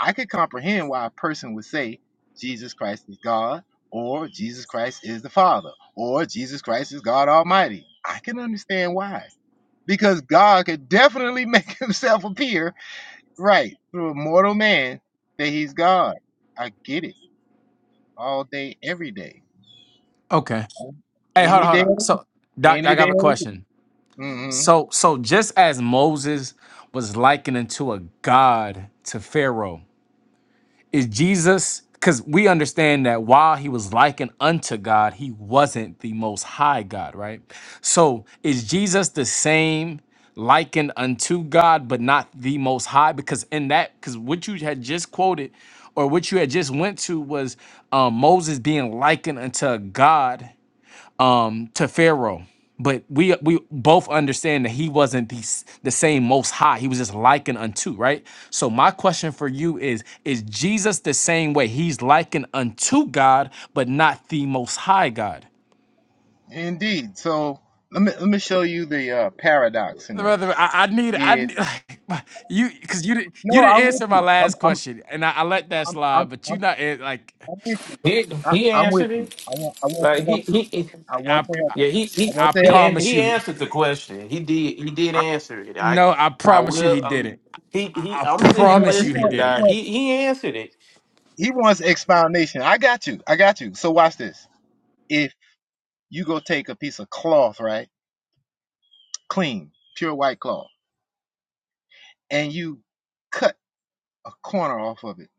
I could comprehend why a person would say Jesus Christ is God or Jesus Christ is the Father or Jesus Christ is God Almighty, I can understand why. Because God could definitely make himself appear right through a mortal man that he's God. I get it all day, every day,
Okay. Hey, hold
any
on, hold
day,
on. So, Doc,
any
Doc, I have
day.
a question.
Mm-hmm.
So, so just as Moses was likened unto a god to Pharaoh, is Jesus because we understand that while he was likened unto God, he wasn't the most high God, right? So is Jesus the same likened unto God, but not the most high? Because in that, because what you had just quoted or what you had just went to was um, Moses being likened unto God um to Pharaoh. But we we both understand that he wasn't the, s- the same most high. He was just likened unto, right? So my question for you is is Jesus the same way? He's likened unto God, but not the most high God.
Indeed. So let me let me show you the uh, paradox in this.
Brother, I, I need I
If
need, like, you because you didn't you
no,
didn't
I'm with
answer my
you. I'm
last
I'm
question, and I, I let that
I'm I'm
slide. But
I'm,
you not an- like
I'm with you.
He
I,
he
I'm with
answered
you.
it.
I want I want to
Like he
help you.
he.
I want
I,
to
I
help you.
Yeah, he
I
he
I
want to
he
help
a-
you with
promise
he
you,
you.
he-
answered the question. He did he did
I,
answer it. I
no, I
I
promise you he
will.
did
Um,
it.
he he.
I,
I'm
he
I
just
sitting here
want
promise
he
you he
listening.
want
did
he
it.
Now.
want
He he answered it.
he wants expoundation. I got you. I got you. So watch this. If you go take a piece of cloth, right, clean, pure white cloth, and you cut a corner off of it.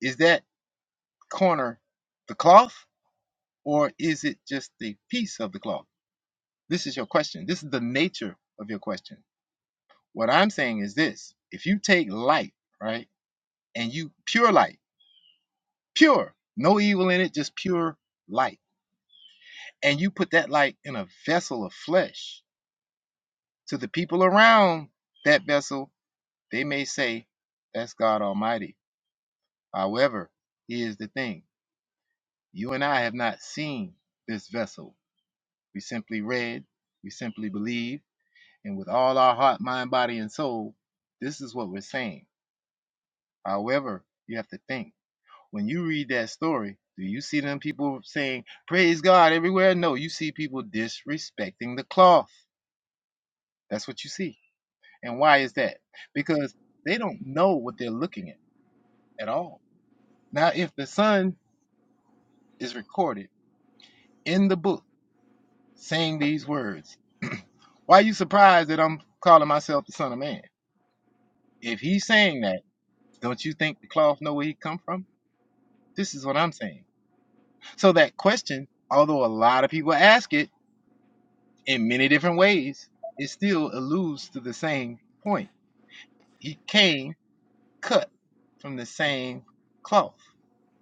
Is that corner the cloth or is it just the piece of the cloth? This is your question. This is the nature of your question. What I'm saying is this if you take light, right, and you pure light, pure, no evil in it, just pure light, and you put that light in a vessel of flesh to the people around that vessel, they may say, That's God Almighty. However, here's the thing you and I have not seen this vessel We simply read, we simply believe, and with all our heart, mind, body, and soul, this is what we're saying. However, you have to think. When you read that story, do you see them people saying, Praise God everywhere? No, you see people disrespecting the cloth. That's what you see. And why is that? Because they don't know what they're looking at at all. Now, if the son is recorded in the book saying these words, why are you surprised that I'm calling myself the son of man? If he's saying that, Don't you think the cloth know where he come from? This is what I'm saying. So that question, although a lot of people ask it in many different ways, it still alludes to the same point. He came cut from the same cloth.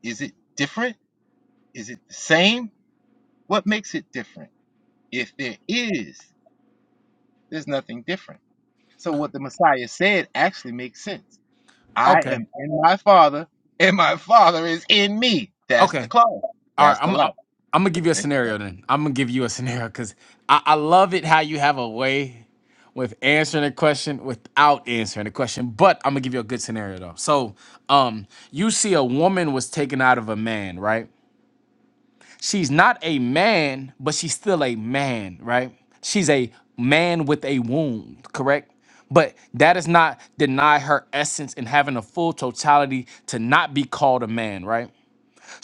Is it different? Is it the same? What makes it different? If there is, there's nothing different. So what the Messiah said actually makes sense. I
Okay,
am in my Father, and my Father is in me. That's the
okay,
cloth.
All right,
That's the
I'm I-
light.
I'm gonna give you a scenario then. I'm gonna give you a scenario because I, I love it how you have a way with answering a question without answering the question. But I'm gonna give you a good scenario though. So, um, you see a woman was taken out of a man, right? She's not a man, but she's still a man, right? She's a man with a wound, correct? But that does not deny her essence and having a full totality to not be called a man, right?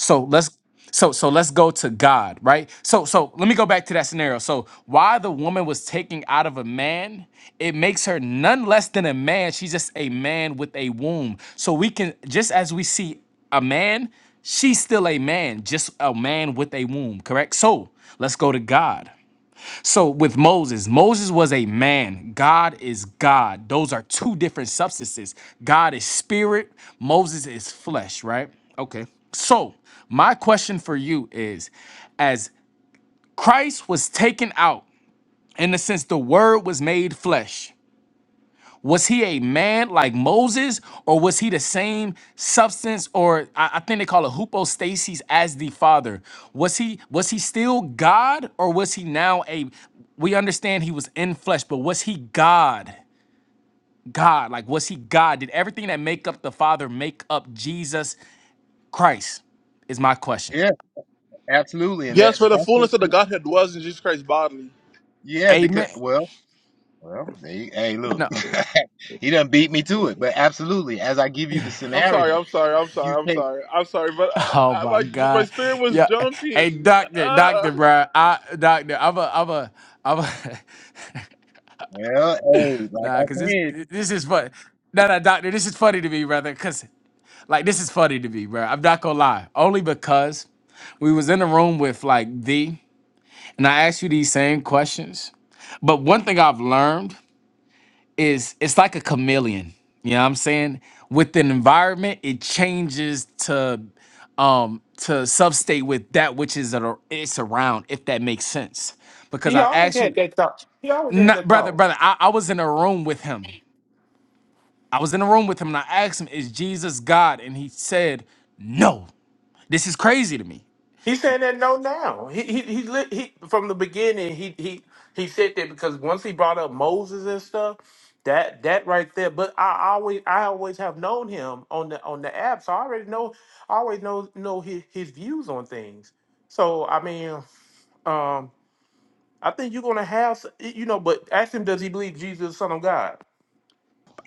So let's so so let's go to God, right? So so let me go back to that scenario. So why the woman was taken out of a man, it makes her none less than a man. She's just a man with a womb. So we can just as we see a man, she's still a man, just a man with a womb, correct? So let's go to God. So with Moses, Moses was a man. God is God. Those are two different substances. God is spirit, Moses is flesh, right? Okay. So, my question for you is as Christ was taken out, in the sense the word was made flesh, was he a man like Moses, or was he the same substance, or I, I think they call it hypostasis as the Father? Was he was he still God, or was he now a? We understand he was in flesh, but was he God? God, like was he God? Did everything that make up the Father make up Jesus Christ? Is my question.
Yeah. Absolutely, and that
Yes, for the
that's what.
fullness of the Godhead dwells in Jesus Christ bodily.
Yeah, because
Amen.
well, well, there you- hey, look,
No.
he done beat me to it. But absolutely, as I give you the
I'm sorry.
scenario,
I'm sorry. I'm
you
sorry. I'm
take
sorry. I'm sorry. But
Oh
I, I,
my
my my
God.
spirit was
Yeah. Hey,
jumping.
doctor, doctor,
Ah.
bro. I doctor, I'm a I'm a I'm a
well, hey, like
Nah,
I
cause this
said,
this is fun. no no doctor, this is funny to me, brother. Cause like this is funny to me, bro. I'm not gonna lie. Only because we was in a room with like thee, and I asked you these same questions. But one thing I've learned is it's like a chameleon. You know what I'm saying? With an environment, it changes to um to substate with that which is ar- it's around, if that makes sense. Because
He
I
always
asked
had
you,
that thought. He always had
nah,
that
brother,
thought.
brother, I, I was in a room with him I was in a room with him and I asked him, Is Jesus God? And he said, No. This is crazy to me.
He's saying that no now. He he he, li- he from the beginning. He he he said that because once he brought up Moses and stuff, that that right there. But I always I always have known him on the on the app, so I already know. I always know know his his views on things. So I mean. um, I think you're gonna have, s- you know, but ask him, does he believe Jesus is the Son of God?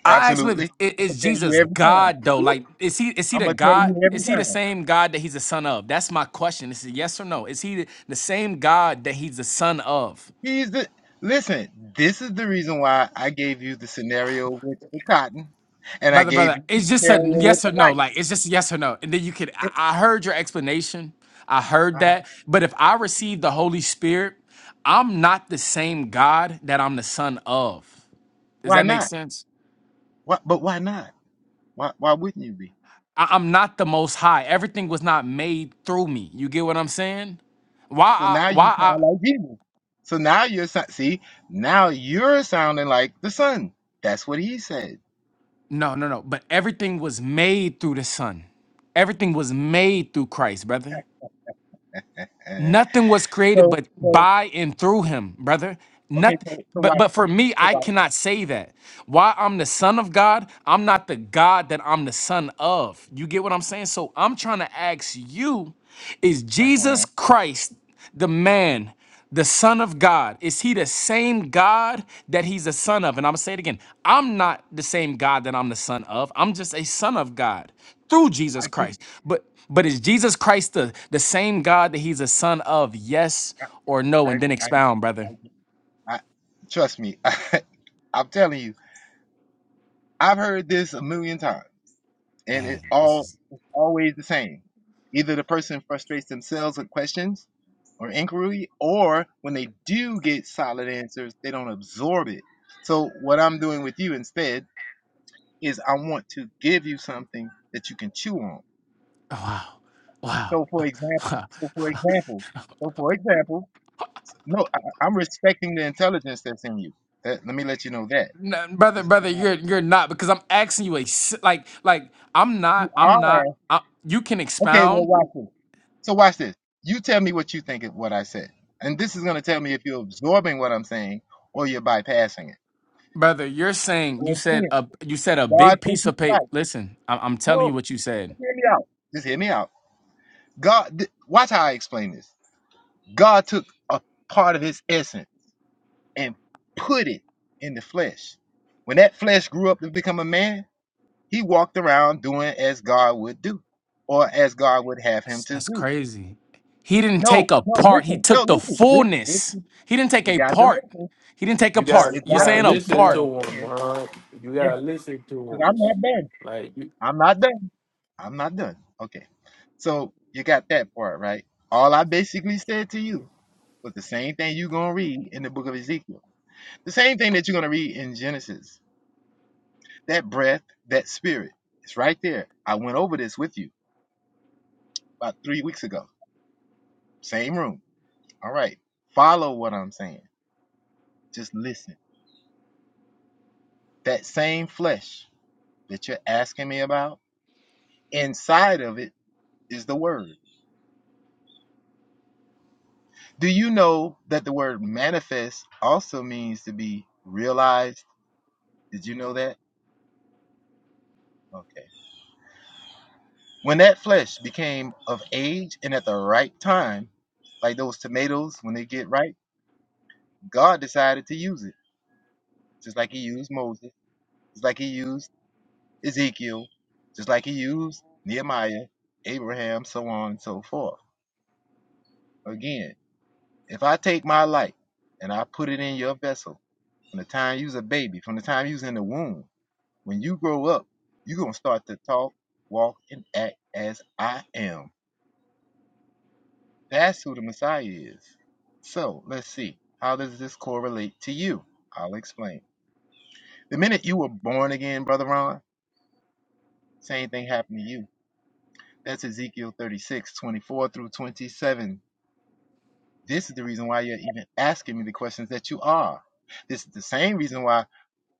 I asked him, if,
absolutely.
"I-
I'm gonna
Is
tell you
Jesus
every time.
God though? Like,
You
is he is he
I'm
the
gonna tell
God?
you every
Is he the
time.
same God that he's the son of? That's my question. This is yes or no. Is he the the same God that he's the son of?
He's the listen. This is the reason why I gave you the scenario with the cotton, and I
Brother,
gave
brother,
you the
it's just a
scenario with
yes
the
or no.
light.
Like, it's just a yes or no. And then you could, I I heard your explanation. I heard
Uh-huh.
that. But if I receive the Holy Spirit, I'm not the same God that I'm the son of. Does
Why
that make
not?
sense?
Why, but why not? Why why wouldn't you be?
I- I'm not the most high. Everything was not made through me. You get what I'm saying? Why
So now
I
you
why I
sound like Jesus. So now you're sou- see now you're sounding like the son. That's what he said.
no no no, but everything was made through the Son. Everything was made through Christ, brother.
Uh,
Nothing was created
so
but
so
by and through him, brother.
okay.
Nothing
So so
but
watch
but for
this.
me,
So
I
watch.
cannot say that. Why I'm the son of God, I'm not the God that I'm the son of. You get what I'm saying? So I'm trying to ask you, is Jesus
Uh-huh.
Christ the man? the Son of God? Is he the same God that he's the son of? And I'm gonna say it again. I'm not the same God that I'm the son of. I'm just a son of God through Jesus
I get. it.
Christ. But but is Jesus Christ the, the same God that he's a son of? Yes or
I
no?
I
And then
I,
expound,
I,
brother.
get- it. I trust me. I, I'm telling you. I've heard this a million times. and
Man,
it
this
all
is
it's always the same. Either the person frustrates themselves with questions or inquiry, or when they do get solid answers, they don't absorb it. So what I'm doing with you instead is I want to give you something that you can chew on.
wow. Wow.
So for example,
Wow.
so for example, so for example, no, I, I'm respecting the intelligence that's in you. That, let me let you know that
No, brother,
this is
brother,
how
you're you're not because I'm asking you a s- like like I'm
you
not I'm
are
not I, you can
Okay, well,
expound
watch this. So watch this. You tell me what you think of what I said, and this is going to tell me if you're absorbing what I'm saying or you're bypassing it.
brother. You're saying you
And
said
Again,
a you said a
God
big
takes
piece
me
of paper.
back.
Listen, I'm, I'm telling you
No,
what you said.
just hear me out. Just hear me out. God, th- watch how I explain this. God took a part of His essence and put it in the flesh. When that flesh grew up to become a man, he walked around doing as God would do, or as God would have him
That's,
to
that's
do.
crazy. He didn't
No,
take a
no,
part. He
listen, no,
took the
listen. This, this is
fullness. He didn't take
You
a
got to
part.
listen.
He didn't take a part.
got
You
you
You're
got
gotta
to
saying a
listen to
listen
what
part.
I'm
to him,
saying.
man. You
Yeah,
gotta listen to
because
him.
I'm not done.
Like you,
I'm not done. I'm not done. Okay. So you got that part, right? All I basically said to you was the same thing you're going to read in the book of Ezekiel. The same thing that you're going to read in Genesis. That breath, that spirit. It's right there. I went over this with you about three weeks ago. Same room. All right. Follow what I'm saying. Just listen. That same flesh that you're asking me about, inside of it is the word. Do you know that the word manifest also means to be realized? Did you know that? Okay. When that flesh became of age and at the right time, like those tomatoes, when they get ripe, God decided to use it, just like He used Moses, just like He used Ezekiel, just like He used Nehemiah, Abraham, so on and so forth. Again, if I take my light and I put it in your vessel, from the time you was a baby, from the time you was in the womb, When you grow up, you're going to start to talk, walk, and act as I am. That's who the Messiah is. So let's see. How does this correlate to you? I'll explain. The minute you were born again, Brother Ron, same thing happened to you. That's Ezekiel 36 24 through 27. This is the reason why you're even asking me the questions that you are. This is the same reason why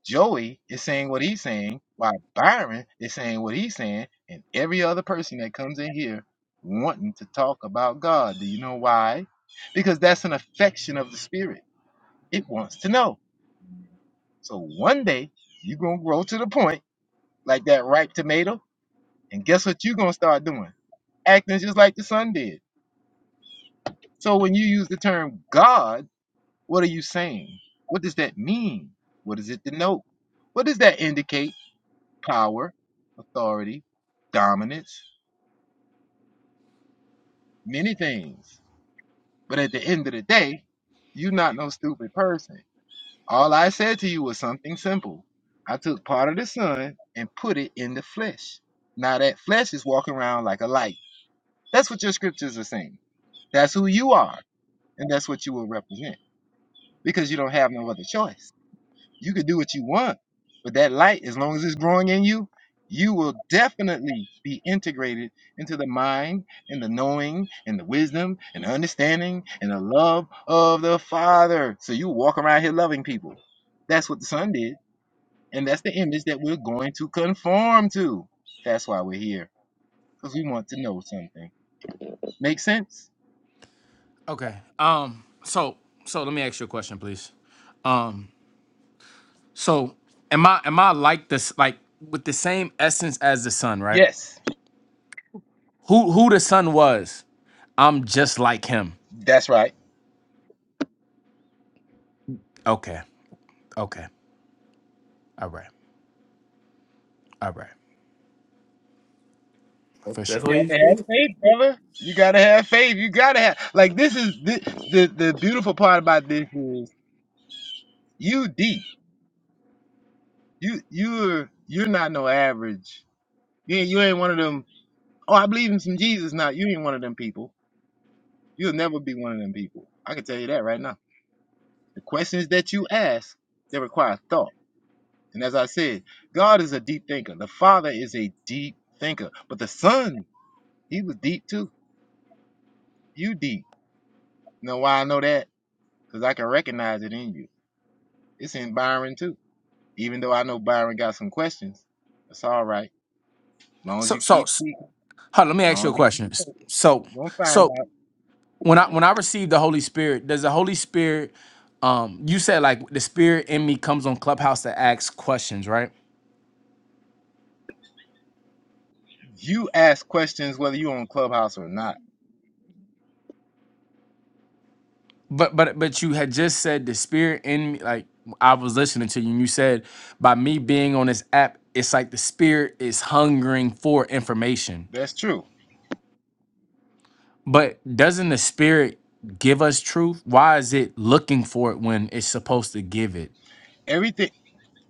Joey is saying what he's saying, while Byron is saying what he's saying, and every other person that comes in here wanting to talk about God. Do you know why? Because that's an affection of the spirit. It wants to know. So one day you're gonna grow to the point like that ripe tomato, and guess what you're gonna start doing? Acting just like the son did. So when you use the term God, what are you saying? What does that mean? What does it denote? What does that indicate? power, authority, dominance, many things. But at the end of the day, you're not no stupid person. All I said to you was something simple. I took part of the sun and put it in the flesh. Now that flesh is walking around like a light. That's what your scriptures are saying. That's who you are, and that's what you will represent because you don't have no other choice. You could do what you want, but that light, as long as it's growing in you, you will definitely be integrated into the mind and the knowing and the wisdom and the understanding and the love of the Father. So you walk around here loving people. That's what the Son did. And that's the image that we're going to conform to. That's why we're here, because we want to know something. Make sense?
Okay. Um. So so let me ask you a question, please. Um. So am I am I like this like with the same essence as the son, right?
Yes.
Who who the son was? I'm just like him.
That's right.
Okay. Okay. All right. All right. For
that's
sure.
what
You have
he
to have
said.
faith, brother. You gotta have faith. You gotta have like this is the the, the beautiful part about this is you deep. You you're you're not no average. You ain't, you ain't one of them. Oh, I believe in some Jesus now. You ain't one of them people. You'll never be one of them people. I can tell you that right now. The questions that you ask they require thought. And as I said, God is a deep thinker. The Father is a deep thinker, but the Son, he was deep too. You deep. You know why I know that? Because I can recognize it in you. It's in Byron too. Even though I know Byron got some questions, that's all right. long as
So
you keep
so
seeking,
Hold on, let me ask
long
you
as
a
you keep
question.
seeking,
So,
you're gonna find
so when I when I receive the Holy Spirit, does the Holy Spirit, um, you said like the Spirit in me comes on Clubhouse to ask questions, right?
out. You ask questions whether you're on Clubhouse or not.
But but but you had just said the Spirit in me, like I was listening to you, and you said by me being on this app, it's like the Spirit is hungering for information.
That's true.
But doesn't the Spirit give us truth? Why is it looking for it when it's supposed to give it?
Everything.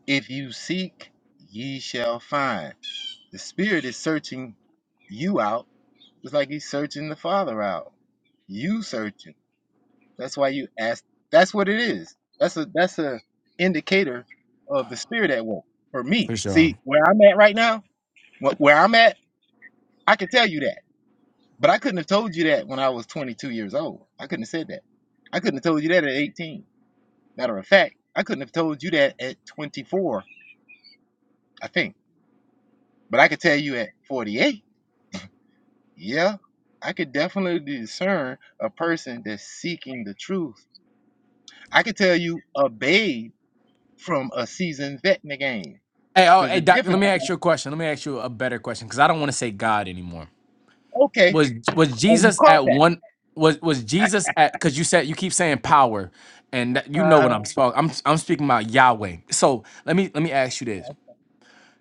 If you seek, ye shall find. The Spirit is searching you out, just like He's searching the Father out. You searching. That's why you ask. That's what it is. That's a that's a indicator of the Spirit at work for me.
For sure.
See where I'm at right now. wh- Where I'm at I can tell you that, but I couldn't have told you that when I was 22 years old. I couldn't have said that. I couldn't have told you that at 18. Matter of fact, I couldn't have told you that at 24, I think. But I could tell you at 48, yeah, I could definitely discern a person that's seeking the truth. I could tell you a babe from a seasoned vet in the game.
Hey, oh,
Because
hey,
the
doc, let
difference
me ask
is,
you a question. Let me ask you a better question because I don't want to say God anymore.
okay,
Was was
oh, you
Jesus
caught
at
that.
one? Was was Jesus at? Because you said you keep saying power, and that, you know
Uh-huh.
what I'm talking. I'm I'm speaking about Yahweh. So let me let me ask you this: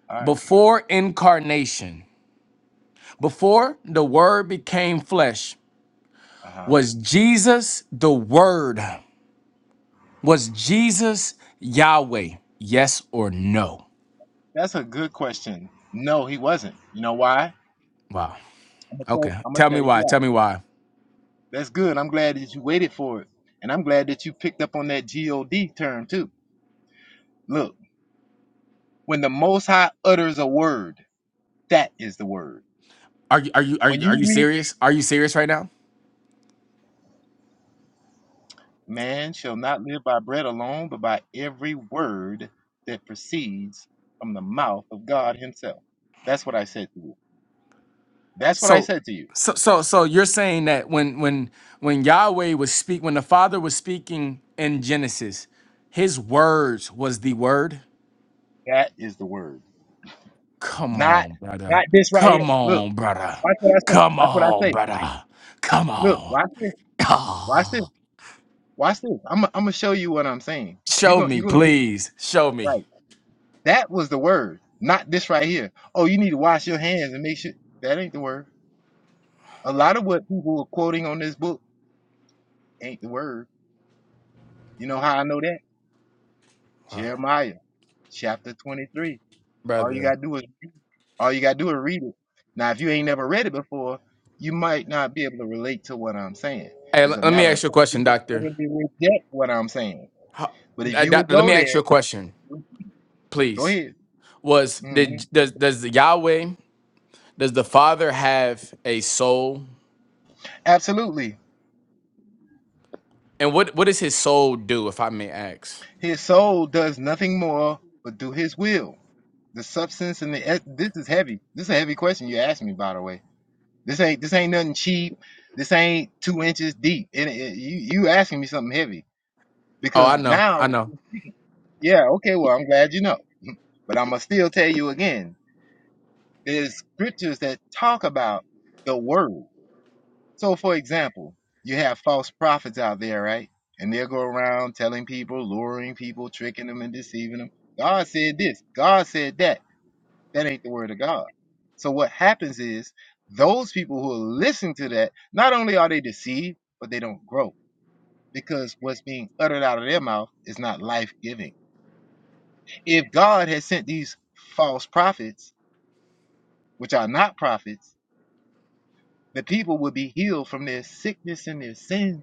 All right.
Before incarnation, before the Word became flesh,
Uh-huh.
was Jesus the Word? Was Jesus Yahweh? Yes or no?
That's a good question. No, he wasn't. You know why?
Wow.
I'm gonna tell
Okay.
I'ma
Tell
tell
me
you
why.
why.
Tell me why.
That's good. I'm glad that you waited for it. And I'm glad that you picked up on that G-O-D term too. Look, when the Most High utters a word, that is the word.
Are you are you are
When
you, are
you
you
read,
serious? Are you serious right now?
man shall not live by bread alone, but by every word that proceeds from the mouth of God himself. That's what I said to you. That's what I
So
said to you.
so so so you're saying that when when when Yahweh was speak when the Father was speaking in Genesis, his words was the word?
That is the word.
Come
Not,
on, brother.
not this right here.
Come
Look,
on, brother.
watch what I say.
Come
Watch what I
on,
say.
brother. Come
Look,
on.
watch this. Watch this.
Ah.
Watch this. I'm I'm gonna show you what I'm saying. You
Show
gonna
me,
you gonna get it
please. Show me.
right. That was the word, not this right here. Oh, you need to wash your hands and make sure that ain't the word. A lot of what people are quoting on this book ain't the word. You know how I know that?
Uh,
Jeremiah chapter 23. All you
Brother.
gotta do is all you gotta do is read it. Now, if you ain't never read it before, you might not be able to relate to what I'm saying.
Hey,
As
l-
a
let me
matter of
ask you a
fact, you
question,
might
doctor.
probably reject what I'm saying.
How,
But if
uh,
you would
doctor, let
go
me ask
there,
you a question,
go
please.
ahead.
was
hmm
did does does the Yahweh does the Father have a soul?
Absolutely.
And what what does his soul do, if I may ask?
His soul does nothing more but do his will. The substance and the et- this is heavy. This is a heavy question you asked me, by the way. This ain't this ain't nothing cheap. This ain't two inches deep. And it, you you asking me something heavy
Oh,
because
I know,
now,
I know.
yeah, okay, well, I'm glad you know, but I'm gonna still tell you again. There's scriptures that talk about the word. So, for example, you have false prophets out there, right? And they'll go around telling people, luring people, tricking them, and deceiving them. God said this, God said that. That ain't the word of God. So, what happens is those people who listen to that, not only are they deceived, but they don't grow because what's being uttered out of their mouth is not life giving. If God had sent these false prophets, which are not prophets, the people would be healed from their sickness and their sins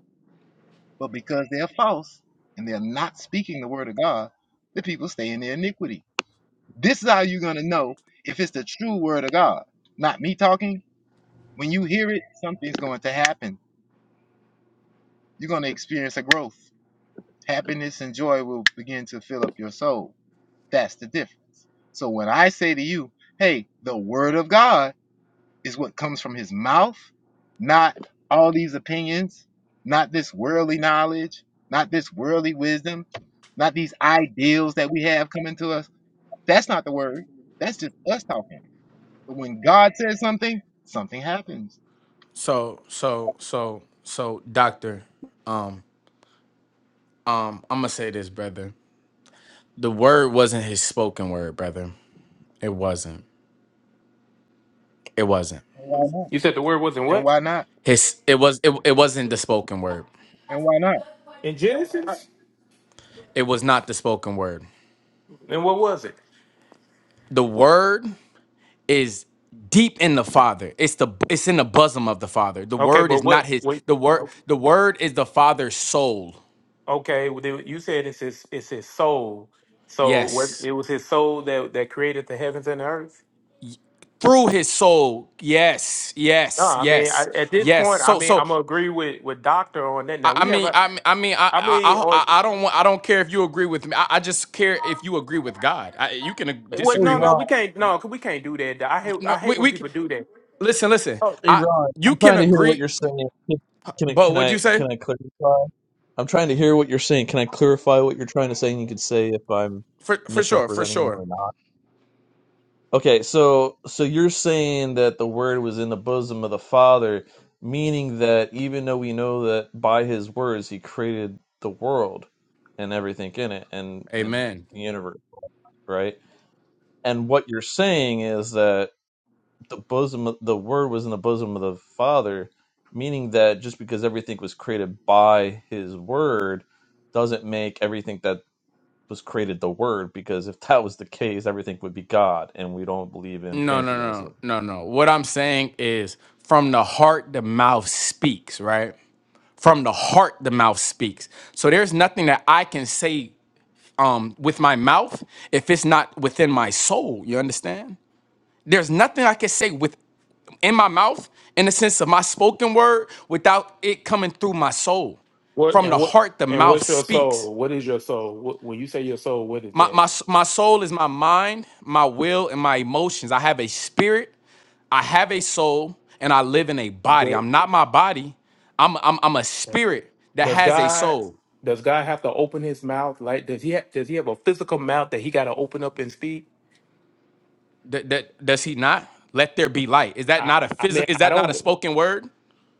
But because they're false and they're not speaking the word of God, the people stay in their iniquity. This is how you're going to know if it's the true word of God, not me talking. When you hear it, something's going to happen. You're going to experience a growth. Happiness and joy will begin to fill up your soul. That's the difference. So when I say to you, hey, the word of God is what comes from his mouth, not all these opinions, not this worldly knowledge, not this worldly wisdom, not these ideals that we have coming to us. That's not the word. That's just us talking. But when God says something, something happens.
So so so so doctor, um um I'm gonna say this, brother. The word wasn't his spoken word, brother. It wasn't. It wasn't.
And why
You said the word wasn't
not? And
what?
why not?
His it was it, it wasn't the spoken word.
And why not?
In Genesis,
It was not the spoken word.
Then what was it?
The word is deep in the father it's the it's in the bosom of the father the
Okay,
word
but
is not
what?
his
Wait.
the word
Okay,
the word is the father's soul
okay. well, then You said it's his, it's his soul. So what?
yes
It was his soul that that created the heavens and the earth.
through his soul yes
No,
yes
I mean I,
yes
at this
yes
point, I
so
mean
so
I'm gonna agree with with Doctor on that.
i,
Now
I
we have,
mean
a,
i, mean, I mean I,
I mean
I
on.
i I don't want i don't care if you agree with me i, I just care if you agree with god I, you can ag-
Hey
What?
disagree
No, no,
with
Ron,
we can't. No, 'cause we can't do that. I hate. I
no
hate
we,
when
we c-
people do that.
listen listen
Oh.
hey
i
Ron,
you
I'm
can
trying to hear what
agree
you're saying. Can can I
but
can
what'd
I
you say
can I clarify? I'm trying to hear what you're saying. Can I clarify what you're trying to say? And you could say if I'm
for for sure for
misrepresenting you
sure
or not. Okay, so so you're saying that the Word was in the bosom of the Father, meaning that even though we know that by His words He created the world and everything in it and and
amen
the universe, right? And what you're saying is that the bosom of, the word was in the bosom of the father meaning that just because everything was created by his word doesn't make everything that was created the word because if that was the case everything would be god and we don't believe in
No, no, no,
pantheism
no, no. What I'm saying is from the heart, the mouth speaks, right? From the heart, the mouth speaks. So there's nothing that I can say um, with my mouth if it's not within my soul. You understand? There's nothing I can say with in my mouth in the sense of my spoken word without it coming through my soul.
What
From
and
the
what
heart, the
and
mouth
what's your
speaks.
soul? What is your soul? What, when you say your soul, what is
My,
that?
my, s- my soul is my mind, my will, and my emotions. I have a spirit, I have a soul, and I live in a body.
Do-
I'm not my body. I'm, I'm, I'm a spirit that
Does
has a
God?
soul.
Does God have to open His mouth? Like, does He? Ha- does He have a physical mouth that He got to open up and speak?
That, that does he not? Let there be light. Is that
I.
not a
I mean,
physical? Is
I
that not a
don't.
spoken word?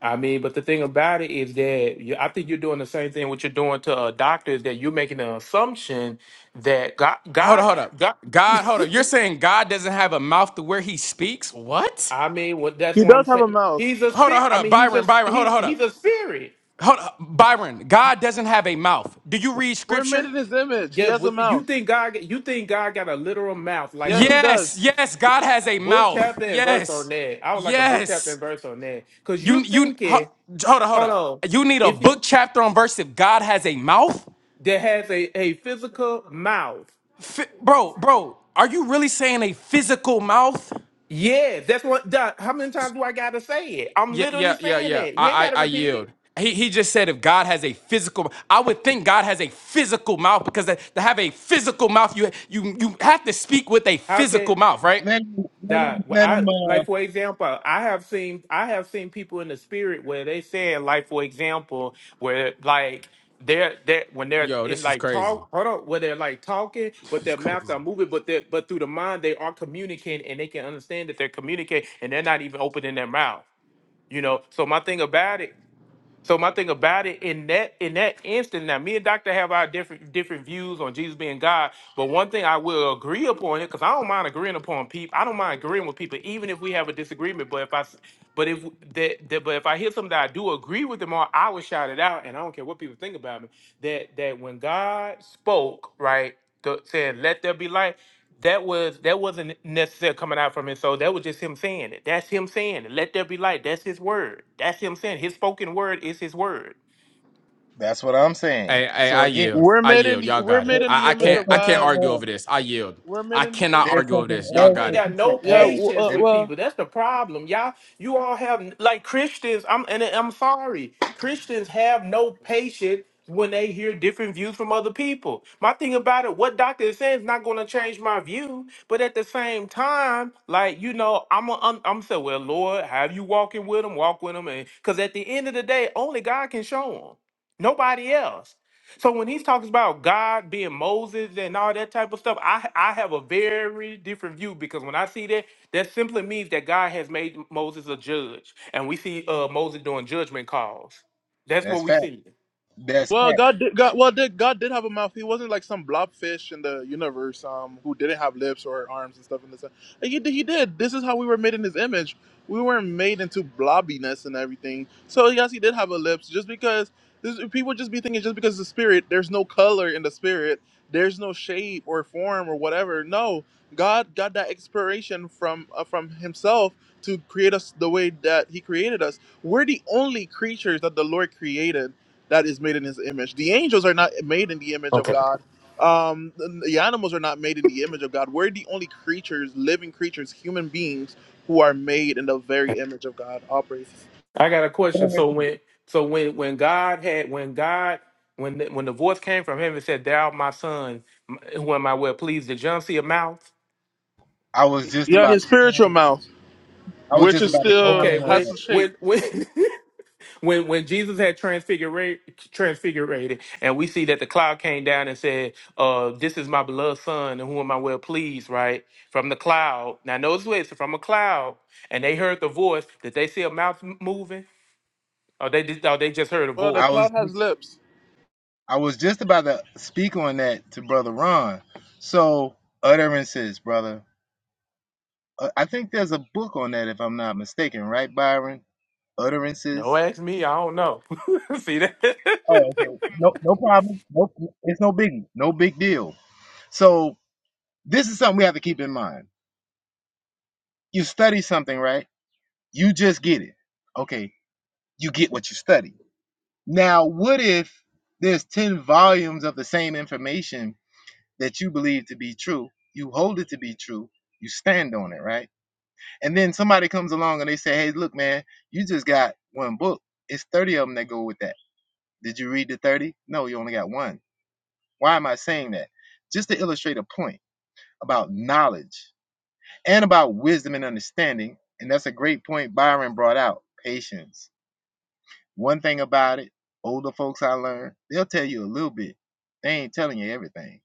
I mean, but the thing about it is that you, I think you're doing the same thing. What you're doing to a doctor is that you're making an assumption that God,
Hold up,
God,
hold up.
God.
God, hold up. You're saying God doesn't have a mouth to where he speaks? What?
I mean, what that's
he
what I'm
does have a
saying.
mouth.
He's a
Hold up,
spirit.
hold
I
up.
mean, he's a
Byron, Byron, hold up,
he's
hold
he's
up.
a spirit.
Hold up. Byron, God doesn't have a mouth. Do you read
We're made
scripture?
in His image. He
Yeah,
has a
what, you
mouth.
think God? You think God got a literal mouth like
Yes, he
us?
does.
Yes, yes, God has a
Book
mouth.
chapter and verse on
Yes,
that. I would like a book chapter
yes.
and verse on that because
You,
you're
you, ho-
thinking,
hold up, hold
hold
up.
on,
You need a
if
book chapter on verse if God has a mouth?
that has a a physical mouth.
Fi- bro, bro, are you really saying a physical mouth?
Yes, that's what. Doc, how many times do I gotta say it? I'm
Yeah,
literally
yeah, yeah,
saying
yeah.
that. You ain't
I,
gotta
I, I
repeat
yield.
it.
He, he just said if God has a physical, I would think God has a physical mouth because to, to have a physical mouth, you, you, you have to speak with a
How can?
physical mouth, right?
Let him, let
That
him,
well,
let
I
him,
like
uh,
for example, I have seen I have seen people in the spirit where they said like for example where like they're they when they're
Yo,
in
this is
like
crazy.
talk hold on where they're like talking but
This is
their mouth
crazy.
are moving but they but through the mind they are communicating and they can understand that they're communicating and they're not even opening their mouth you know so my thing about it so my thing about it in that in that instant, now me and Doctor have our different different views on Jesus being God, but one thing I will agree upon it because I don't mind agreeing upon people. I don't mind agreeing with people, even if we have a disagreement. But if I s- but if that, that but if I hear something that I do agree with them on, I will shout it out, and I don't care what people think about me. That that when God spoke, right, the, said, "Let there be light." That was that wasn't necessarily coming out from his soul. That was just him saying it. That's him saying it. Let there be light. That's his word. That's him saying it. his spoken word is his word.
that's what I'm saying.
Hey, hey,
So
I
again,
yield.
We're
I
made in
yield.
the
Y'all
we're
got it.
there-
made in
I,
the
I
image
there's
can't
of
I can't
something
God.
argue over
else.
this. I yield.
We're made
I
in the im-
cannot
There's
argue over
something
this. Y'all
else
I ain't
got
that
it.
got
you
no
can
yeah.
add.
w-
patience
Uh,
That's,
with
well,
people. That's the problem. Y'all, you all have like Christians. I'm and I'm sorry. Christians have no patience when they hear different views from other people. My thing about it, what doctor is saying is not going to change my view. But at the same time, like you know, I'm a, I'm, I'm saying, well, Lord, have you walking with them? Walk with them, and because at the end of the day, only God can show them. Nobody else. So when he's talking about God being Moses and all that type of stuff, I I have a very different view because when I see that, that simply means that God has made Moses a judge, and we see uh, Moses doing judgment calls. That's what
that's
we
fact.
see.
That's
Well, God did. God, well, did God did have a mouth. He wasn't like some blobfish in the universe, um, who didn't have lips or arms and stuff. In this, like, he did. He did. This is how we were made in His image. We weren't made into blobbiness and everything. So yes, He did have a lips. Just because this, people just be thinking, just because the spirit, there's no color in the spirit. There's no shape or form or whatever. No, God got that inspiration from uh, from Himself to create us the way that He created us. We're the only creatures that the Lord created that is made in his image. The angels are not made in the image of
Okay.
God. Um, the the animals are not made in the image of God. We're the only creatures, living creatures, human beings who are made in the very image of God. All praises.
I got a question.
fact.
So when so when when God had when God when the, when the voice came from heaven and said, "Thou my son, m- who am I well pleased?" Did John see a mouth?
I was just
Yeah,
about
his
to
spiritual
comment.
mouth,
I was
which
just
is
about to
still
Okay,
comment on
when
has
that.
a shape.
when when when when Jesus had transfigurate transfigurated, and we see that the cloud came down and said, "Uh, this is my beloved son, and whom am I well pleased?" Right from the cloud. Now notice what it's from a cloud, and they heard the voice. Did they see a mouth m- moving, or they just, or they just heard a
Well, the
I
voice?
was
cloud has lips.
I was just about to speak on that to brother Ron. So utterances, brother. Uh, I think there's a book on that if I'm not mistaken, right, Byron?
No,
Utterances.
ask me. I don't know. see that?
Oh, okay. No, no problem. No, it's no biggie. No big deal. So this is something we have to keep in mind. You study something, right? You just get it. Okay, you get what you study. Now, what if there's ten volumes of the same information that you believe to be true. You hold it to be true. You stand on it, right? And then somebody comes along and they say, "Hey, look, man, you just got one book. It's 30 of them that go with that. Did you read the 30? No, you only got one. Why am I saying that? Just to illustrate a point about knowledge and about wisdom and understanding. And that's a great point Byron brought out. Patience. One thing about it, older folks I learned, they'll tell you a little bit. They ain't telling you everything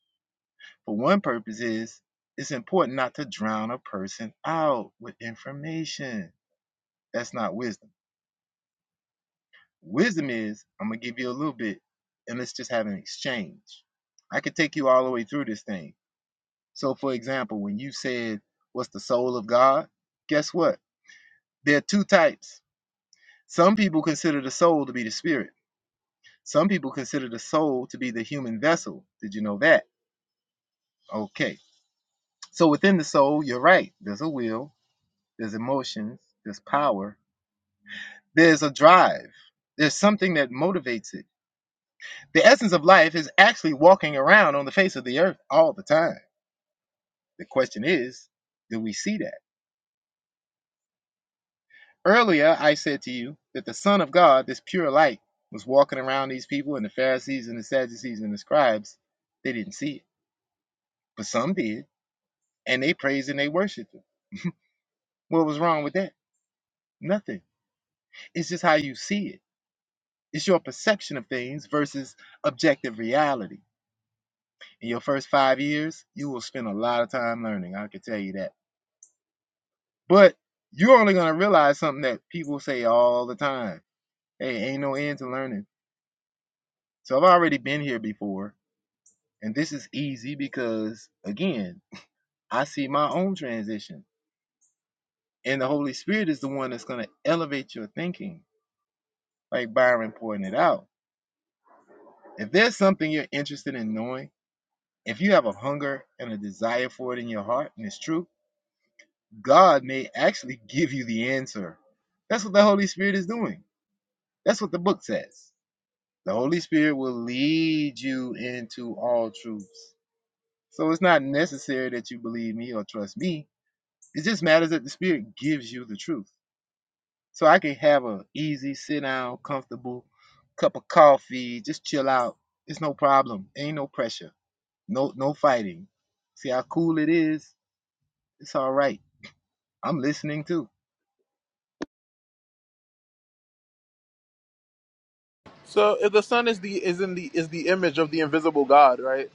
For one purpose is it's important not to drown a person out with information. That's not wisdom. Wisdom is I'm gonna give you a little bit and let's just have an exchange. I could take you all the way through this thing. So for example, when you said what's the soul of God, guess what? There are two types. Some people consider the soul to be the spirit. Some people consider the soul to be the human vessel. Did you know that? Okay. So within the soul, you're right. There's a will, there's emotions, there's power, There's a drive. There's something that motivates it. The essence of life is actually walking around on the face of the earth all the time. The question is, do we see that? Earlier, I said to you that the Son of God, this pure light, was walking around these people, and the Pharisees and the Sadducees and the scribes, they didn't see it. But some did, and they praised and they worshiped him. What was wrong with that? Nothing. It's just how you see it. It's your perception of things versus objective reality. in your first five years, you will spend a lot of time learning. I can tell you that. But you're only going to realize something that people say all the time hey, ain't no end to learning. So I've already been here before. And this is easy because, again, I see my own transition. And the Holy Spirit is the one that's going to elevate your thinking, like Byron pointed out. If there's something you're interested in knowing, if you have a hunger and a desire for it in your heart and it's true, God may actually give you the answer. That's what the Holy Spirit is doing. That's what the book says. The Holy Spirit will lead you into all truths. So it's not necessary that you believe me or trust me. It just matters that the Spirit gives you the truth. So I can have a easy, sit down, comfortable cup of coffee, just chill out. It's no problem. Ain't no pressure. No, no fighting. See how cool it is? It's all right. I'm listening too.
So if the sun is the is in the is the image of the invisible God, right?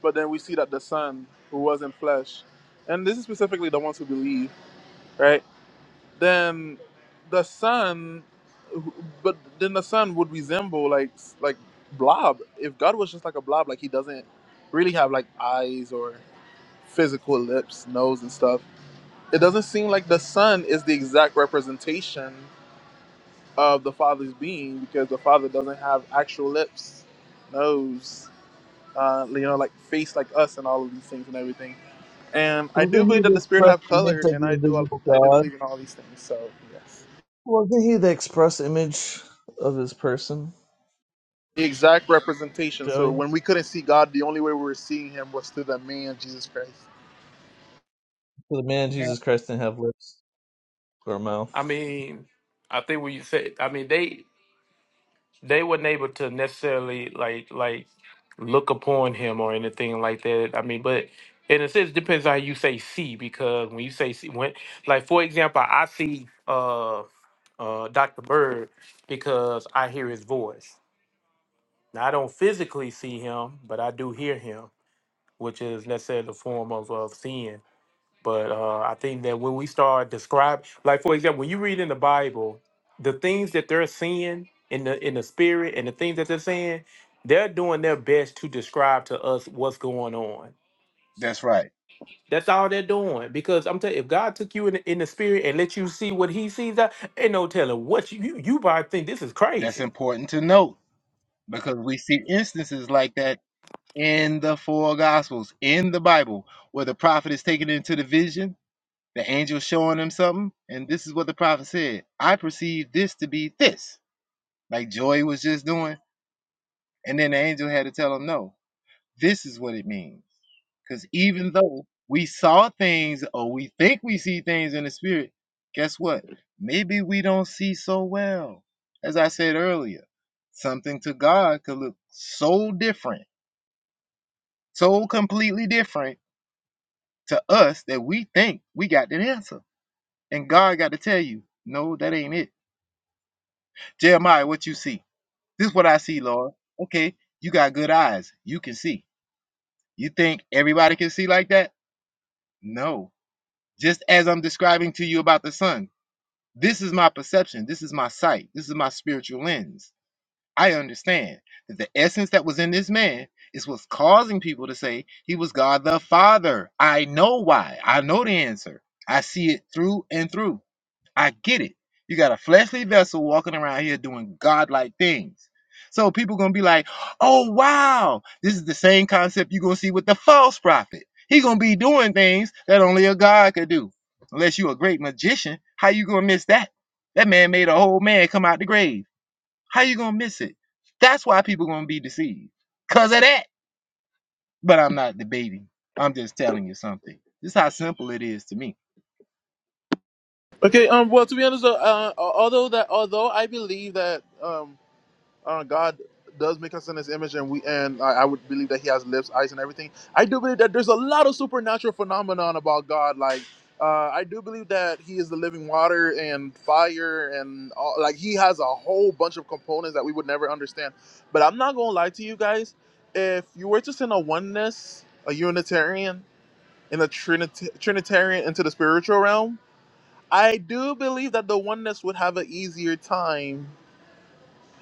But then we see that the sun who was in flesh, and this is specifically the ones who believe, right? then the sun, but then the sun would resemble like like blob if god was just like a blob like he doesn't really have like eyes or physical lips nose and stuff it doesn't seem like the sun is the exact representation of the father's being because the father doesn't have actual lips nose uh, you know like face like us and all of these things and everything and i do
Wasn't
believe
he
that
the
the spirit
express
have
image
color
of
and i
the
do
invisible
i do
God?
believe in all these things so yes
wasn't he the express image of his person
the exact representation. So
joey
when we couldn't see God, the only way we were seeing Him was through the man Jesus Christ.
for the man
Yeah.
jesus christ didn't have lips or a
I
mouth
mean, I think when you said, I mean they. they weren't able to necessarily like like look upon him or anything like that. I mean, but in a sense, it depends on how you say see because when you say see, when like for example, I see uh uh Dr. Bird because I hear his voice. Now I don't physically see him, but I do hear him, which is necessarily a form of of seeing. But uh, I think that when we start describe, like for example, when you read in the Bible, the things that they're seeing in the in the spirit and the things that they're saying, they're doing their best to describe to us what's going on.
That's right.
That's all they're doing because I'm telling you, if God took you in the, in the spirit and let you see what He sees, that ain't no telling what you you, you probably think this is
That's
crazy.
important to note because we see instances like that in the four gospels, in the Bible, where the prophet is taken into the vision, the angel showing him something, and this is what the prophet said I perceive this to be this, like Joy was just doing. And then the angel had to tell him no. This is what it means. Because even though we saw things or we think we see things in the spirit, guess what? Maybe we don't see so well. As I said earlier, something to God could look so different, so completely different to us that we think we got the answer. And God got to tell you, no, that ain't it. Jeremiah, what you see? This is what I see, Lord. Okay, you got good eyes. You can see. You think everybody can see like that? No just as I'm describing to you about the sun. This is my perception. This is my sight. This is my spiritual lens. I understand that the essence that was in this man is what's causing people to say he was God the Father. I know why. I know the answer. I see it through and through. I get it. You got a fleshly vessel walking around here doing godlike things. So people gonna be like, oh wow, this is the same concept you're gonna see with the false prophet. He gonna be doing things that only a God could do. Unless you a great magician, how you gonna miss that? That man made a whole man come out the grave. How you gonna miss it? That's why people gonna be deceived. Cause of that. But I'm not debating. I'm just telling you something. This is how simple it is to me
Okay. Um. Well, to be honest, uh, although that although I believe that um uh, God does make us in His image, and we and I, I would believe that He has lips, eyes, and everything. I do believe that there's a lot of supernatural phenomenon about God. Like uh, I do believe that He is the living water and fire, and all, like He has a whole bunch of components that we would never understand. But I'm not gonna lie to you guys. If you were to send a oneness, a Unitarian, and a Trinit- Trinitarian into the spiritual realm, I do believe that the oneness would have an easier time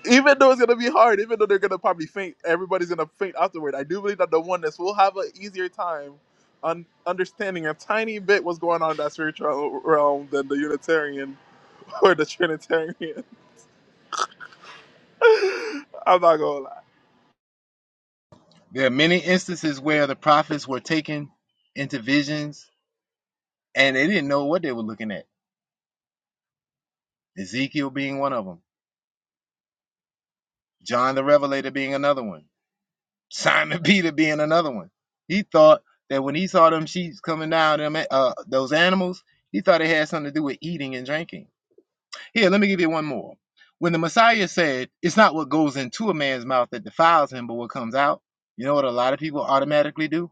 even though it's gonna be hard, even though they're gonna probably faint, everybody's gonna faint afterward. I do believe that the oneness will have an easier time on understanding a tiny bit what's going on in that spiritual realm than the Unitarian or the Trinitarian. I'm not gonna lie.
There are many instances where the prophets were taken into visions and they didn't know what they were looking at. Ezekiel being one of them, John the Revelator being another one, Simon Peter being another one. He thought that when he saw them sheep coming down, them uh, those animals, he thought it had something to do with eating and drinking. Here, let me give you one more. When the Messiah said, "It's not what goes into a man's mouth that defiles him, but what comes out," you know what a lot of people automatically do?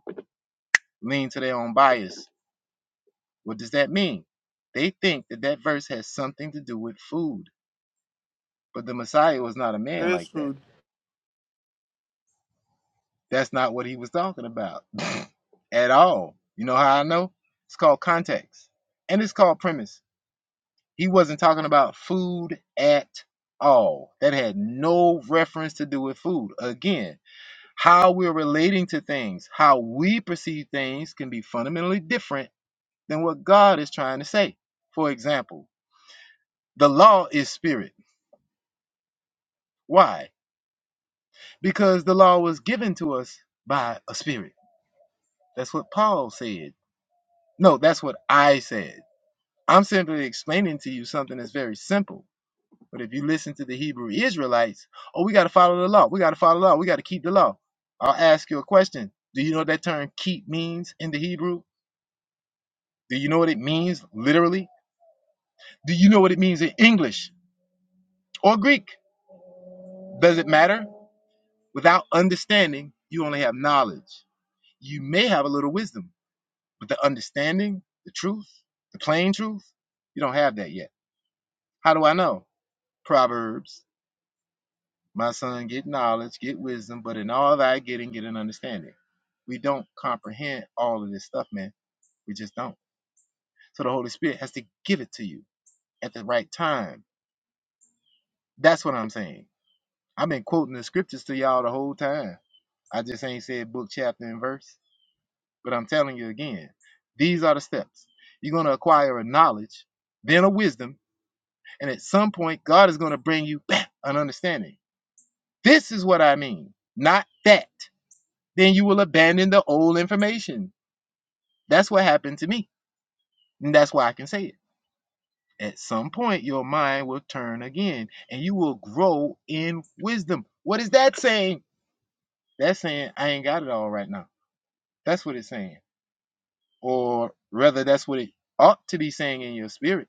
Lean to their own bias What does that mean? They think that that verse has something to do with food, but the Messiah was not a
It
man
is
like that.
food.
That's not what he was talking about at all. You know how I know? It's called context and it's called premise. He wasn't talking about food at all. That had no reference to do with food. Again, how we're relating to things, how we perceive things can be fundamentally different than what God is trying to say. For example, the law is spirit. Why? because the law was given to us by a spirit. That's what Paul said. No, that's what I said. I'm simply explaining to you something that's very simple. But if you listen to the Hebrew Israelites, oh, we got to follow the law. We got to follow the law. We got to keep the law. I'll ask you a question. Do you know what that term keep means in the Hebrew? Do you know what it means literally? Do you know what it means in English or Greek? Does it matter? Without understanding, you only have knowledge. You may have a little wisdom But the understanding, the truth, the plain truth, you don't have that yet. How do I know? Proverbs, my son, get knowledge, get wisdom, but in all thy getting, get an understanding. We don't comprehend all of this stuff, man. We just don't. So the Holy Spirit has to give it to you at the right time. That's what I'm saying. I've been quoting the scriptures to y'all the whole time. I just ain't said book, chapter, and verse. But I'm telling you again, these are the steps. You're going to acquire a knowledge, then a wisdom, And at some point, God is going to bring you back an understanding. This is what I mean, not that. Then you will abandon the old information. That's what happened to me. And that's why I can say it. At some point, your mind will turn again and you will grow in wisdom. What is that saying? That's saying, I ain't got it all right now. That's what it's saying. Or rather, that's what it ought to be saying in your spirit.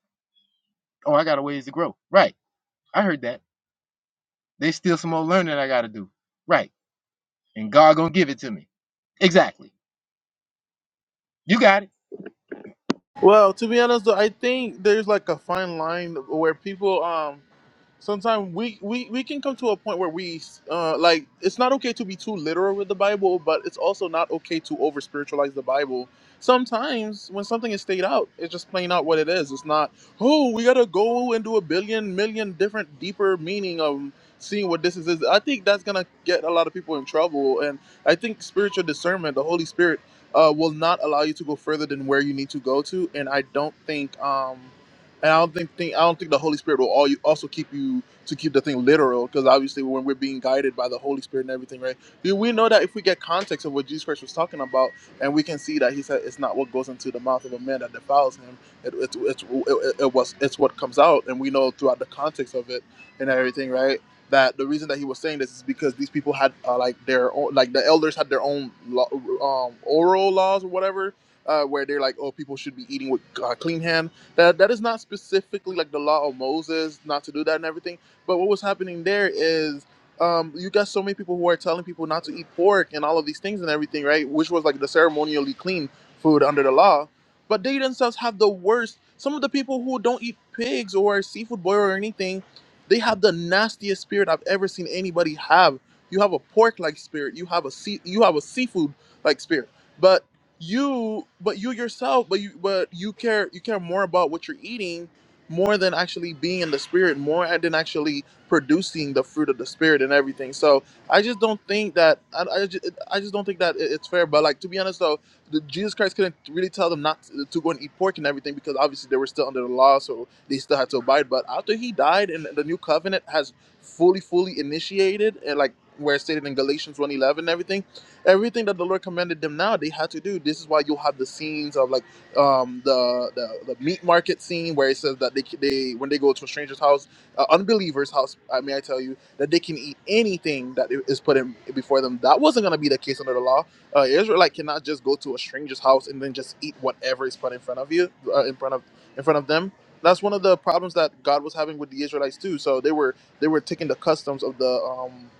Oh, I got a ways to grow. Right. I heard that. There's still some more learning I got to do. Right and God gonna give it to me. Exactly. You got it.
Well, to be honest though, I think there's like a fine line where people um sometimes we, we we can come to a point where we uh like it's not okay to be too literal with the bible but it's also not okay to over spiritualize the bible sometimes when something is stayed out it's just plain out what it is it's not oh we gotta go and do a billion million different deeper meaning of seeing what this is is." i think that's gonna get a lot of people in trouble and i think spiritual discernment the holy spirit uh, will not allow you to go further than where you need to go to and i don't think um and I don't think, think I don't think the Holy Spirit will all you also keep you to keep the thing literal because obviously when we're being guided by the Holy Spirit and everything, right? We we know that if we get context of what Jesus Christ was talking about, and we can see that he said it's not what goes into the mouth of a man that defiles him. It it's it's it, it it was it's what comes out, and we know throughout the context of it and everything, right? That the reason that he was saying this is because these people had uh, like their own, like the elders had their own law, um, oral laws or whatever, uh, where they're like, oh, people should be eating with uh, clean hands that that is not specifically like the law of Moses not to do that and everything. But what was happening there is um, you got so many people who are telling people not to eat pork and all of these things and everything, right? Which was like the ceremonially clean food under the law. But they themselves have the worst. Some of the people who don't eat pigs or seafood boil or anything, they have the nastiest spirit I've ever seen anybody have. You have a pork like spirit. You have a sea. You have a seafood like spirit. But you but you yourself but you but you care you care more about what you're eating more than actually being in the spirit more than actually producing the fruit of the spirit and everything so i just don't think that i, I, just, I just don't think that it- it's fair but like to be honest though the, jesus christ couldn't really tell them not to, to go and eat pork and everything because obviously they were still under the law so they still had to abide but after he died and the new covenant has fully fully initiated and like where it's stated in galatians one eleven and everything everything that the Lord commanded them now they had to do. This is why you'll have the scenes of like um, the, the the meat market scene where it says that they they when they go to a stranger's house, uh, unbeliever's house. I mean, I tell you that they can eat anything that is put in before them. That wasn't going to be the case under the law. Uh, Israelite cannot just go to a stranger's house and then just eat whatever is put in front of you, uh, in front of in front of them. That's one of the problems that God was having with the Israelites too. So they were they were taking the customs of the um,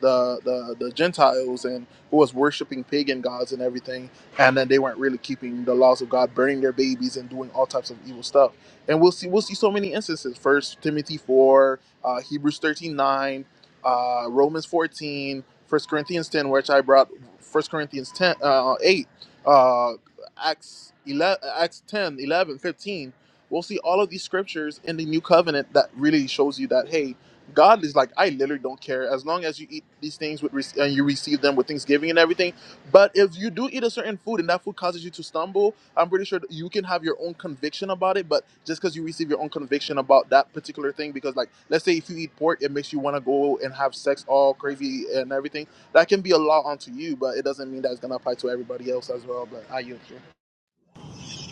the, the the Gentiles and who was worshiping pagan gods and everything, and then they weren't really keeping the laws of God, burning their babies and doing all types of evil stuff. And we'll see we'll see so many instances. First Timothy four, uh, Hebrews thirteen nine, uh, Romans 14, First Corinthians ten, which I brought First Corinthians ten uh, eight, uh, Acts 11, Acts ten eleven, fifteen. We'll see all of these scriptures in the new covenant that really shows you that hey God is like, I literally don't care as long as you eat these things with rec- and you receive them with thanksgiving and everything. But if you do eat a certain food and that food causes you to stumble, I'm pretty sure that you can have your own conviction about it. But just because you receive your own conviction about that particular thing, because like, let's say if you eat pork, it makes you want to go and have sex all crazy and everything. That can be a law unto you, but it doesn't mean that it's gonna apply to everybody else as well. But I yield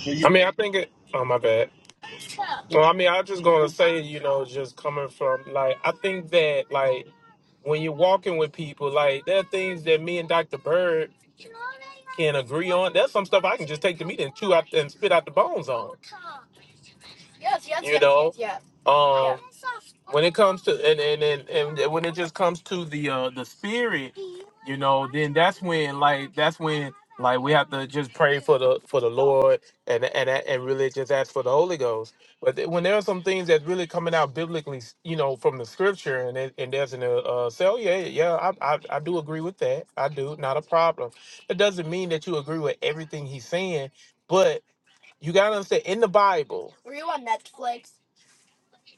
So
I
you-
mean, I think it. Oh my bad. Well, I mean, I just gonna say, you know, just coming from like, I think that like when you're walking with people, like there are things that me and Dr. Bird can agree on. There's some stuff I can just take to meet and chew out and spit out the bones on. You know, um, when it comes to and and and, and when it just comes to the uh the spirit you know then that's when like that's when like we have to just pray for the for the lord and and and really just ask for the holy ghost but th- when there are some things that's really coming out biblically you know from the scripture and it, and there's an uh uh, say oh yeah yeah I, I i do agree with that i do not a problem it doesn't mean that you agree with everything he's saying but you gotta understand in the bible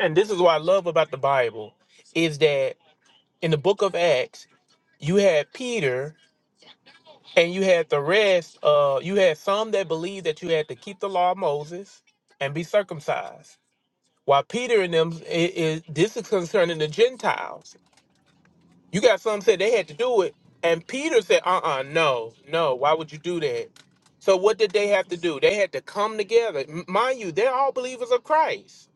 and this is what i love about the bible is that in the book of acts you had peter And you had the rest, uh, you had some that believed that you had to keep the law of Moses and be circumcised. While Peter and them, it, it, this is concerning the Gentiles. You got some said they had to do it. And Peter said, uh uh, no, no, why would you do that? So what did they have to do? They had to come together. M- Mind you, they're all believers of Christ.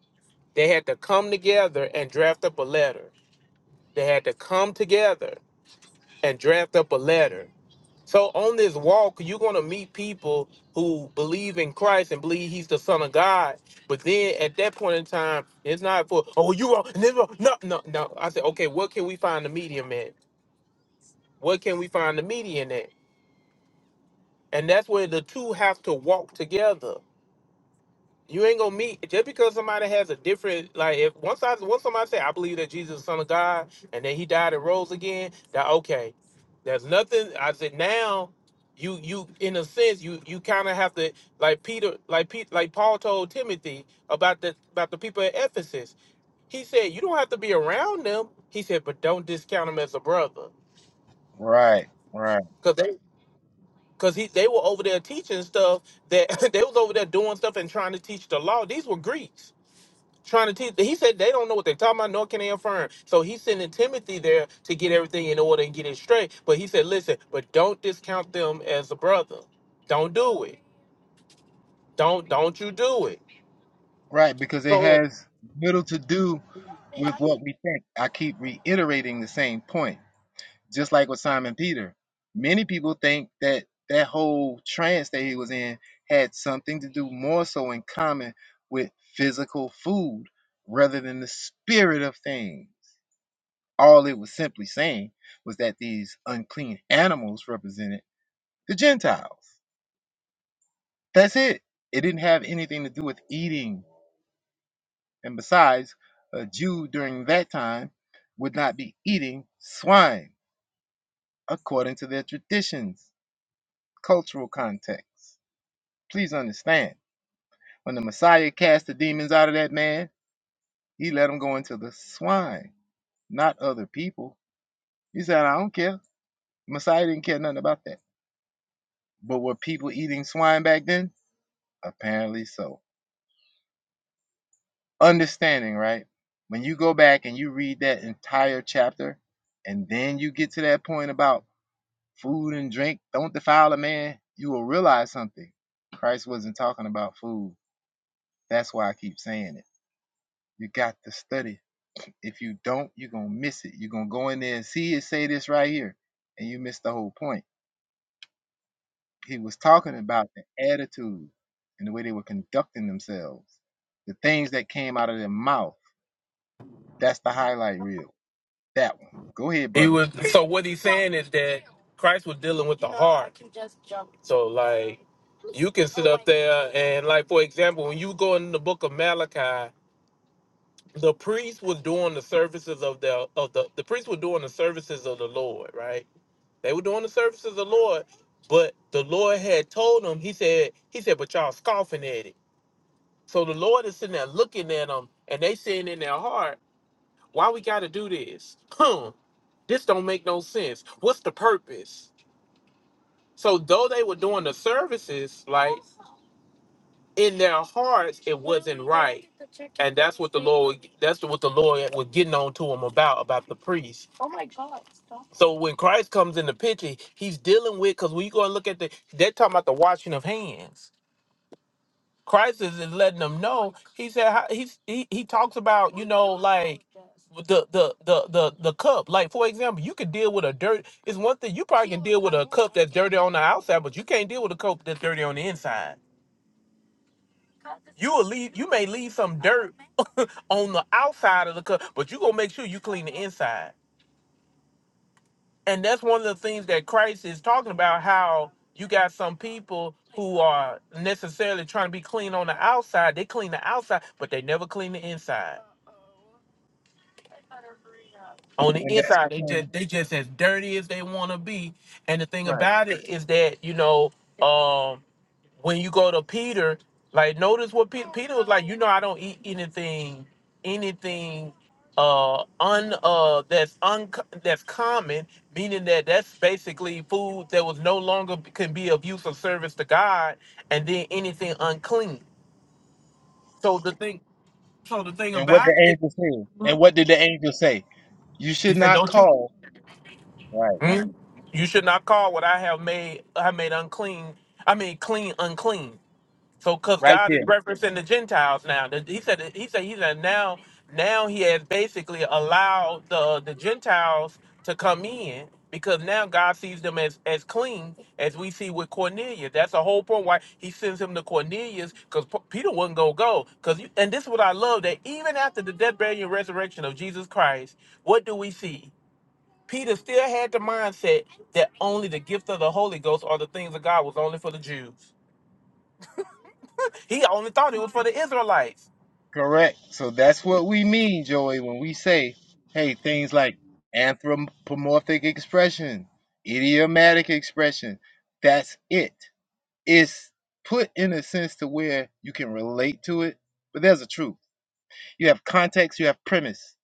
They had to come together and draft up a letter. They had to come together and draft up a letter. So on this walk, you're gonna meet people who believe in Christ and believe He's the Son of God. But then at that point in time, it's not for oh you wrong, and this wrong." no no no. I said okay, what can we find the medium at? What can we find the median at? And that's where the two have to walk together. you ain't gonna meet just because somebody has a different like if once I once somebody say I believe that Jesus is the Son of God and then he died and rose again, that okay. There's nothing I said now you you in a sense you you kind of have to like Peter like Pete like Paul told Timothy about the about the people at Ephesus. He said you don't have to be around them. He said but don't discount them as a brother
Right, right,
because they because he they were over there teaching stuff that they was over there doing stuff and trying to teach the law. These were Greeks trying to teach. He said they don't know what they're talking about, nor can they affirm. So he's sending Timothy there to get everything in order and get it straight. But he said, listen, but don't discount them as a brother. Don't do it. Don't don't you do it.
right. Because it
So
has little to do with what we think. I keep reiterating the same point. Just like with Simon Peter, many people think that that whole trance that he was in had something to do more so in common with physical food rather than the spirit of things. All it was simply saying was that these unclean animals represented the Gentiles. That's it. It didn't have anything to do with eating. And besides, a Jew during that time would not be eating swine according to their traditions, cultural context. Please understand, when the Messiah cast the demons out of that man, he let them go into the swine, not other people. He said, I don't care. Messiah didn't care nothing about that. But were people eating swine back then? Apparently so. understanding, right? When you go back and you read that entire chapter, and then you get to that point about food and drink, don't defile a man, you will realize something. Christ wasn't talking about food. That's why I keep saying it. You got to study. If you don't, you're going to miss it. You're going to go in there and see it say this right here, and you miss the whole point. He was talking about the attitude and the way they were conducting themselves, the things that came out of their mouth. That's the highlight reel That one. Go ahead,
he
brother.
was. So what he's saying is that Christ was dealing with the heart. So like, you can sit up there and like, for example, when you go in the book of Malachi. The priests was doing the services of the of the the priests were doing the services of the Lord, right? They were doing the service of the Lord, but the Lord had told them, he said, he said, but y'all scoffing at it. So the Lord is sitting there looking at them and they saying in their heart, why we gotta do this? Huh. This don't make no sense. What's the purpose? So though they were doing the services, like in their hearts, it wasn't right. And that's what the Lord that's what the Lord was getting on to them about, about the priest. So when Christ comes in the picture, he's dealing with because when you go and look at the, they're talking about the washing of hands. Christ is is letting them know. He said how- he's, he he talks about you know like the the the the the cup. Like for example, you could deal with a dirt. It's one thing you probably can deal with a cup that's dirty on the outside, but you can't deal with a cup that's dirty on the inside. You will leave. You may leave some dirt on the outside of the cup, but you gonna make sure you clean the inside. and that's one of the things that Christ is talking about how you got some people who are necessarily trying to be clean on the outside. They clean the outside, but they never clean the inside. On the
And that's
inside, they
contained.
just they just as dirty as they want to be. And the thing
Right.
about it is that you know, um when you go to Peter, like notice what Pe- Peter was like. You know, I don't eat anything, anything uh un uh that's un that's common, meaning that that's basically food that was no longer can be of use or service to God, and then anything unclean. So the thing, so the thing
And what the
about it,
angel said. And what did the angel say? You
he
should
said,
not
don't you?
call. Right.
Hmm? You should not call what I have made I made unclean. I mean clean unclean. So, because
Right
God is
there.
referencing the Gentiles now, that he said, he said, he said, now, now he has basically allowed the the Gentiles to come in because now God sees them as as clean as we see with Cornelius. That's the whole point why he sends him to Cornelius because Peter wasn't gonna go. Because and this is what I love that even after the death, burial, and resurrection of Jesus Christ, what do we see? Peter still had the mindset that only the gift of the Holy Ghost or the things of God was only for the Jews. He only thought it was for the Israelites.
Correct. So that's what we mean, Joey, when we say, hey, things like anthropomorphic expression, idiomatic expression, that's it. It's put in a sense to where you can relate to it, but there's a truth. You have context, you have premise.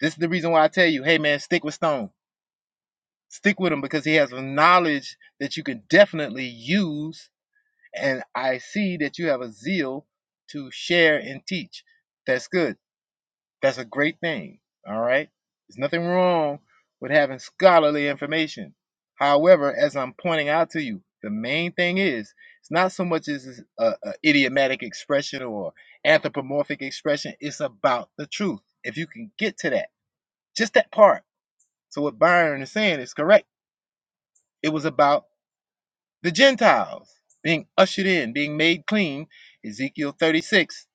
This is the reason why I tell you, hey man, stick with Stone. Stick with him because he has a knowledge that you can definitely use. And I see that you have a zeal to share and teach. That's good. That's a great thing. All right. There's nothing wrong with having scholarly information. However, as I'm pointing out to you, the main thing is it's not so much as a, a idiomatic expression or anthropomorphic expression. It's about the truth. If you can get to that, just that part. So what Byron is saying is correct. It was about The Gentiles being ushered in, being made clean, Ezekiel 36:24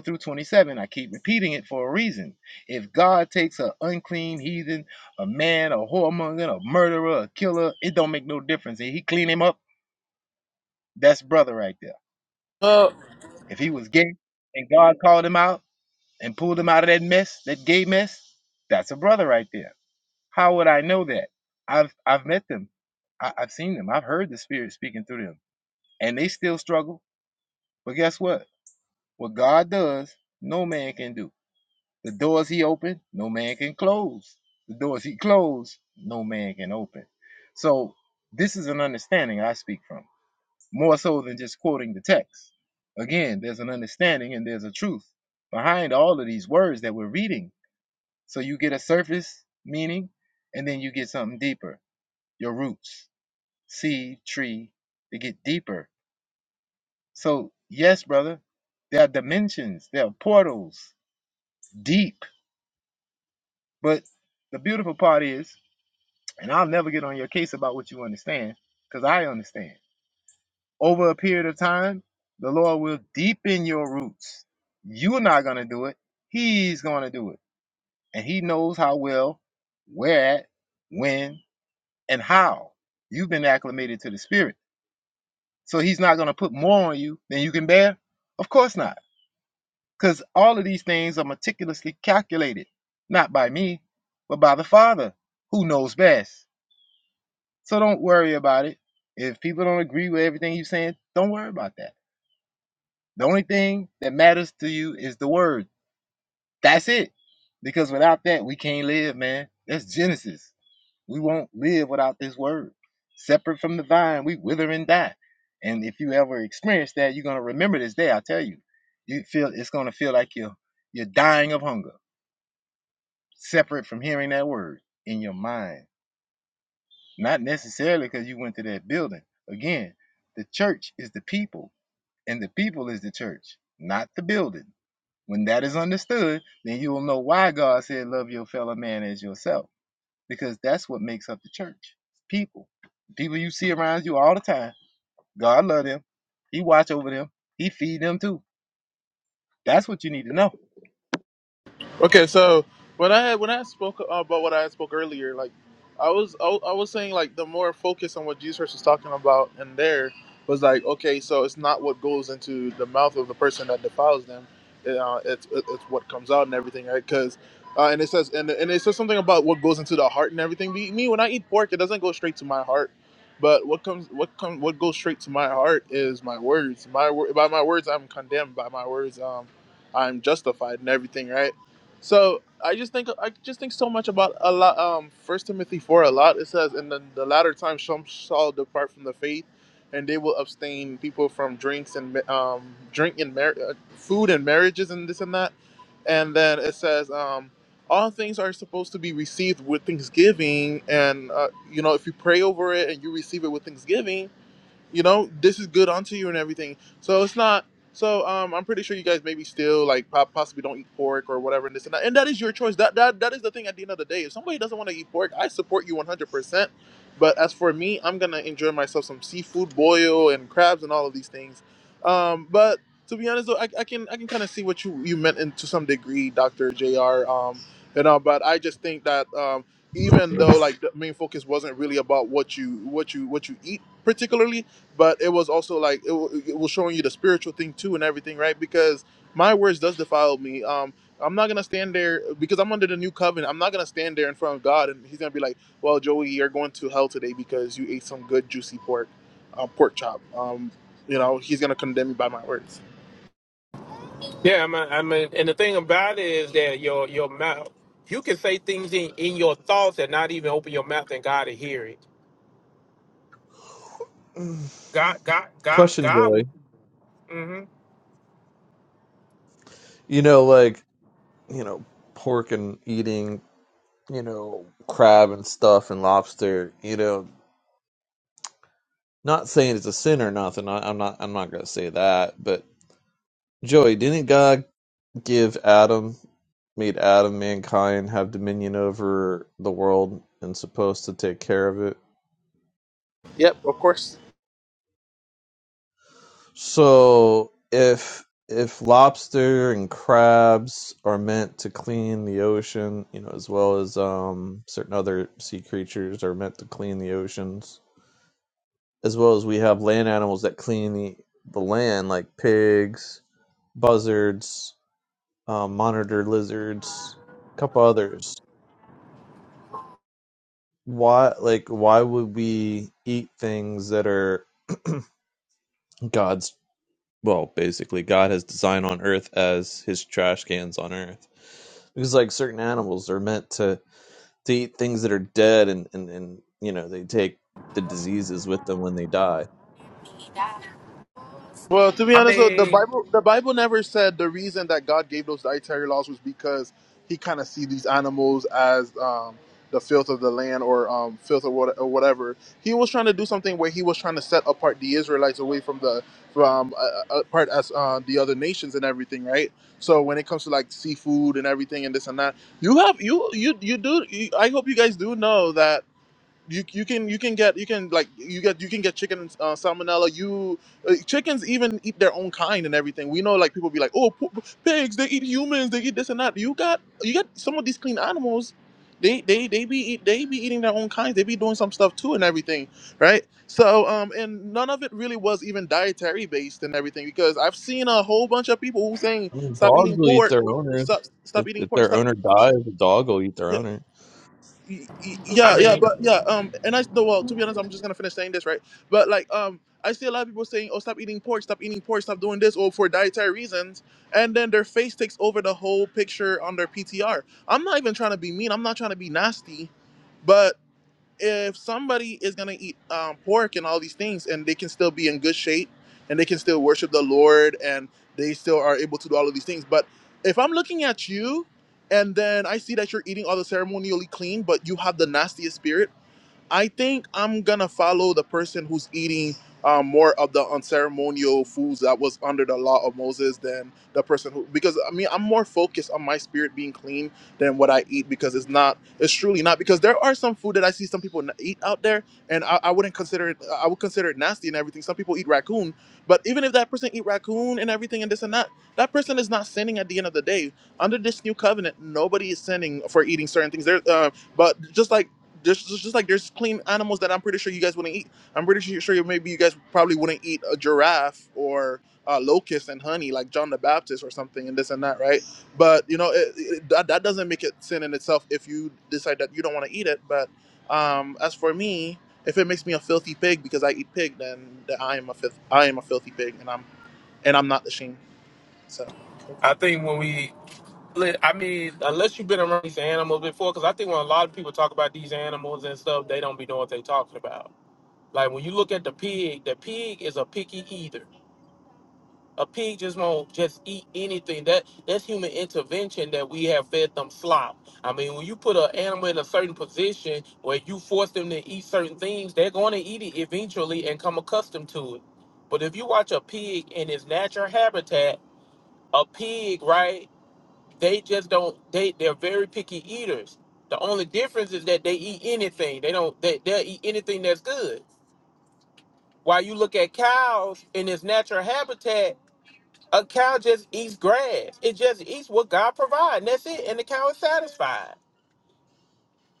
through 27. I keep repeating it for a reason. If God takes an unclean heathen, a man, a whoremonger, a murderer, a killer, it don't make no difference. If he clean him up, that's brother right there.
here.
If he was gay and God called him out and pulled him out of that mess, that gay mess, that's a brother right there. How would I know that? I've I've met them. I, I've seen them. I've heard the spirit speaking through them. And they still struggle. But guess what? What God does, no man can do. The doors he opened, no man can close. The doors he closed, no man can open. So this is an understanding I speak from, more so than just quoting the text. Again, there's an understanding and there's a truth behind all of these words that we're reading. So you get a surface meaning and then you get something deeper. Your roots, seed, tree, they get deeper. So yes, brother, there are dimensions, there are portals deep But the beautiful part is, and I'll never get on your case about what you understand, because I understand. Over a period of time, the Lord will deepen your roots. You're not going to do it. He's going to do it. And He knows how well, where at, when, and how you've been acclimated to the Spirit. So He's not going to put more on you than you can bear? Of course not. Because all of these things are meticulously calculated, not by me, but by the Father who knows best. So don't worry about it. If people don't agree with everything you're saying, don't worry about that. The only thing that matters to you is the word. That's it. Because without that, we can't live, man. That's Genesis. We won't live without this word. Separate from the vine, we wither and die. And if you ever experience that, you're gonna remember this day. I tell you, you feel it's gonna feel like you're you're dying of hunger, separate from hearing that word in your mind. not necessarily because you went to that building. Again, the church is the people, and the people is the church, not the building. When that is understood, then you will know why God said, Love your fellow man as yourself, because that's what makes up the church people. People you see around you all the time. God love them. He watch over them. He feed them too. That's what you need to know.
Okay, so when I had when I spoke about what I spoke earlier, like I was I, I was saying like the more focus on what Jesus was talking about in there was like okay, so it's not what goes into the mouth of the person that defiles them, uh, it's it's what comes out and everything, right? Because uh, and it says and and it says something about what goes into the heart and everything. Me me, when I eat pork, it doesn't go straight to my heart, but what comes what comes what goes straight to my heart is my words. My wor- by my words I'm condemned. By my words um I'm justified and everything, right? So I just think I just think so much about a lot. Um, First Timothy four a lot. It says, "In the, the latter time, some shall depart from the faith, and they will abstain people from drinks and ma- um drink and mar- uh, food and marriages and this and that." And then it says, um, "All things are supposed to be received with thanksgiving, and uh, you know if you pray over it and you receive it with thanksgiving." you know, this is good unto you and everything. So it's not. So um, I'm pretty sure you guys maybe still like po- possibly don't eat pork or whatever and this and that. And that is your choice. That that that is the thing at the end of the day. If somebody doesn't want to eat pork, I support you 100. percent But as for me, I'm gonna enjoy myself some seafood, boil and crabs and all of these things. Um, but to be honest though, I, I can I can kind of see what you you meant in, to some degree, Doctor Jr. Um, you know, but I just think that um, even though like the main focus wasn't really about what you what you what you eat particularly but it was also like it, wa- it was showing you the spiritual thing too and everything right because my words does defile me um i'm not gonna stand there because i'm under the new covenant i'm not gonna stand there in front of god and he's gonna be like well joey you're going to hell today because you ate some good juicy pork uh, pork chop um you know he's gonna condemn me by my words
Yeah, I mean, I mean, and the thing about it is that your your mouth, you can say things in, in your thoughts and not even open your mouth, and God will hear it. God, God, God,
question joey
God. Mm-hmm.
you know like you know pork and eating you know, crab and stuff and lobster, you know, not saying it's a sin or nothing. I, I'm not, I'm not going to say that. But Joey, didn't God give Adam, made Adam, mankind have dominion over the world and supposed to take care of it?
yep of course
So if, if lobster and crabs are meant to clean the ocean, you know, as well as um, certain other sea creatures are meant to clean the oceans, as well as we have land animals that clean the, the land, like pigs, buzzards, um, monitor lizards, a couple others. Why, like, why would we eat things that are God's? Well, basically, God has designed on Earth as His trash cans on Earth, because like certain animals are meant to to eat things that are dead, and and and you know they take the diseases with them when they die
Well, to be
I
honest, though, the
mean,
Bible the Bible never said the reason that God gave those dietary laws was because He kind of see these animals as um, the filth of the land or um, filth or, what, or whatever. He was trying to do something where He was trying to set apart the Israelites away from the from uh, uh, apart as uh, the other nations and everything, right? So when it comes to like seafood and everything and this and that, you have you you you do. You, I hope you guys do know that you you can you can get you can like you get you can get chicken and uh, salmonella. You uh, chickens even eat their own kind and everything. We know like people be like, oh, p- p- pigs they eat humans, they eat this and that. You got you got some of these clean animals. They they they be eat, they be eating their own kinds. They be doing some stuff too and everything, right? So um and none of it really was even dietary based and everything because I've seen a whole bunch of people who saying
I mean,
stop
dogs
eating
will eat
pork,
their owner.
stop stop
If,
eating
if
pork,
their
stop
owner dies, the dog will eat their owner.
y- y-
I
yeah, yeah,
mean,
but yeah, um, and I no, well, to be honest, I'm just gonna finish saying this, right? But like, um, I see a lot of people saying, "Oh, stop eating pork, stop eating pork, stop doing this," or for dietary reasons, and then their face takes over the whole picture on their PTR. I'm not even trying to be mean. I'm not trying to be nasty, but if somebody is gonna eat um, pork and all these things, and they can still be in good shape, and they can still worship the Lord, and they still are able to do all of these things. But if I'm looking at you, and then I see that you're eating all the ceremonially clean, but you have the nastiest spirit, I think I'm gonna follow the person who's eating uh, more of the unceremonial foods that was under the law of Moses than the person who, because I mean, I'm more focused on my spirit being clean than what I eat because it's not, it's truly not. Because there are some food that I see some people n- eat out there, and I, I wouldn't consider it, I would consider it nasty and everything. Some people eat raccoon, but even if that person eat raccoon and everything and this and that, that person is not sinning at the end of the day. Under this new covenant, nobody is sinning for eating certain things. There, uh, but just like there's just just like there's clean animals that I'm pretty sure you guys wouldn't eat. I'm pretty sure sure you- maybe you guys probably wouldn't eat a giraffe or a locust and honey like John the Baptist or something and this and that, right? But you know it, it, that that doesn't make it sin in itself if you decide that you don't want to eat it. But um, as for me, if it makes me a filthy pig because I eat pig, then, then I am a filth, I am a filthy pig, and I'm and I'm not ashamed. So
I think when we, li- I mean, unless you've been around these animals before, because I think when a lot of people talk about these animals and stuff, they don't be knowing what they're talking about. Like when you look at the pig, the pig is a picky eater. A pig just won't just eat anything. That that's human intervention that we have fed them slop. I mean, when you put an animal in a certain position where you force them to eat certain things, they're going to eat it eventually and come accustomed to it. But if you watch a pig in its natural habitat, a pig, right? They just don't. They they're very picky eaters. The only difference is that they eat anything. They don't. They they will eat anything that's good. While you look at cows in its natural habitat a cow just eats grass. It just eats what God provides. and That's it. And the cow is satisfied.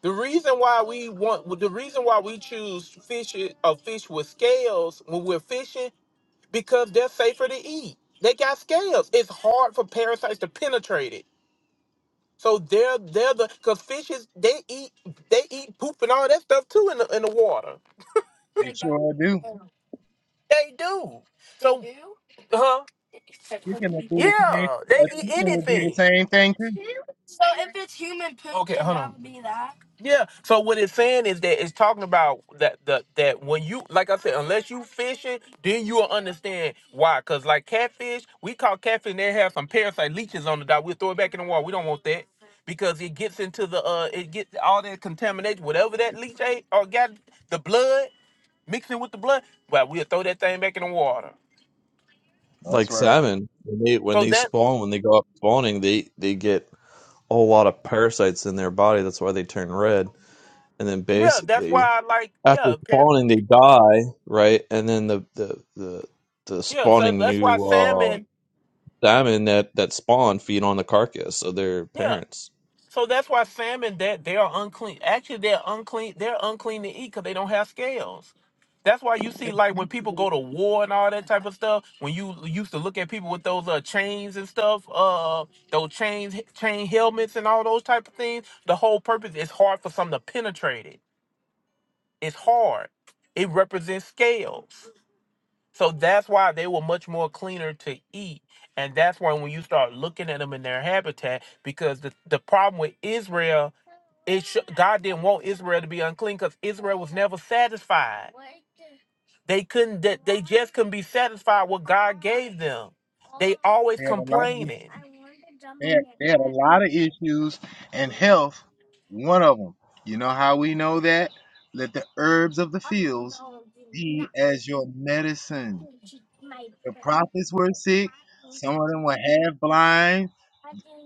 The reason why we want, the reason why we choose fish or fish with scales when we're fishing, because they're safer to eat. They got scales. It's hard for parasites to penetrate it. So they're they're the because fishes they eat they eat poop and all that stuff too in the in the water.
They sure do.
They do. So, They do? huh?
You can do the same.
Yeah,
A
they eat
chicken will do the
anything.
same thing too.
Okay, hold on. Yeah. So what it's saying is that it's talking about that the that when you like I said, unless you fishing, then you'll understand why. Cause like catfish, we call catfish. and They have some parasite leeches on the dock. We throw it back in the water. We don't want that because it gets into the uh it gets all that contamination, whatever that leech ate or got the blood mixing with the blood. Well, we'll throw that thing back in the water.
That's
Like
right.
salmon, when they when
So
they
that
spawn, when they go up spawning, they they get a whole lot of parasites in their body. That's why they turn red. And then
yeah, that's
basically,
why I like
after
yeah, pa-
spawning, they die, right? And then the the the, the
yeah. So
spawning
that's why
new uh,
salmon.
salmon that that spawn feed on the carcass of their
Yeah,
parents.
So that's why salmon that they are unclean. Actually, they're unclean. They're unclean to eat because they don't have scales. That's why you see like when people
They
go to war and all that type of stuff. When you used to look at people with those uh, chains and stuff, uh, those chains, chain helmets and all those type of things. The whole purpose is hard for something to penetrate it. It's hard. It represents scales. So that's why they were much more cleaner to eat. And that's why when you start looking at them in their habitat, because the, the problem with Israel it sh- God didn't want Israel to be unclean because Israel was never satisfied. They couldn't. They, they just couldn't be satisfied with what God gave them. They always
had a lot of
complaining.
They had, they had a lot of issues, and health, one of them. You know how we know that? Let the herbs of the fields be as your medicine. The prophets were sick. Some of them were half blind.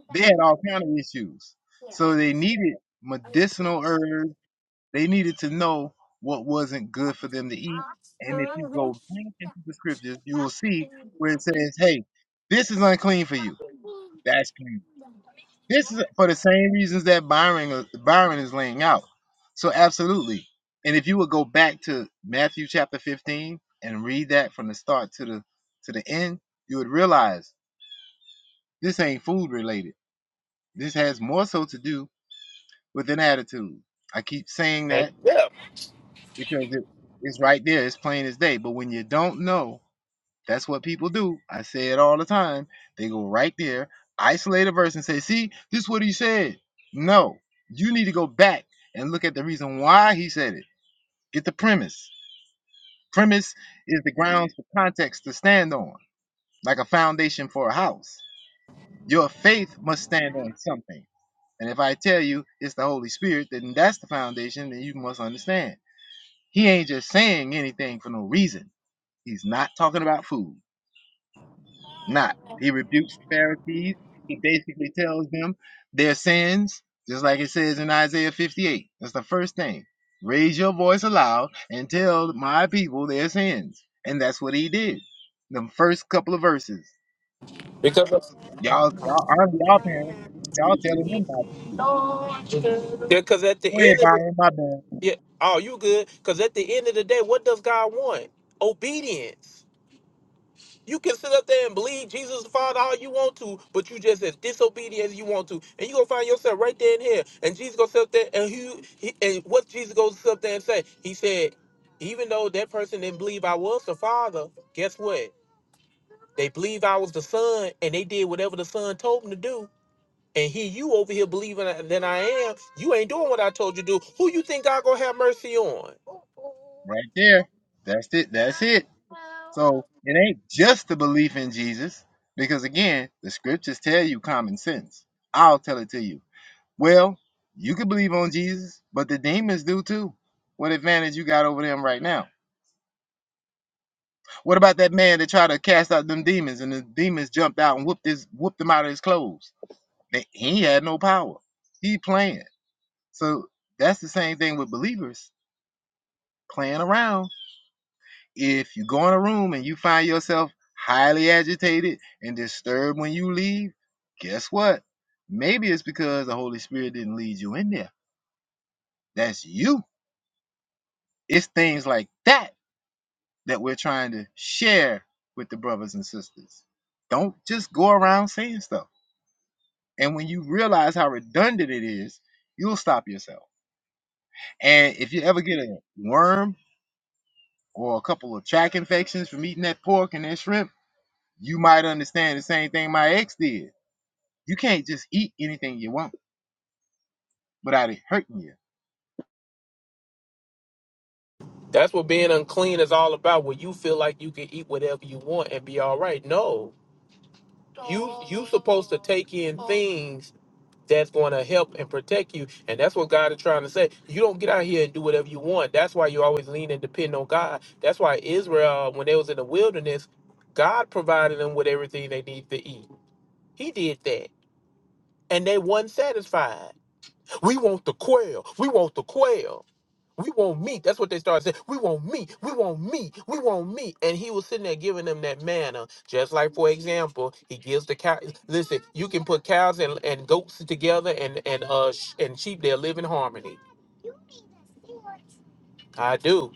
They had all kind of issues. So they needed medicinal herbs. They needed to know what wasn't good for them to eat. And if you go back into the scriptures, you will see where it says, hey, this is unclean for you. That's clean. This is for the same reasons that Byron Byron is laying out. So absolutely. And if you would go back to Matthew chapter 15 and read that from the start to the to the end, you would realize this ain't food related. This has more so to do with an attitude. I keep saying
Okay.
that
Yeah,
because it, it's right there, it's plain as day. But when you don't know That's what people do. I say it all the time. They go right there, isolate a verse, and say, "See, this is what he said." No, you need to go back and look at the reason why he said it. Get the premise. Premise is the grounds for context to stand on, like a foundation for a house. Your faith must stand on something. And if I tell you it's the Holy Spirit, then that's the foundation, then you must understand. He ain't just saying anything for no reason. He's not talking about food. not. He rebukes the Pharisees. He basically tells them their sins, just like it says in Isaiah 58. That's the first thing. Raise your voice aloud and tell my people their sins. And that's what he did. The first couple of verses.
because
Y'all, y'all, aren't y'all parents. Y'all telling them not to do it.
because at the
Way
end of the,
Byron, my bad.
yeah, oh, you good? Because at the end of the day, what does God want? Obedience. You can sit up there and believe Jesus is the Father all you want to, but you just as disobedient as you want to, and you gonna find yourself right there in here. And Jesus gonna sit up there and he, he and what Jesus goes sit up there and say? He said, even though that person didn't believe I was the Father, guess what? They believed I was the Son, and they did whatever the Son told them to do. And here you over here believing that I am, you ain't doing what I told you to do. Who you think God gonna have mercy on?
Right there. That's it. That's it. So it ain't just the belief in Jesus, because again, the scriptures tell you common sense. I'll tell it to you Well, you can believe on Jesus, but the demons do too. What advantage you got over them right now? What about that man that tried to cast out them demons and the demons jumped out and whooped his whooped him out of his clothes? They- He had no power. He playing. So that's the same thing with believers playing around. If you go in a room and you find yourself highly agitated and disturbed when you leave, guess what? Maybe it's because the Holy Spirit didn't lead you in there. That's you. It's things like that that we're trying to share with the brothers and sisters. Don't just go around saying stuff. And when you realize how redundant it is, you'll stop yourself. And if you ever get a worm or a couple of track infections from eating that pork and that shrimp, you might understand the same thing my ex did. You can't just eat anything you want without it hurting you.
That's what being unclean is all about. Where you feel like you can eat whatever you want and be all right. No, You you supposed to take in things that's going to help and protect you, and that's what God is trying to say. You don't get out here and do whatever you want. That's why you always lean and depend on God. That's why Israel, when they was in the wilderness, God provided them with everything they need to eat. He did that, and they wasn't satisfied. We want the quail. We want the quail. We want meat. That's what they started saying. We want meat. We want meat. We want meat. And he was sitting there giving them that manna. Just like, for example, he gives the cow. Listen, you can put cows and, and goats together and and uh sh- and sheep. They live in harmony. I do.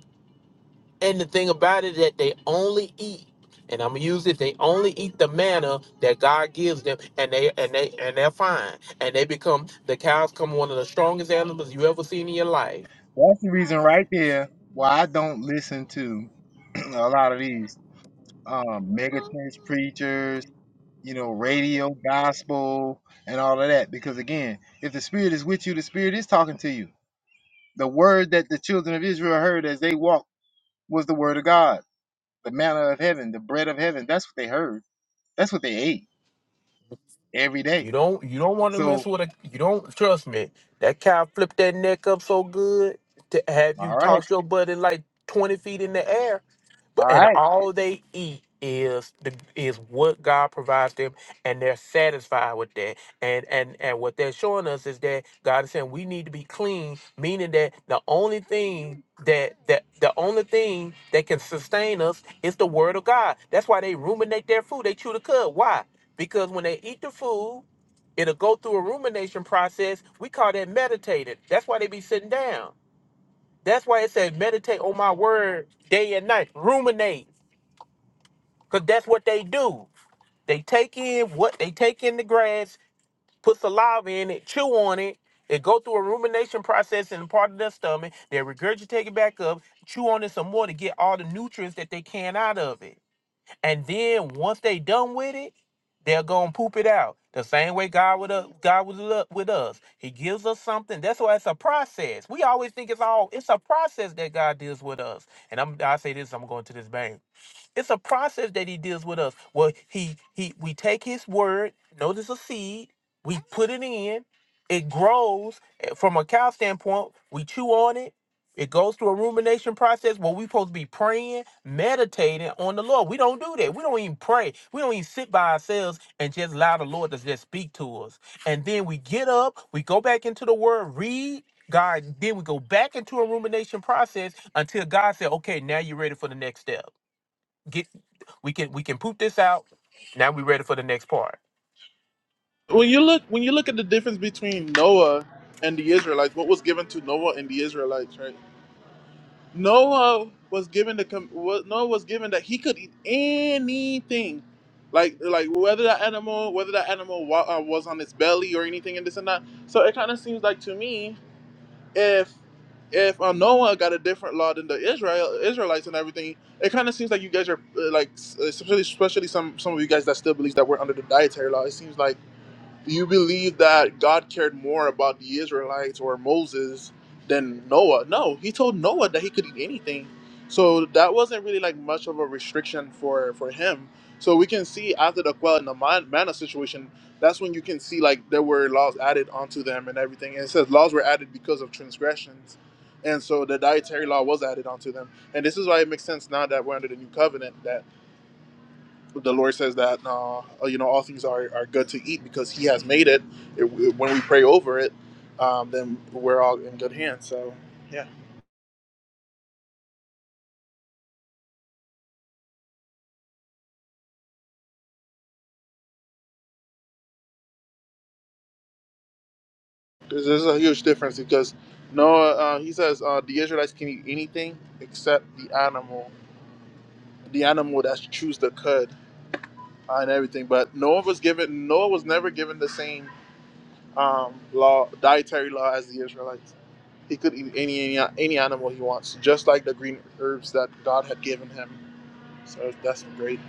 And the thing about it that they only eat. And I'm gonna use it. They only eat the manna that God gives them, and they and they and they're fine. And they become the cows come one of the strongest animals you ever seen in your life
That's the reason right there why I don't listen to a lot of these um, mega church preachers you know, radio, gospel, and all of that. Because again, if the Spirit is with you, the Spirit is talking to you. The word that the children of Israel heard as they walked was the word of God, the manna of heaven, the bread of heaven. That's what they heard. That's what they ate every day.
You don't you don't want to mess
So,
with a you don't trust me. That cow flipped that neck up so good to have you
all right,
toss your buddy like twenty feet in the air.
all
But and
right.
all they eat is the is what God provides them and they're satisfied with that. And and and what they're showing us is that God is saying we need to be clean, meaning that the only thing that that the only thing that can sustain us is the word of God. That's why they ruminate their food. They chew the cud. Why? Because when they eat the food, It'll go through a rumination process. We call that meditated. That's why they be sitting down. That's why it says meditate on my word day and night. Ruminate. Because that's what they do. They take in what they take in the grass, put saliva in it, chew on it. It go through a rumination process in the part of their stomach. They regurgitate it back up, chew on it some more to get all the nutrients that they can out of it. And then once they done with it, they're gonna poop it out. The same way God with us, God with, lu- with us. He gives us something. That's why it's a process. We always think it's all it's a process that God deals with us. And I'm I say this, I'm going to this bank. It's a process that he deals with us. Well, he he we take his word, notice a seed, we put it in, it grows eh, from a cow standpoint, we chew on it, it goes through a rumination process where we supposed to be praying, meditating on the Lord. We don't do that. We don't even pray. We don't even sit by ourselves and just allow the Lord to just speak to us. And then we get up, we go back into the word, read God, then we go back into a rumination process until God said, okay, now you're ready for the next step get we can we can poop this out. Now we ready for the next part.
when you look when you look at the difference between Noah and the Israelites, what was given to Noah and the Israelites, right? Noah was given the com- wa- Noah was given that he could eat anything, like like whether that animal whether that animal wa- uh, was on its belly or anything and this and that. So it kind of seems like to me if if uh, Noah got a different law than the Israel Israelites and everything, it kind of seems like you guys are uh, like s- especially especially some some of you guys that still believes that we're under the dietary law. It seems like you believe that God cared more about the Israelites or Moses than Noah? No, he told Noah that he could eat anything. So that wasn't really like much of a restriction for for him. So we can see after the quail and the man- manna situation, that's when you can see like there were laws added onto them and everything. And it says laws were added because of transgressions. And so the dietary law was added onto them. And this is why it makes sense now that we're under the new covenant the Lord says that uh, oh, you know all things are, are good to eat because He has made it. it when we pray over it, um, then we're all in good hands. So yeah, there's, there's a huge difference because Noah uh, he says uh, the Israelites can eat anything except the animal, the animal that chews the cud uh, and everything. But Noah was given Noah was never given the same um, law dietary law as the Israelites. He could eat any, any any animal he wants, just like the green herbs that God had given him. So that's great.